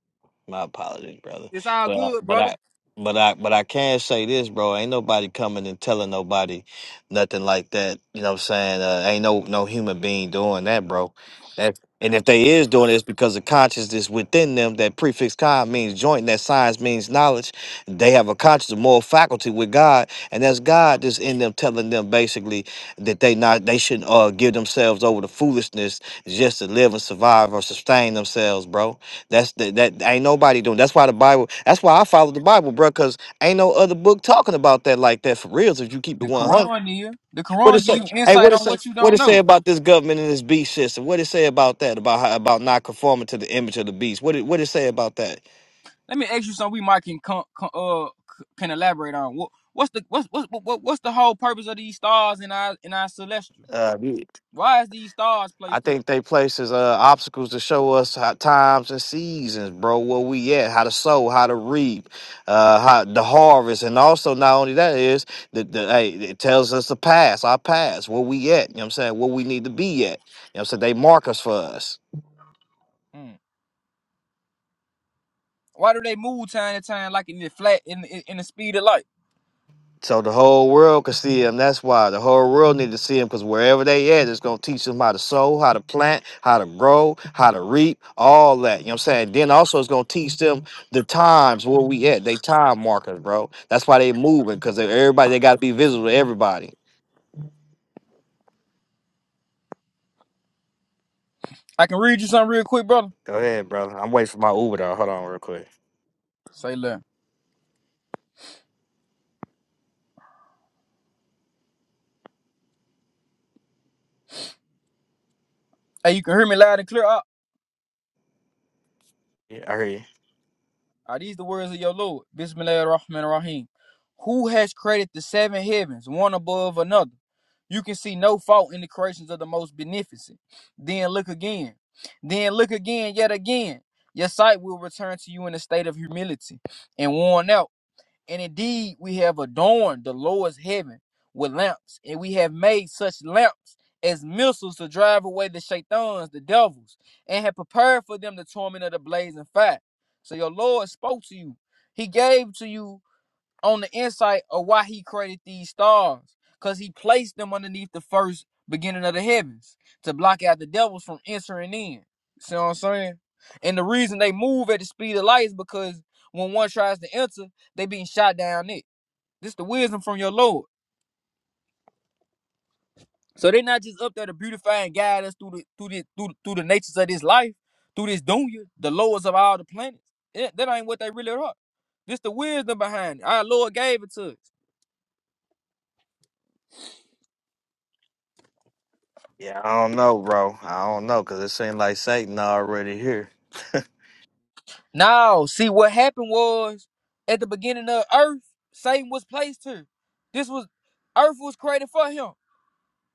My apologies, brother.
It's all
But I-
good,
but
brother.
I but I but I can say this, bro. Ain't nobody coming and telling nobody nothing like that. You know what I'm saying? Uh, ain't no no human being doing that, bro. That and if they is doing it, it's because of consciousness within them. That prefix con means joint. That science means knowledge. They have a conscious, a moral faculty with God, and that's God that's in them telling them basically that they not they shouldn't uh, give themselves over to foolishness just to live and survive or sustain themselves, bro. That's the, that ain't nobody doing. That's why the Bible. That's why I follow the Bible, bro. Cause ain't no other book talking about that like that for reals. If you keep it
The
one hundred,
Quran, Nia. The
what it
Quran give
say?
you
Hey,
insight
what it
on
say?
what you
What
don't
it say
know.
about this government and this beast system? What it say about that? About how, about not conforming to the image of the beast? What it what it say about that?
Let me ask you something we might can con- con- uh can elaborate on. What what's the what's what's what, what- what's the whole purpose of these stars in our in our celestial? Why is these stars
I
placed there?
think they places uh, obstacles to show us how times and seasons, bro, where we at, how to sow, how to reap, uh, how the harvest, and also not only that is the, the hey, it tells us the past, our past, where we at, you know what I'm saying, where we need to be at. You know what I'm saying? They mark us for us.
Hmm. Why do they move time to time like in the flat in, in in the speed of light?
So the whole world could see him. That's why the whole world need to see him because wherever they at, it's gonna teach them how to sow, how to plant, how to grow, how to reap, all that. You know what I'm saying? Then also it's gonna teach them the times where we at. They time markers, bro. That's why they moving because everybody they gotta be visible to everybody.
I can read you something real quick, brother.
Go ahead, brother. I'm waiting for my Uber though. Hold on real quick.
Say less. Hey, you can hear me loud and clear. I
Yeah, I hear you.
Are these the words of your Lord? Bismillahirrahmanirrahim? Who has created the seven heavens, one above another? You can see no fault in the creations of the most beneficent. Then look again. Then look again, yet again. Your sight will return to you in a state of humility and worn out. And indeed, we have adorned the Lord's heaven with lamps, and we have made such lamps as missiles to drive away the shaitans, the devils, and have prepared for them the torment of the blazing fire. So your Lord spoke to you. He gave to you on the insight of why he created these stars because he placed them underneath the first beginning of the heavens to block out the devils from entering in see what i'm saying and the reason they move at the speed of light is because when one tries to enter they being shot down it this the wisdom from your lord so they're not just up there to beautify and guide us through the through the through, through the natures of this life through this dunya the lowest of all the planets Yeah, that ain't what they really are this the wisdom behind it our lord gave it to us
Yeah, I don't know, bro. I don't know because it seems like Satan already here. <laughs>
No, see what happened was at the beginning of Earth, Satan was placed here. This was Earth was created for him.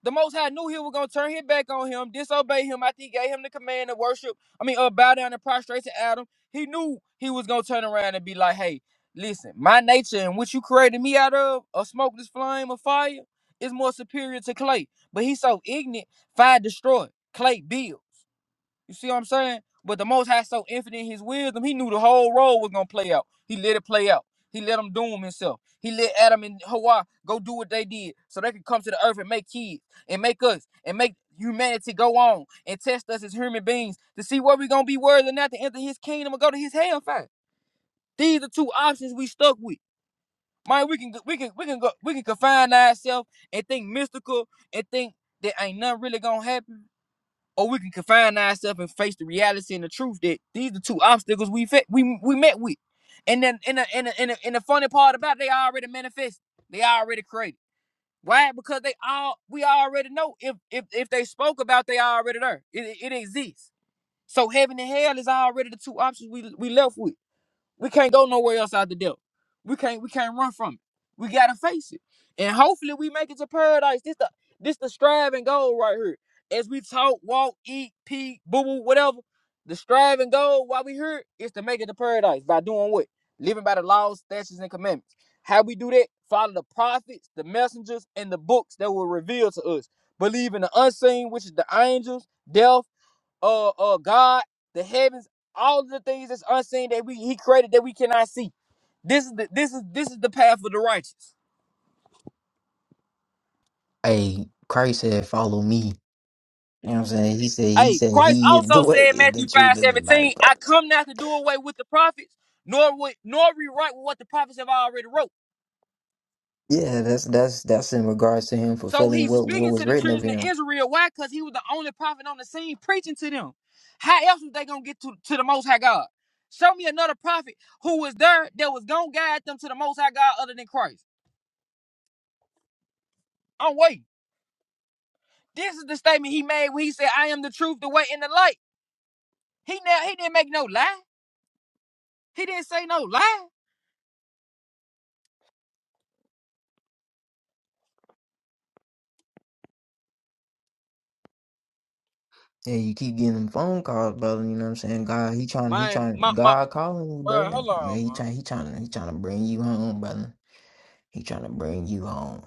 The Most High knew he was gonna turn his back on him, disobey him. I think he gave him the command to worship. I mean, uh, bow down and prostrate to Adam. He knew he was gonna turn around and be like, "Hey, listen, my nature and what you created me out of, a smokeless flame of fire, is more superior to clay." But he's so ignorant, fire destroyed, clay build. You see what I'm saying? But the Most High so infinite in His wisdom, He knew the whole role was gonna play out. He let it play out. He let them doom Himself. He let Adam and Hawa go do what they did, so they could come to the earth and make kids, and make us, and make humanity go on, and test us as human beings to see where we gonna be worthy or not to enter His kingdom or go to His hellfire. These are two options we stuck with. Man, we can we can we can go we can confine ourselves and think mystical and think that ain't nothing really gonna happen or we can confine ourselves and face the reality and the truth that these are the two obstacles we fa- we we met with. And then and the, and the, and, the, and the funny part about it, they already manifested. They already created. Why? Because they all we already know if if if they spoke about they already there. it it exists. So heaven and hell is already the two options we we left with. We can't go nowhere else out the devil. We can't we can't run from it. We gotta face it. And hopefully we make it to paradise. This the this the strive and goal right here. As we talk, walk, eat, pee, boo boo, whatever. The strive and goal while we here is to make it to paradise by doing what? Living by the laws, statutes, and commandments. How we do that? Follow the prophets, the messengers, and the books that were revealed to us. Believe in the unseen, which is the angels, death uh uh God, the heavens, all of the things that's unseen that we he created that we cannot see. This is the this is this is the path of the righteous.
Hey, Christ said, follow me. You know what I'm saying? He said he
Hey,
said
Christ
he is the
also
way,
said in
and the
Matthew five
truth, and the life,
seventeen, I
brother.
come not to do away with the prophets, nor with, nor rewrite what the prophets have already wrote.
Yeah, that's that's that's in regards to him
So
fulfilling
he's
what what
speaking
was
to the
written of
children of
him.
Israel. Why? Because he was the only prophet on the scene preaching to them. How else was they gonna get to, to the most high God? Show me another prophet who was there that was gonna guide them to the most high God other than Christ. I'm waiting. This is the statement he made when he said, I am the truth, the way, and the light. He now he didn't make no lie. He didn't say no lie.
Yeah, you keep getting phone calls, brother. You know what I'm saying? God, he trying, he
Man,
trying,
my, my,
God calling you,
man,
brother.
hold
Yeah,
on,
He
man.
trying, he trying, he trying to bring you home, brother. He trying to bring you home.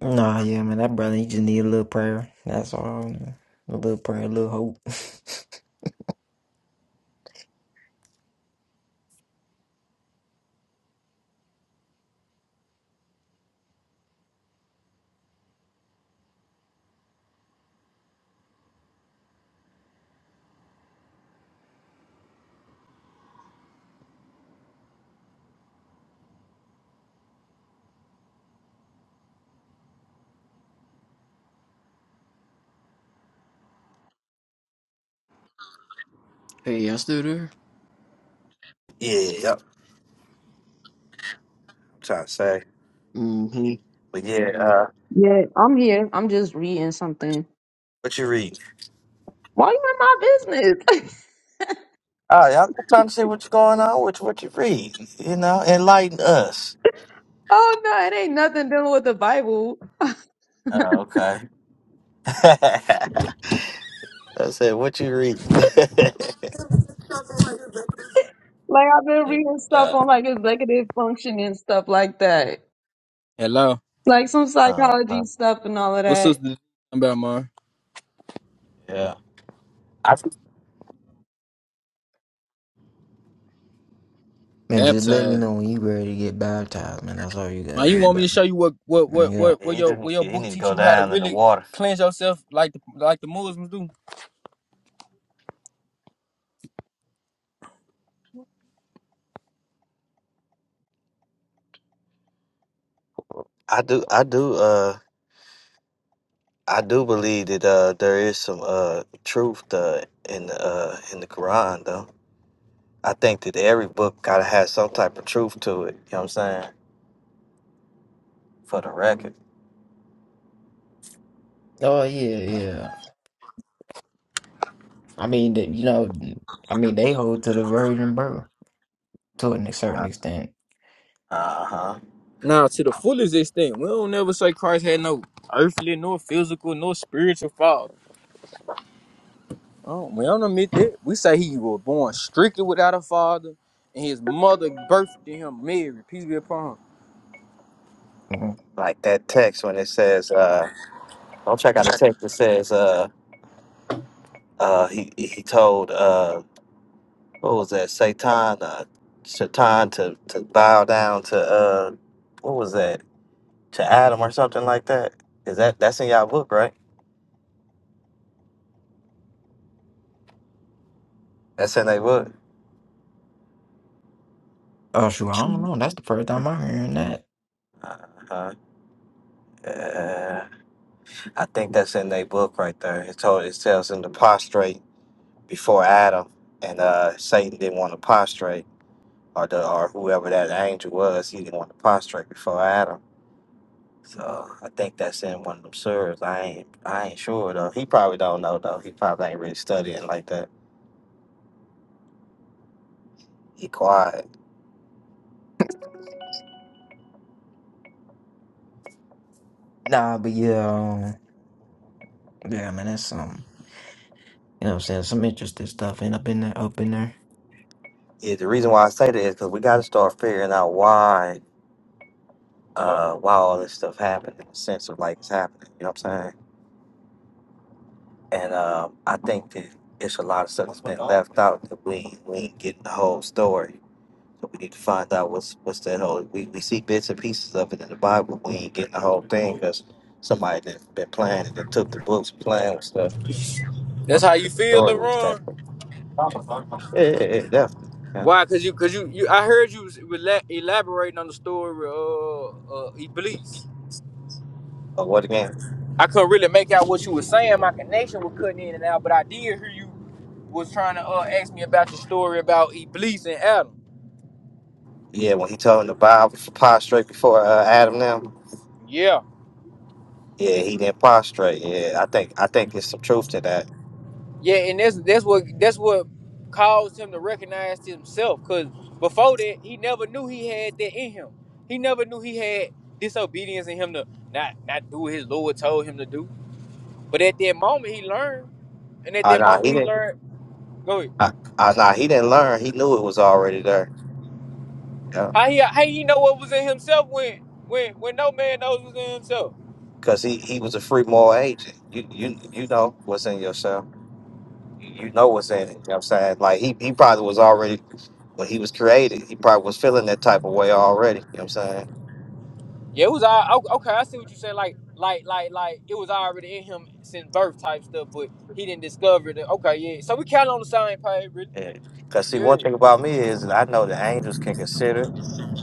Nah, yeah, man, that brother, he just need a little prayer. That's all. man. A little prayer, a little hope. <laughs> Hey, y'all still there?
Yeah, yep. I'm trying to say,
Mm-hmm.
but yeah. Uh,
Yeah, I'm here. I'm just reading something.
what you read?
Why you in my business?
Oh, y'all, am just trying to see what's going on with what you read, you know, enlighten us.
<laughs> oh no, it ain't nothing dealing with the Bible.
Oh, okay. <laughs> I said, what you read?
Like I've been
<laughs>
reading stuff on like executive function and stuff like that.
Hello.
Like some psychology
uh-huh.
stuff and all of
What's sister
that.
talking about, man?
Yeah. I,
man, just let me
Baptized.
know when you ready to get baptized, man. That's all you gotta
Man, you
do,
want me to
brother.
show you what, what,
Mm,
what,
Yeah.
what, what
he
your,
didn't.
what your
He
book
need to
teach
go
you how to
down in the
really
water.
cleanse yourself like the, like the Muslims do?
I do. I do. Uh, I do believe that uh, there is some uh truth uh, in the uh in the Quran though. I think that every book gotta have some type of truth to it. You know what I'm saying? For the record.
Oh yeah, yeah. I mean, that- you know, I mean, they hold to the virgin birth to a certain extent.
Uh huh.
Now, to the fullest extent, we don't never say Christ had no earthly, nor physical, nor spiritual father. Oh, we don't admit that. We say he was born strictly without a father, and his mother birthed him Mary. Peace be upon him.
like that text when it says uh don't check out the text that says uh uh he he told uh what was that satan uh satan to to bow down to uh what was that to adam or something like that is that that's in y'all book right that's in their book
Oh shoot, I don't know. That's the first time I'm hearing that.
uh-huh uh, i think that's in their book right there it told it tells them to prostrate before adam and uh satan didn't want to prostrate or the or whoever that angel was he didn't want to prostrate before adam So I think that's in one of them serves. I ain't I ain't sure though. He probably don't know though. He probably ain't really studying like that. He quiet.
Nah, but yeah, um, yeah, man, that's some. You know what I'm saying? Some interesting stuff end up in there, up in there.
Yeah, the reason why I say that is because we got to start figuring out why uh why all this stuff happened in the sense of like it's happening. You know what I'm saying? And um, I think that it's a lot of stuff that's been left out that we ain't- we ain't getting the whole story. So we need to find out what's what's that whole. We, we see bits and pieces of it in the Bible. We ain't getting the whole thing because somebody that been playing it and took the books and playing with stuff
That's
once
how
you
you
get the
feel,
story, it's that.
LaRon?
Yeah, yeah, yeah, definitely. Yeah.
Why? Cause you, cause you, you I heard you was rela- elaborating on the story of uh, Iblis.
Oh, what again?
I couldn't really make out what you were saying. My connection was cutting in and out, but I did hear you was trying to uh, ask me about the story about Iblis and Adam.
Yeah, when he told him to bow for prostrate before uh, Adam now.
Yeah.
Yeah, he didn't prostrate. Yeah, I think I think there's some truth to that.
Yeah, and that's that's what that's what caused him to recognize himself. Cause before that, he never knew he had that in him. He never knew he had disobedience in him to not not do what his Lord told him to do. But at that moment, he learned, and at
Uh,
that
nah,
moment,
he
he
didn't.
learned. Go ahead.
Uh, uh, nah, he didn't learn. He knew it was already there. Yeah,
How he how he know what was in himself when when when no man knows what's in himself.
because he, he was a free moral agent. You you you know what's in yourself. You know what's in it. You know what I'm saying? Like he, he probably was already when he was created. He probably was feeling that type of way already. You know what I'm saying?
Yeah, it was all okay. I see what you saying. Like like like like it was already in him since birth type stuff, but he didn't discover it. Okay, yeah. So we kind of on the same page, really.
Because see, one
Yeah.
thing about me is that I know the angels can consider.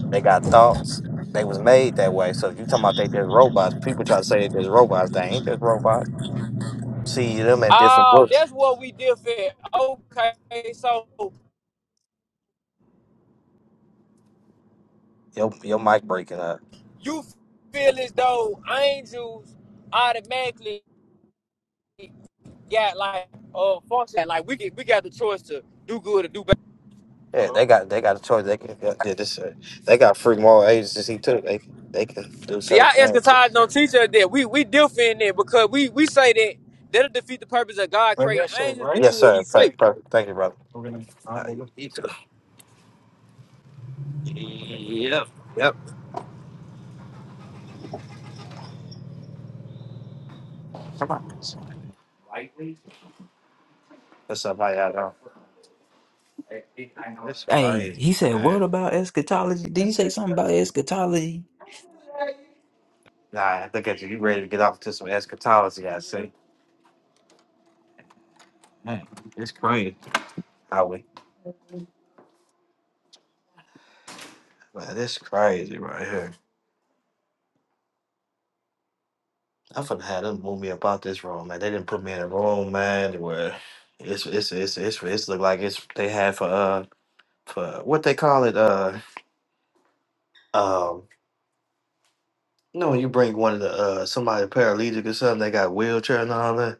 They got thoughts. They was made that way. So if you talking about they just robots, people try to say they just robots. They ain't just robots. You see them in different
Oh,
books.
that's what we differ. Okay, so
Your your mic breaking up.
you feel as though angels automatically got like uh function. Like we get, we got the choice to do good or do bad.
Yeah, they got they got a choice. They can yeah, yeah, this uh, they got free moral agency too. They they can do
See,
certain
our
things.
eschatology don't teach us that. We we differ in there because we we say that that'll defeat the purpose of God
Right,
creating
here, sir.
angels to
Right.
do
Yes,
what
sir.
He
Per-
say.
Thank you. thank you, brother. We're gonna. uh, All right, you too. Yep. Yep. Come on. What's up? I y'all doing? That's
Hey, he said, "What about eschatology? Did you say something about eschatology?"
Nah, look at you. You ready to get off to some eschatology, I see. Man, it's crazy. How we? Man, this crazy right here. I finna have them move me about this room, man. They didn't put me in a room, man, where it's it's it's it's it's look like it's they had for uh for what they call it, uh um you know when you bring one of the uh somebody paralytic or something, they got wheelchair and all that.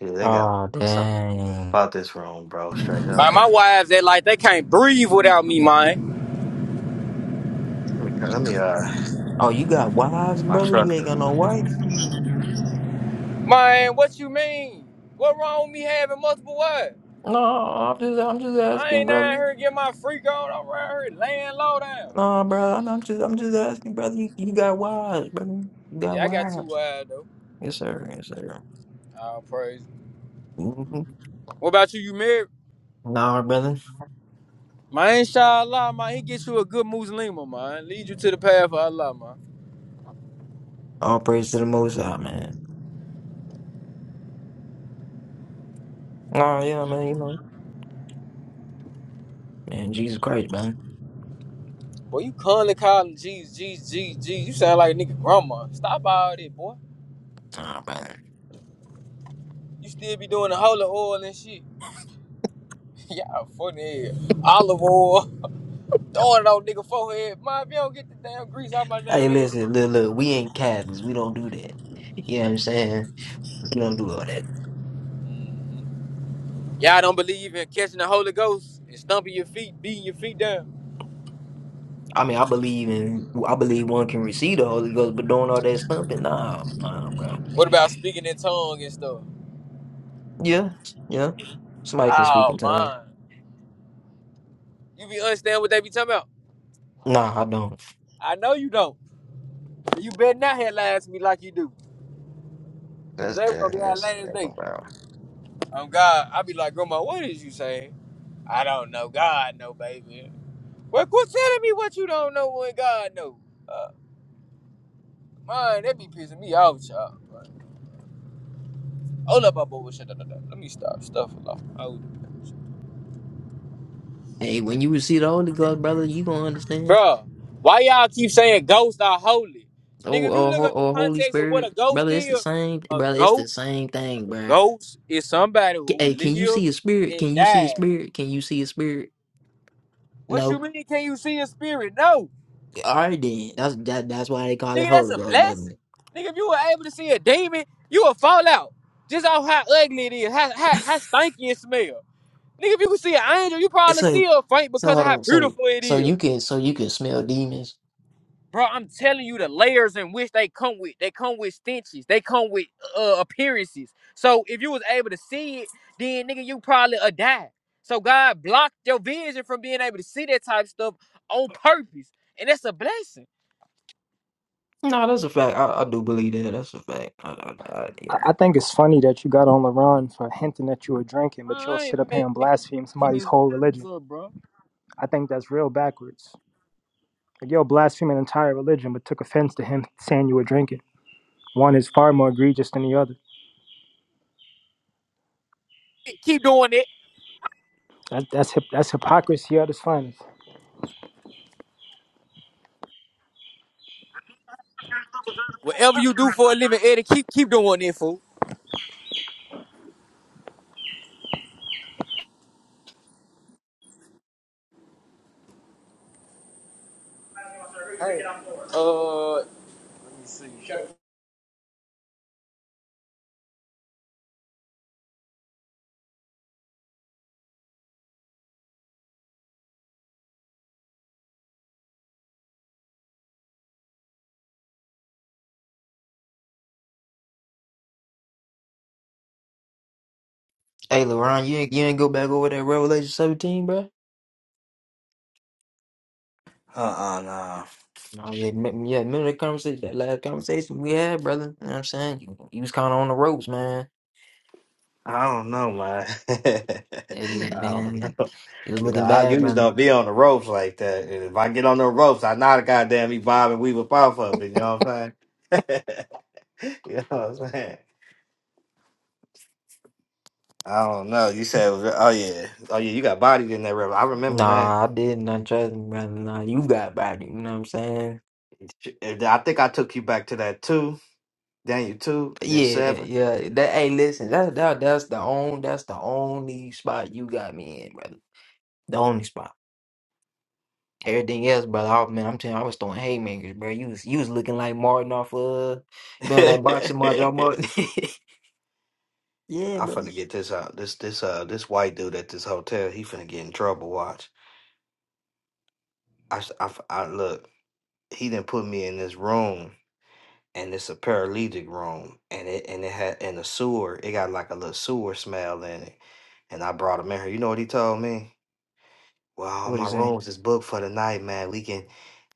Yeah, they got
Oh
something
dang!
about this room, bro, straight up.
Like my wives, they like they can't breathe without me, man.
Let me let me uh
Oh, you got wives,
my
brother?
truck.
You ain't got no wife?
Man, what you mean? What wrong with me having multiple wives?
No, I'm just, I'm just
I
asking,
ain't out
brother.
here get my freak on. I'm around here laying low down.
No, bro, I'm, I'm just, I'm just asking, brother. You, you got wives, brother? You got
Yeah, I got too
wives?
wild though.
Yes, sir. Yes, sir.
Oh, praise.
hmm
What about you? You married?
Nah, brother.
Man, inshallah, man, he gets you a good Muslim, man. Lead you to the path of Allah, man.
All praise to the Most High, man. Nah, yeah, man, you know. Man, Jesus Christ, man.
Boy, you constantly calling Jesus, Jesus, Jesus, Jesus. You sound like a nigga grandma. Stop all that, boy.
Nah, man.
You still be doing the holy oil and shit. <laughs> Y'all funny as Olive oil. Throwing it on nigga forehead. Man, if you don't get the damn grease out my damn
Hey,
head.
listen, look, look, we ain't Catholics. We don't do that. You know what I'm saying? We don't do all that.
Y'all don't believe in catching the Holy Ghost and stomping your feet, beating your feet down.
I mean, I believe in, I believe one can receive the Holy Ghost, but doing all that stumping, nah, nah, bro.
What about speaking in tongue and stuff?
Yeah, yeah. Somebody can speak
Oh
in tongues.
man, you be understand what they be talking about?
Nah, I don't.
I know you don't. You better not have lied to me like you do, cause
That's
they gonna
dead.
be our
That's
last
that's
day.
about.
I'm God. I be like, Grandma, what is you saying? I don't know. God know, baby. Well, quit telling me what you don't know when God know. Uh, man, that be pissing me off, y'all. Hold up, i boy. Shut up, shut up. Let me stop. Stuff a lot.
Hey, when you receive the Holy Ghost, brother, you gonna understand.
Bruh, why y'all keep saying ghosts are holy? Nigga,
Oh, Or,
if you
or,
look
Ho-
up the
or Holy
context of what a
Spirit,
ghost
brother, it's
is,
the same,
a
brother. It's the
ghost,
same thing,
a
bro.
ghost is somebody
K-
who
Hey, can you
lived
see a spirit?
and
Can you see a
died.
spirit? Can you see a spirit?
What you
No.
mean? Can you see a spirit? No,
All right then. That's that, that's why they call it
nigga, that's
Holy
a
Ghost, brother.
blessing. Nigga, if you were able to see a demon, you would fall out. Just off how ugly it is, how how, how stinky it smell. Nigga, if you could see an angel, you probably
So
still faint
so
because of
hold
how
on. So
beautiful it
so
is.
you can so you can smell demons.
Bro, I'm telling you the layers in which they come with. They come with stenches. They come with uh, uh, appearances. So if you was able to see it, then nigga, you probably a die. So God blocked your vision from being able to see that type of stuff on purpose, and that's a blessing.
No, that's a fact. I, I do believe that. That's a fact. I, I, I,
I
yeah.
I think it's funny that you got on LaRon for hinting that you were drinking, but you'll
I
sit up here
ain't
and blaspheme
making
somebody's
this
whole religion.
up, bro.
I think that's real backwards. Like, you'll blaspheme an entire religion, but took offense to him saying you were drinking. One is far more egregious than the other.
Keep doing it.
That, that's hip, that's hypocrisy at its finest.
Whatever you do for a living, Eddie, keep keep doing it, fool. Hey, uh,
Hey, LeRon, you ain't, you ain't go back over that Revelation 17, bro?
Uh-uh, no.
No, yeah, m- yeah. Remember that conversation, that last conversation we had, brother? You know what I'm saying? You, you was kind of on the ropes, man.
I don't know, man. <laughs>
Yeah, you,
I don't
man.
know.
You was
You know,
looking
I
bad,
usually
brother.
don't be on the ropes like that. And if I get on the ropes, I know the goddamn me bob and weave a pop up. You know what I'm saying? <laughs> you know what I'm saying? I don't know. You said, it was- oh yeah, oh yeah, you got bodied in that river. I remember that.
Nah, I didn't. I trust me, brother. Nah, you got body, You know what I'm saying?
Sh- I think I took you back to that too. Daniel two and then
Yeah,
seven.
yeah. That hey, listen. That that that's the only that's the only spot you got me in, brother. The only spot. Everything else, brother. Oh man, I'm telling you, I was throwing haymakers, bro. You was you was looking like Martin off uh,
<laughs> I'm
you know that boxing match, y'all Martin. <laughs> yeah, brother.
finna get this out. This this uh this white dude at this hotel, he finna get in trouble. Watch. I s- I f- I- look. He didn't put me in this room, and it's a paralytic room, and it and it had and the sewer. It got like a little sewer smell in it, and I brought him in here. You know what he told me? Well, all
What you
my
say?
rooms is booked for the night, man. We can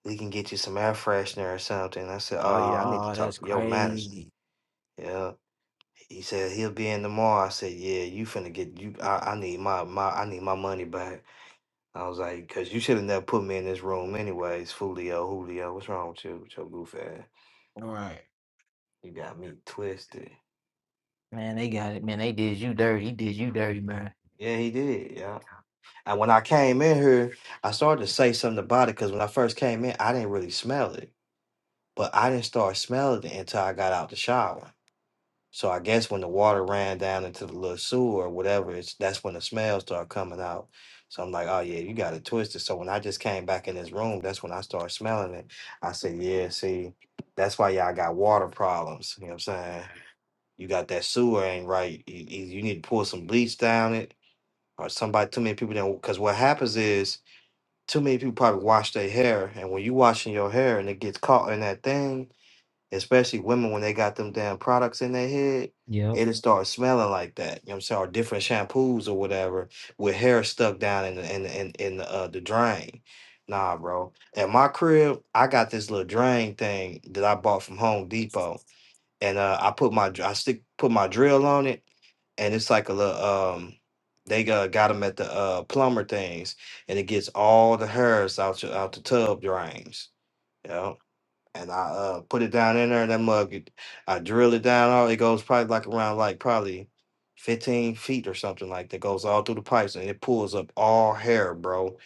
we can get you some air freshener or something. I said, oh yeah, I need to
Oh,
talk
that's
to your manager.
crazy.
Yeah. He said he'll be in tomorrow. I said, "Yeah, you finna get you. I, I need my my I need my money back." I was like, "Cause you should have never put me in this room, anyways." Fulio, Julio, what's wrong with you, with your goof ass?
All right,
You got me twisted.
man. They got it, man. They did you dirty. He did you dirty, man.
Yeah, he did. Yeah. And when I came in here, I started to say something about it. Cause when I first came in, I didn't really smell it, but I didn't start smelling it until I got out the shower. So I guess when the water ran down into the little sewer or whatever, it's that's when the smell started coming out. So I'm like, oh yeah, you got it twisted. So when I just came back in this room, that's when I started smelling it. I said, yeah, see, that's why y'all got water problems. You know what I'm saying? You got that sewer ain't right. You, you you need to pour some bleach down it, or somebody. Too many people don't. Because what happens is, too many people probably wash their hair, and when you washing your hair and it gets caught in that thing, especially women when they got them damn products in their head,
Yep.
it'll start smelling like that. You know what I'm saying? Or different shampoos or whatever with hair stuck down in the in the, in, in the uh the drain. Nah, bro. At my crib, I got this little drain thing that I bought from Home Depot, and uh, I put my dr- I stick put my drill on it, and it's like a little um. They uh, got them at the uh, plumber things, and it gets all the hairs out your, out the tub drains and I uh put it down in there. That mug, it- I drill it down. All it goes probably like around like probably fifteen feet or something like that. Goes all through the pipes and it pulls up all hair, bro.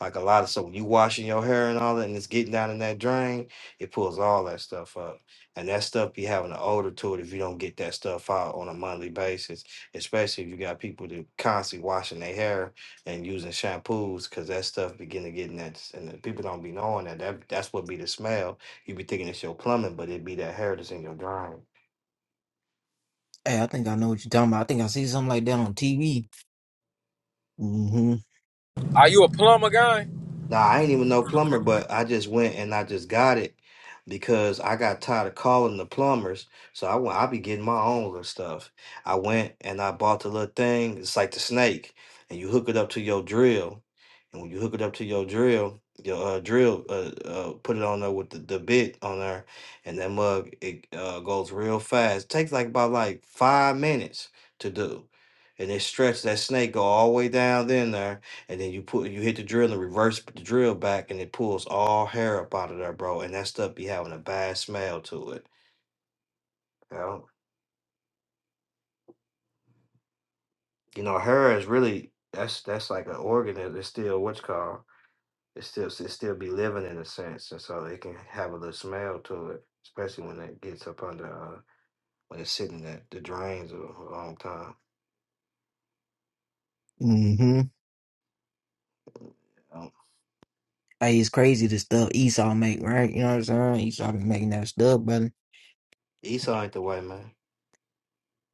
Like a lot of so when you washing your hair and all that, and it's getting down in that drain, it pulls all that stuff up. And that stuff be having an odor to it if you don't get that stuff out on a monthly basis, especially if you got people that constantly washing their hair and using shampoos, because that stuff begin to get in that, and the people don't be knowing that. That that's what be the smell You'd be thinking it's your plumbing, but it'd be that hair that's in your drawing.
Hey, I think I know what you're talking about. I think I see something like that on TV. hmm
are you a plumber guy?
Nah, I ain't even no plumber, but I just went and I just got it because I got tired of calling the plumbers. So I went, I be getting my own little stuff. I went and I bought the little thing. It's like the snake, and you hook it up to your drill. And when you hook it up to your drill, your uh, drill, uh, uh, put it on there with the, the bit on there, and that mug it uh, goes real fast. takes like about like five minutes to do, and it stretch that snake go all the way down in there and then you put you hit the drill and reverse the drill back, and it pulls all hair up out of there, bro. And that stuff be having a bad smell to it. You know, you know hair is really that's that's like an organ that is still what's called it still it still be living in a sense, and so it can have a little smell to it, especially when it gets up under uh, when it's sitting at the drains a a long time.
hmm
Um,
Hey, it's crazy the stuff Esau make, right? You know what I'm saying? Esau be making that stuff, brother.
Esau ain't the way, man.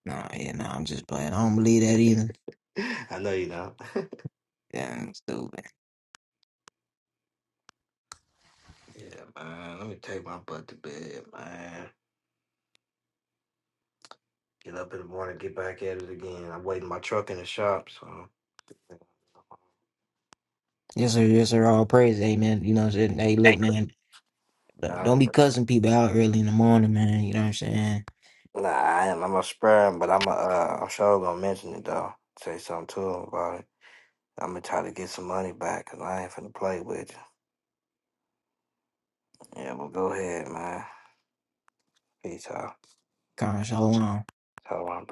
Nah, yeah, nah, I'm just playing. I don't believe that either.
<laughs> I know you don't. <laughs>
Yeah, I'm stupid.
yeah, man. Let me take my butt to bed, man. Get up in the morning, get back at it again. I'm waiting my truck in the shop, so.
Yes, sir, yes, sir. All praise, amen. You know what I'm saying? Hey, look, man, uh,
Uh,
don't be cussing people out early in the morning, man. You know what I'm saying?
nah, I am. I'm a spare him, but I'm a, uh, I'm sure gonna mention it though. Say something to him about it. I'm gonna try to get some money back, cause I ain't finna play with you. Yeah, well, go ahead, man. Peace out.
Kind of shalom.
Tell him. I'm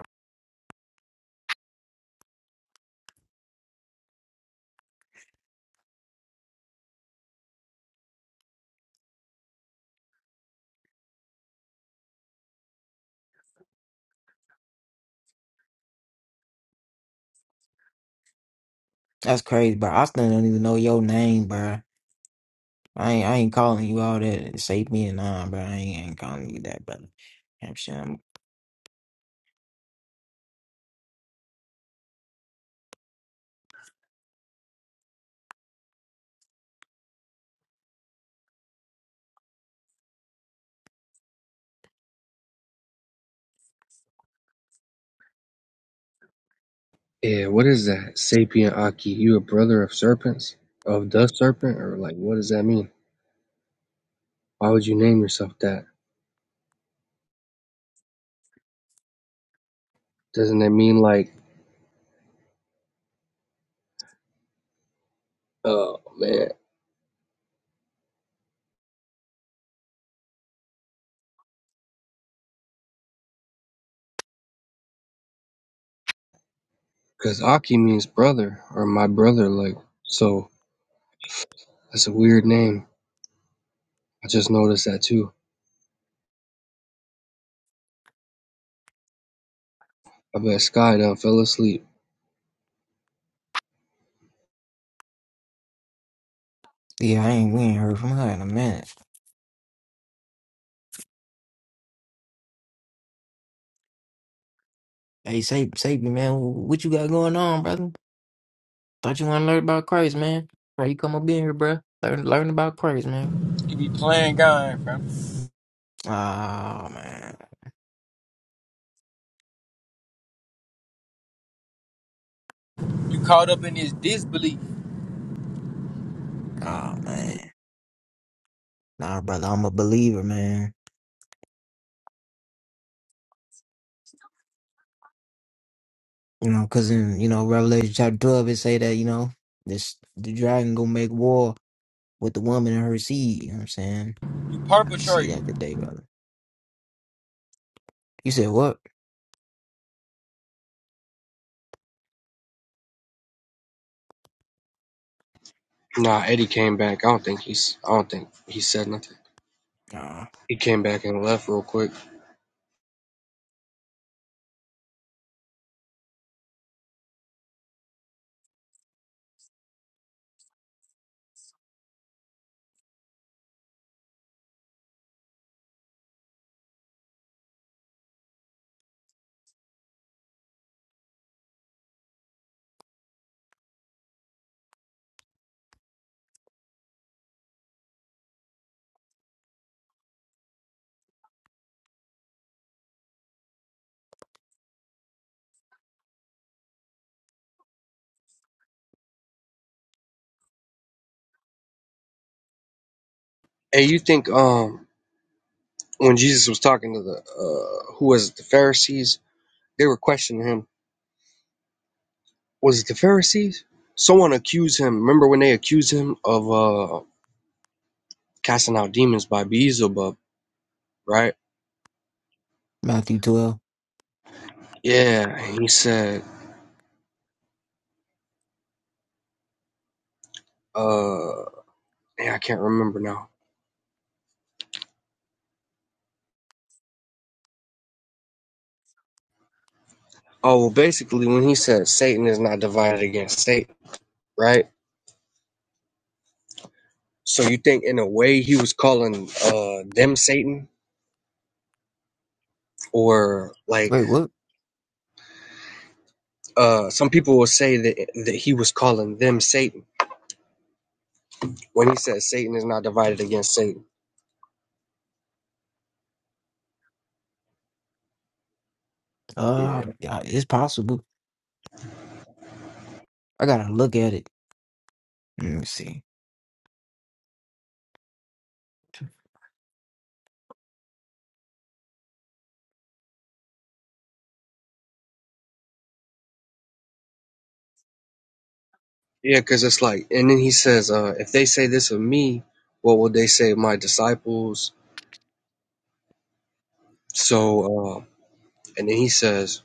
That's crazy, bro. I still don't even know your name, bro. I ain't, I ain't calling you all that. Save me and nah, bro. I ain't, I ain't calling you that, brother. You know what I'm saying?
Yeah, what is that? Sapien Aki, you a brother of serpents? Of the serpent? Or like what does that mean? Why would you name yourself that? Doesn't that mean like oh man. Because Aki means brother or my brother, like so that's a weird name. I just noticed that too. I bet Sky done fell asleep.
Yeah, I ain't, we ain't heard from her in a minute. Hey, Sap- Sapien, man, what you got going on, brother? Thought you want to learn about Christ, man. Why you come up in here, bro? Learn, learn about Christ, man.
You be playing guy, fam.
Oh, man.
You caught up in this disbelief.
Oh, man. Nah, brother, I'm a believer, man. You know, because in, you know, Revelation chapter 12, it say that, you know, this the dragon gonna make war with the woman and her seed. You know what I'm saying?
You
I can see
perpetrate.
that today, brother. You said what?
Nah, Eddie came back. I don't think he's. I don't think he said nothing.
Uh,
He came back and left real quick. Hey, you think um when Jesus was talking to the uh who was it the Pharisees? They were questioning him. Was it the Pharisees? Someone accused him. Remember when they accused him of uh casting out demons by Beelzebub, right?
Matthew 12.
Yeah, and he said uh yeah, I can't remember now. Oh well, basically when he said Satan is not divided against Satan, right? So you think in a way he was calling uh them Satan or like
Wait, what?
uh some people will say that that he was calling them Satan when he says Satan is not divided against Satan.
Uh,
Yeah.
yeah, it's possible. I gotta look at it. Let me see.
Yeah, cuz it's like and then he says uh if they say this of me, what will they say of my disciples? So uh and then he says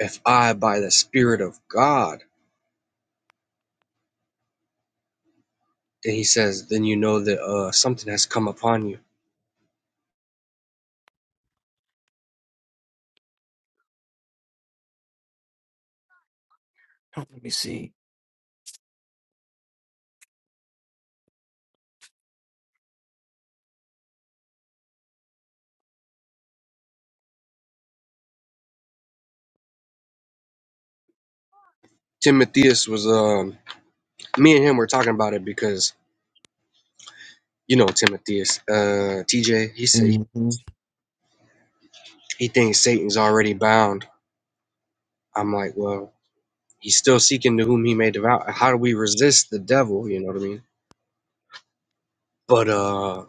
if I by the spirit of God, then he says then you know that uh something has come upon you.
Let me see.
Timotheus was um me and him were talking about it because you know Timotheus, uh, TJ. He said
hmm
he thinks Satan's already bound. I'm like, well, he's still seeking to whom he may devour. How do we resist the devil? You know what I mean? But uh,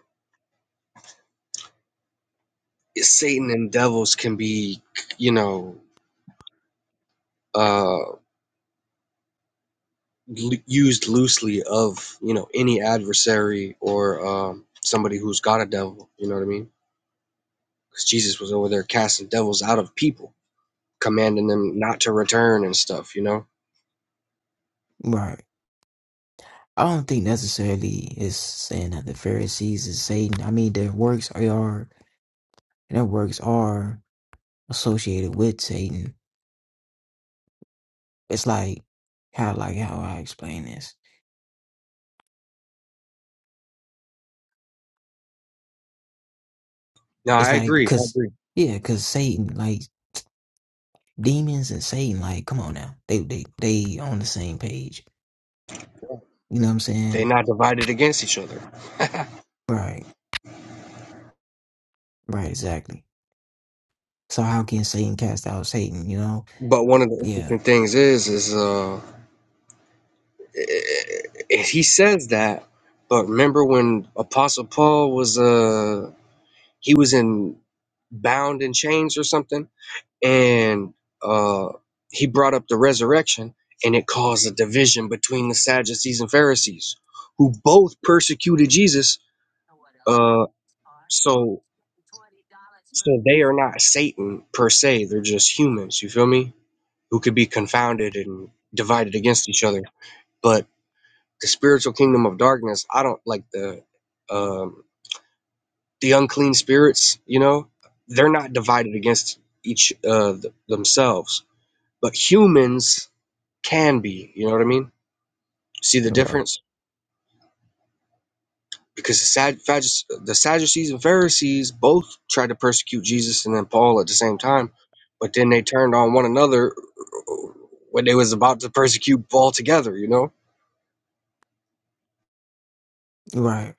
Satan and devils can be, you know, uh, l- used loosely of you know any adversary or um, somebody who's got a devil. You know what I mean? Because Jesus was over there casting devils out of people, commanding them not to return and stuff. You know.
Right. I don't think necessarily it's saying that the Pharisees is Satan. I mean, their works are, their works are associated with Satan. It's like how, like how I explain this.
No,
It's
I
like,
agree. I
cause
agree.
yeah, cause Satan, like demons and Satan, like come on now, they they they on the same page. You know what I'm
they
saying?
not divided against each other.
Right. Right. Exactly. So how can Satan cast out Satan? You know?
But one of the
Yeah.
interesting things is, is uh, he says that, but remember when Apostle Paul was uh, he was in bound in chains or something, and uh, he brought up the resurrection, and it caused a division between the Sadducees and Pharisees, who both persecuted Jesus. Uh, so, so they are not Satan per se; they're just humans. You feel me? Who could be confounded and divided against each other, but the spiritual kingdom of darkness i don't like the um the unclean spirits you know they're not divided against each uh th- themselves but humans can be you know what i mean see the
Right.
difference because the Sad- Phaddu- the sadducees and pharisees both tried to persecute jesus and then paul at the same time but then they turned on one another when they was about to persecute paul together you know
Right.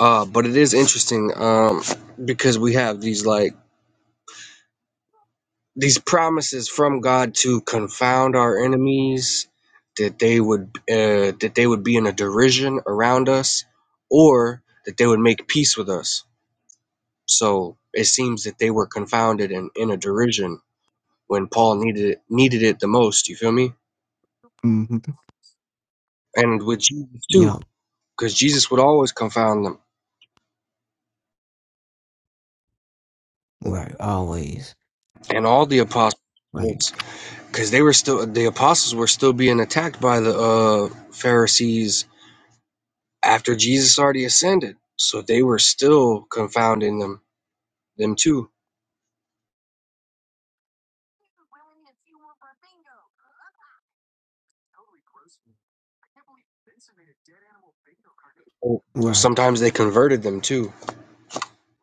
uh but it is interesting um because we have these like these promises from God to confound our enemies, that they would uh, that they would be in a derision around us, or that they would make peace with us. So it seems that they were confounded and in a derision when Paul needed it, needed it the most. You feel me?
hmm
And with Jesus too,
Yup.
because Jesus would always confound them,
Right. Always.
and all the apostles,
Right,
because they were still the apostles were still being attacked by the uh, Pharisees after Jesus already ascended. So they were still confounding them, them too.
right.
Sometimes they converted them too,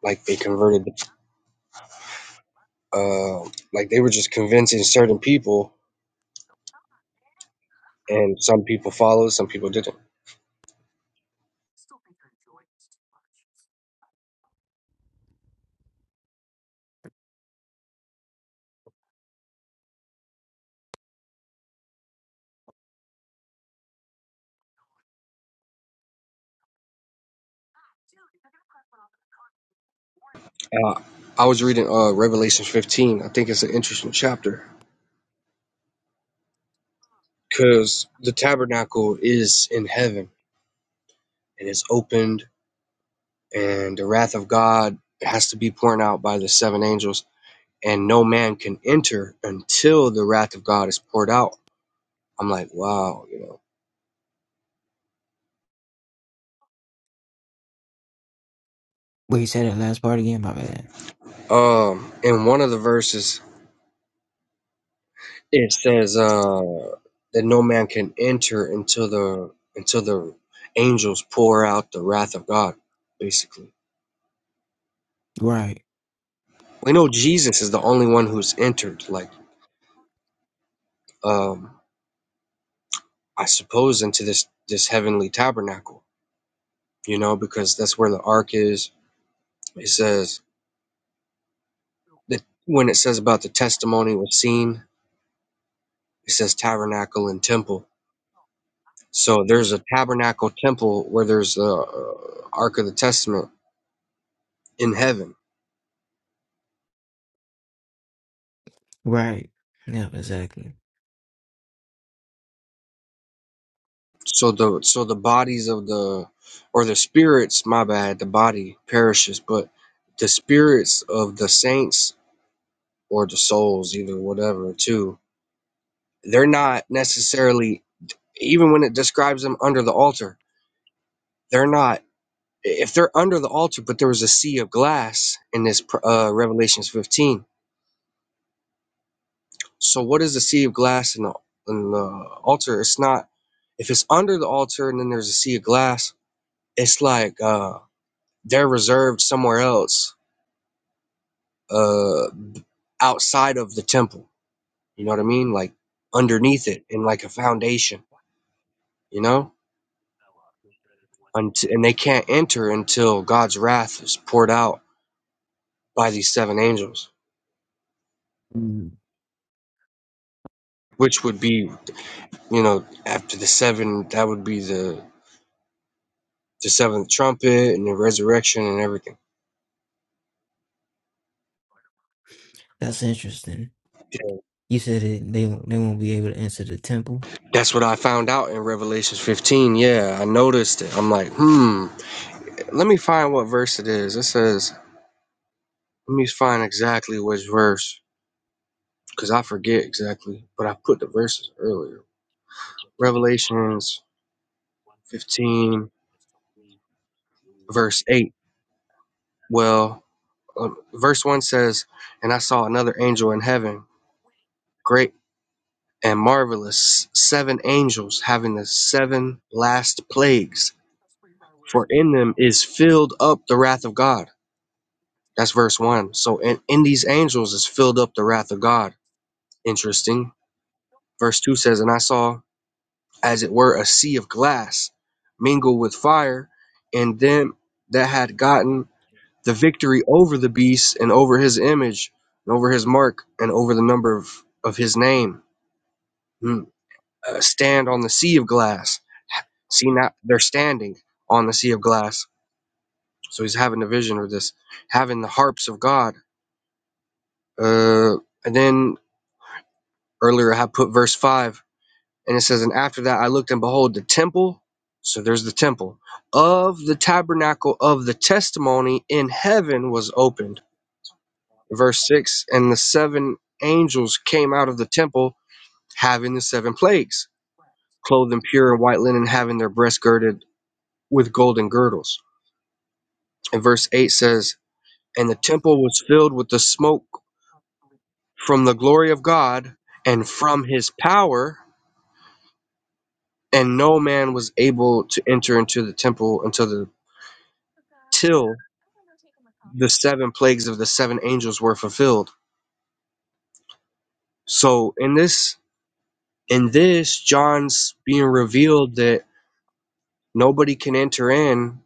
like they converted, uh, like they were just convincing certain people, and some people followed, some people didn't. Uh, I was reading uh, Revelation 15. I think it's an interesting chapter because the tabernacle is in heaven and it's opened, and the wrath of God has to be poured out by the seven angels and no man can enter until the wrath of God is poured out. I'm like, wow, you know.
Wait, say that last part again, my bad.
Um, in one of the verses, it says uh, that no man can enter until the until the angels pour out the wrath of God. Basically,
Right,
we know Jesus is the only one who's entered. Like, um, I suppose into this this heavenly tabernacle, you know, because that's where the ark is. It says that when it says about the testimony was seen It says tabernacle and temple. So there's a tabernacle temple where there's a uh, ark of the testament in heaven.
right. Yeah, exactly.
So the so the bodies of the or the spirits, my bad, the body perishes, but the spirits of the saints or the souls, either whatever, too, they're not necessarily even when it describes them under the altar, they're not if they're under the altar, but there was a sea of glass in this uh, Revelations 15 So what is the sea of glass in the in the altar? It's not if it's under the altar and then there's a sea of glass, it's like uh they're reserved somewhere else, uh outside of the temple. You know what I mean? Like underneath it in like a foundation, you know? And, and they can't enter until God's wrath is poured out by these seven angels,
Mm.
which would be, you know, after the seven, that would be the the seventh trumpet and the resurrection and everything.
That's interesting. You said it, they won't- they won't be able to enter the temple.
That's what I found out in Revelations 15. Yeah, I noticed it. I'm like, hmm, let me find what verse it is. It says, let me find exactly which verse because I forget exactly, but I put the verses earlier. Revelations 15, verse 8. Well, um, verse 1 says, And I saw another angel in heaven, great and marvelous, seven angels having the seven last plagues, for in them is filled up the wrath of God. That's verse one. So in, in these angels is filled up the wrath of God. Interesting. Verse two says, And I saw as it were a sea of glass mingled with fire, and them that had gotten the victory over the beast and over his image and over his mark and over the number of, of his name hmm, uh, stand on the sea of glass. See now they're standing on the sea of glass. So he's having a vision of this, having the harps of God. Uh, and then Earlier, I put verse 5, and it says, And after that I looked, and behold, the temple. So there's the temple of the tabernacle of the testimony in heaven was opened. Verse 6 And the seven angels came out of the temple, having the seven plagues, clothed in pure and white linen, having their breasts girded with golden girdles. And verse 8 says, And the temple was filled with the smoke from the glory of God and from his power and no man was able to enter into the temple until the till the seven plagues of the seven angels were fulfilled so in this in this john's being revealed that nobody can enter in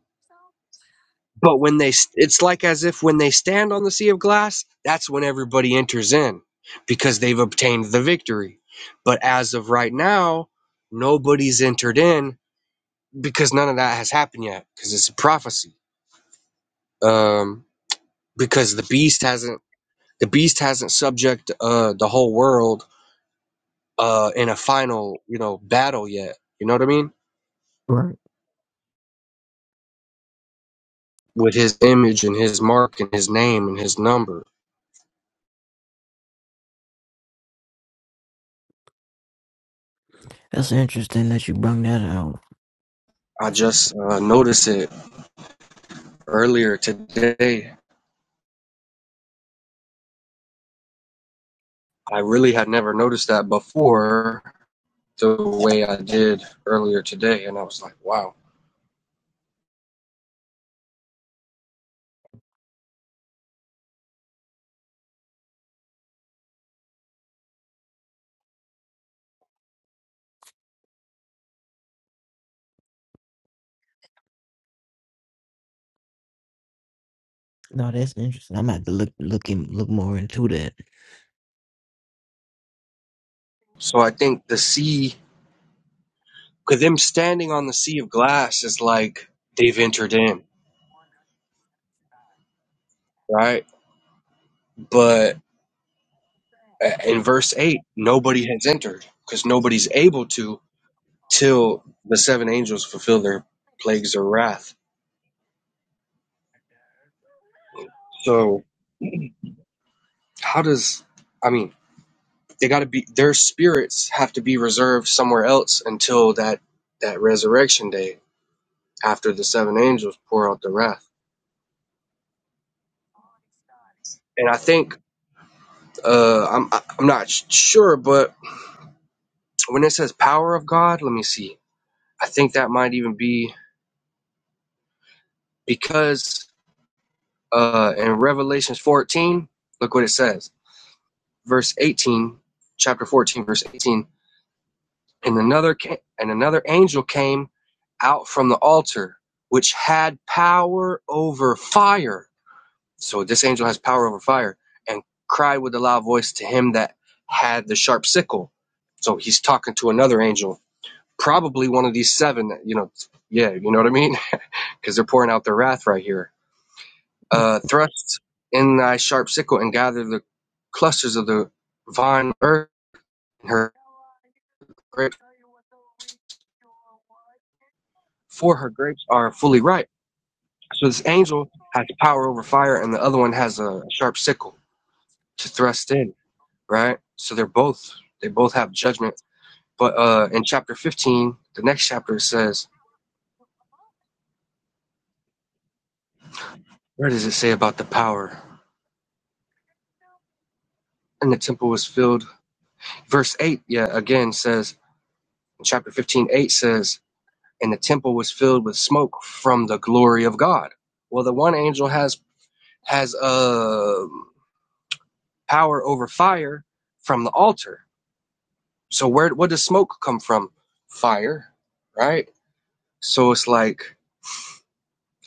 but when they st- it's like as if when they stand on the sea of glass that's when everybody enters in because they've obtained the victory but as of right now nobody's entered in because none of that has happened yet because it's a prophecy um because the beast hasn't the beast hasn't subject uh the whole world uh in a final you know battle yet you know what i mean
Right.
with his image and his mark and his name and his number
That's interesting that you brought that out.
i just uh, noticed it earlier today i really had never noticed that before the way i did earlier today and i was like wow
No, that's interesting. I'm gonna have to look look in, look more into that.
so i think the sea because them standing on the sea of glass is like they've entered in right but in verse 8 nobody has entered because nobody's able to till the seven angels fulfill their plagues or wrath so how does i mean they got to be their spirits have to be reserved somewhere else until that that resurrection day after the seven angels pour out the wrath and i think uh i'm i'm not sh- sure but when it says power of god let me see i think that might even be because uh in revelations 14 look what it says verse 18, chapter 14, verse 18. And another, and another angel came out from the altar, which had power over fire. So this angel has power over fire and cried with a loud voice to him that had the sharp sickle. So he's talking to another angel, probably one of these seven that, you know, yeah, you know what I mean? <laughs> Because they're pouring out their wrath right here. Uh, thrust in thy sharp sickle and gather the clusters of the vine earth and her grape for her grapes are fully ripe. So this angel has power over fire, and the other one has a sharp sickle to thrust in. Right. So they're both they both have judgment. But uh, in chapter 15, the next chapter it says, where does it say about the power? And the temple was filled. Verse eight, yeah, again says in chapter 15, eight says, and the temple was filled with smoke from the glory of God. Well, the one angel has has uh, power over fire from the altar So where what does smoke come from? Fire, right? So it's like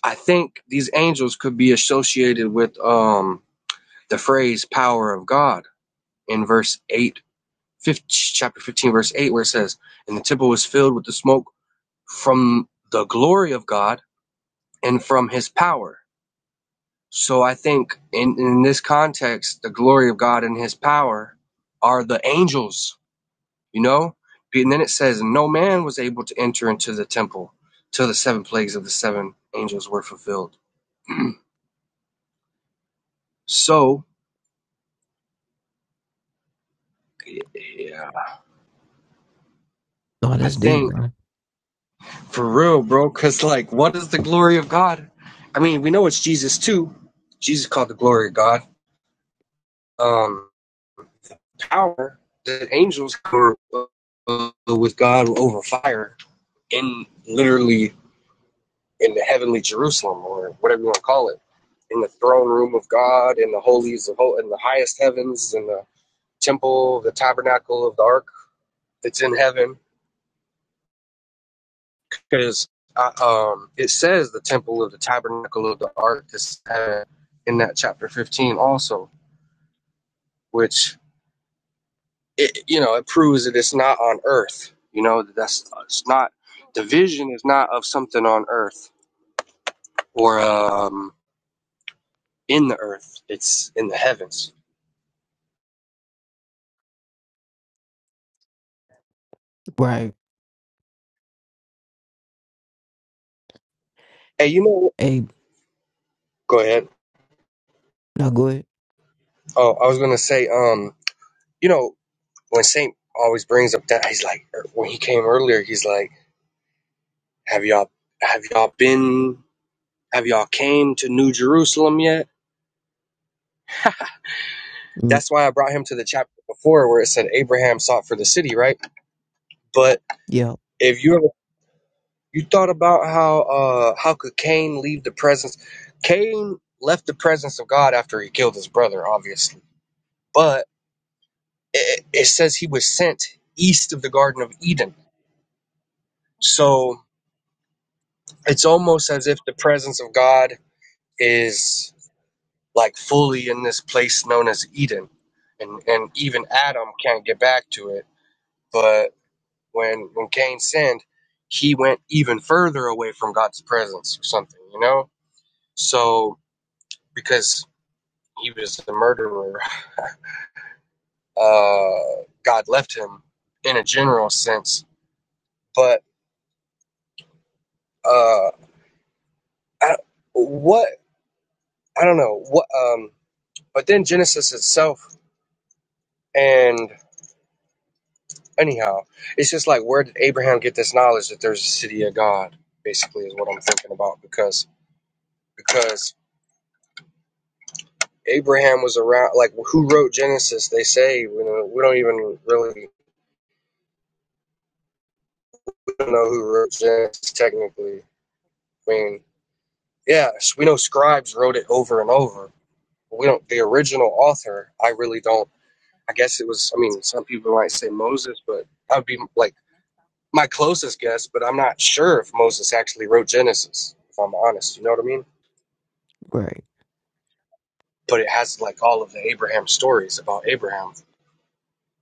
I think these angels could be associated with um the phrase power of God in verse 8 fifteen, chapter 15 verse 8 where it says and the temple was filled with the smoke from the glory of God and from his power. So I think in in this context the glory of God and his power are the angels You know? And then it says, No man was able to enter into the temple till the seven plagues of the seven angels were fulfilled. <clears throat> So, yeah,
No,
I
that's deep,
think
bro.
for real, bro, because like, what is the glory of God? I mean, we know it's Jesus too. Jesus called the glory of God. Um, power that angels were uh, with God over fire in literally in the heavenly Jerusalem or whatever you want to call it, in the throne room of God, in the holies of hol- in the highest heavens, in the temple, the tabernacle of the ark that's in heaven, because uh, um, it says the temple of the tabernacle of the ark is uh, in that chapter fifteen also, which it, you know it proves that it's not on earth. You know that that's it's not the vision is not of something on earth or um, in the earth. It's in the heavens.
Right.
Hey, you know,
Hey,
go ahead.
no good.
Oh, I was gonna say, um, you know, when Saint always brings up that he's like, er, when he came earlier, he's like, "Have y'all, have y'all been, have y'all came to New Jerusalem yet?"
Mm.
That's why I brought him to the chapter before where it said Abraham sought for the city, right? But
Yeah.
if you ever you thought about how uh how could Cain leave the presence? Cain left the presence of God after he killed his brother, obviously, but it, it says he was sent east of the Garden of Eden, so. it's almost as if the presence of God is like fully in this place known as Eden, and and even Adam can't get back to it. But when when Cain sinned, he went even further away from God's presence or something, you know. So because he was the murderer, uh, God left him in a general sense. But uh, I, what I don't know what um. But then Genesis itself and Anyhow, it's just like where did Abraham get this knowledge that there's a city of God? Basically, is what I'm thinking about because because Abraham was around. Like who wrote Genesis? They say you know, we don't even really we don't know who wrote Genesis technically. I mean, yeah, we know scribes wrote it over and over. But we don't. The original author, I really don't. I guess it was. I mean, some people might say Moses, but I'd be like my closest guess. But I'm not sure if Moses actually wrote Genesis. If I'm honest, you know what I mean?
Right.
but it has like all of the Abraham stories about Abraham.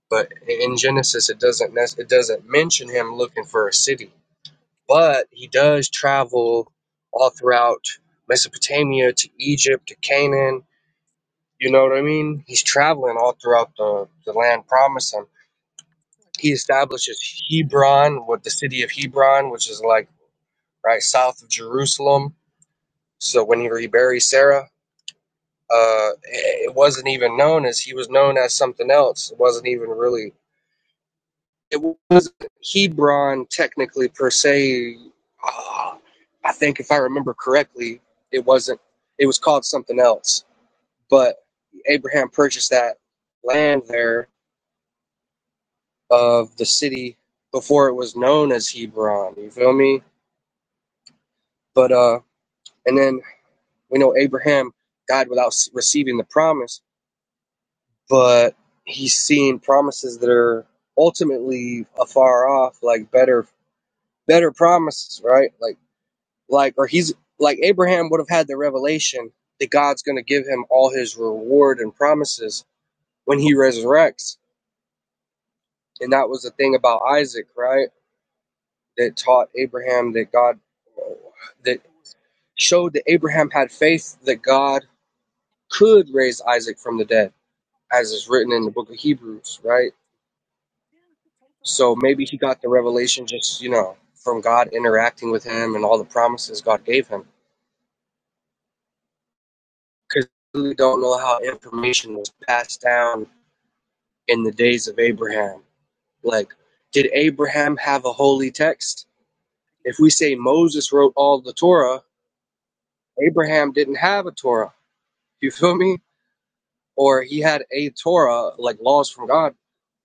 But in Genesis, it doesn't it doesn't mention him looking for a city, but he does travel all throughout Mesopotamia to Egypt to Canaan. You know what I mean? He's traveling all throughout the, the land promised him. He establishes Hebron, with the city of Hebron, which is like right south of Jerusalem. So when he reburies Sarah, uh, it wasn't even known as he was known as something else. It wasn't even really it was Hebron technically per se. Ah, I think if I remember correctly, it wasn't. It was called something else. But Abraham purchased that land there of the city before it was known as Hebron. You feel me? But uh, and then we know Abraham died without receiving the promise, but he's seeing promises that are ultimately afar off, like better better promises, right? Like like or he's like Abraham would have had the revelation that God's going to give him all his reward and promises when he resurrects. And that was the thing about Isaac, right? That taught Abraham that God that showed that Abraham had faith that God could raise Isaac from the dead, as is written in the book of Hebrews, right? So maybe he got the revelation just, you know, from God interacting with him and all the promises God gave him. Because we really don't know how information was passed down in the days of Abraham. Like, did Abraham have a holy text? If we say Moses wrote all the Torah, Abraham didn't have a Torah. You <laughs> feel me? Or he had a Torah, like laws from God.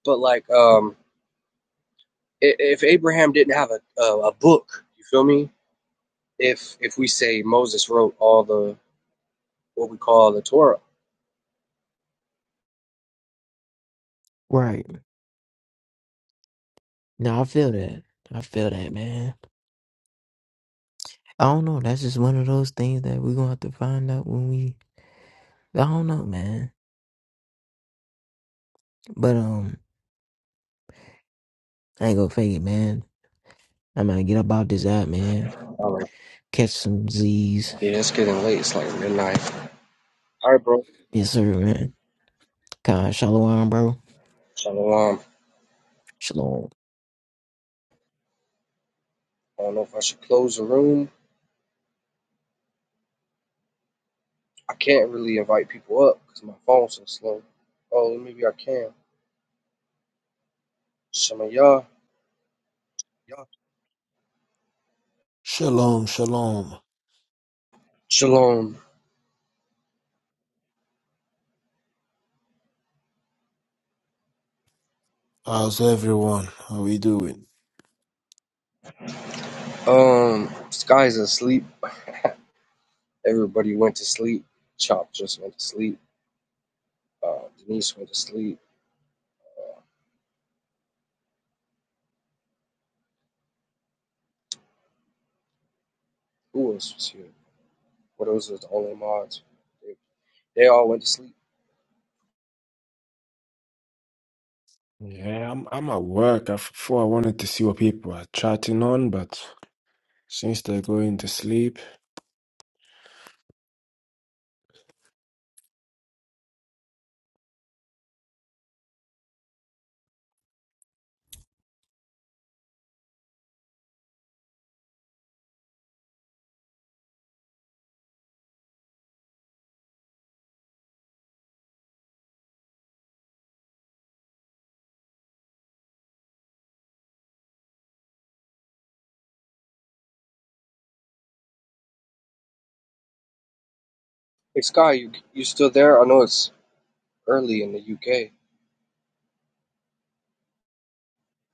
But like, um, if Abraham didn't have a, a book, you feel me? If if we say Moses wrote all the what we call the Torah.
Right. No, I feel that. I feel that, man. I don't know. That's just one of those things that we're gonna have to find out when we. I don't know, man. But um, I ain't gonna fake it, man. I'm gonna get up off this app, man.
All right.
Catch some Z's.
Yeah, it's getting late. It's like midnight. All right, bro.
Yes, sir, man. Kind of shalom, bro.
Shalom.
Shalom.
I don't know if I should close the room I can't really invite people up because my phone's so slow. Oh, maybe I can. Shema Yah.
Yeah. Shalom, shalom.
Shalom.
How's everyone? How we doing?
Um, Sky's asleep. Everybody went to sleep. Chop just went to sleep. Uh, Denise went to sleep. Who else was here? What else was the only mods? They, they all went to sleep.
Yeah, I'm I'm at work. I f- thought I wanted to see what people are chatting on, but since they're going to sleep.
Hey, Sky, you you still there? I know it's early in the UK,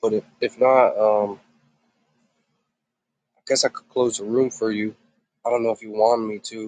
but if, if not, um, I guess I could close the room for you. I don't know if you want me to.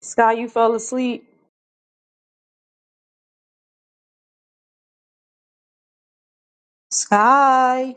Sky, you fell asleep. Sky.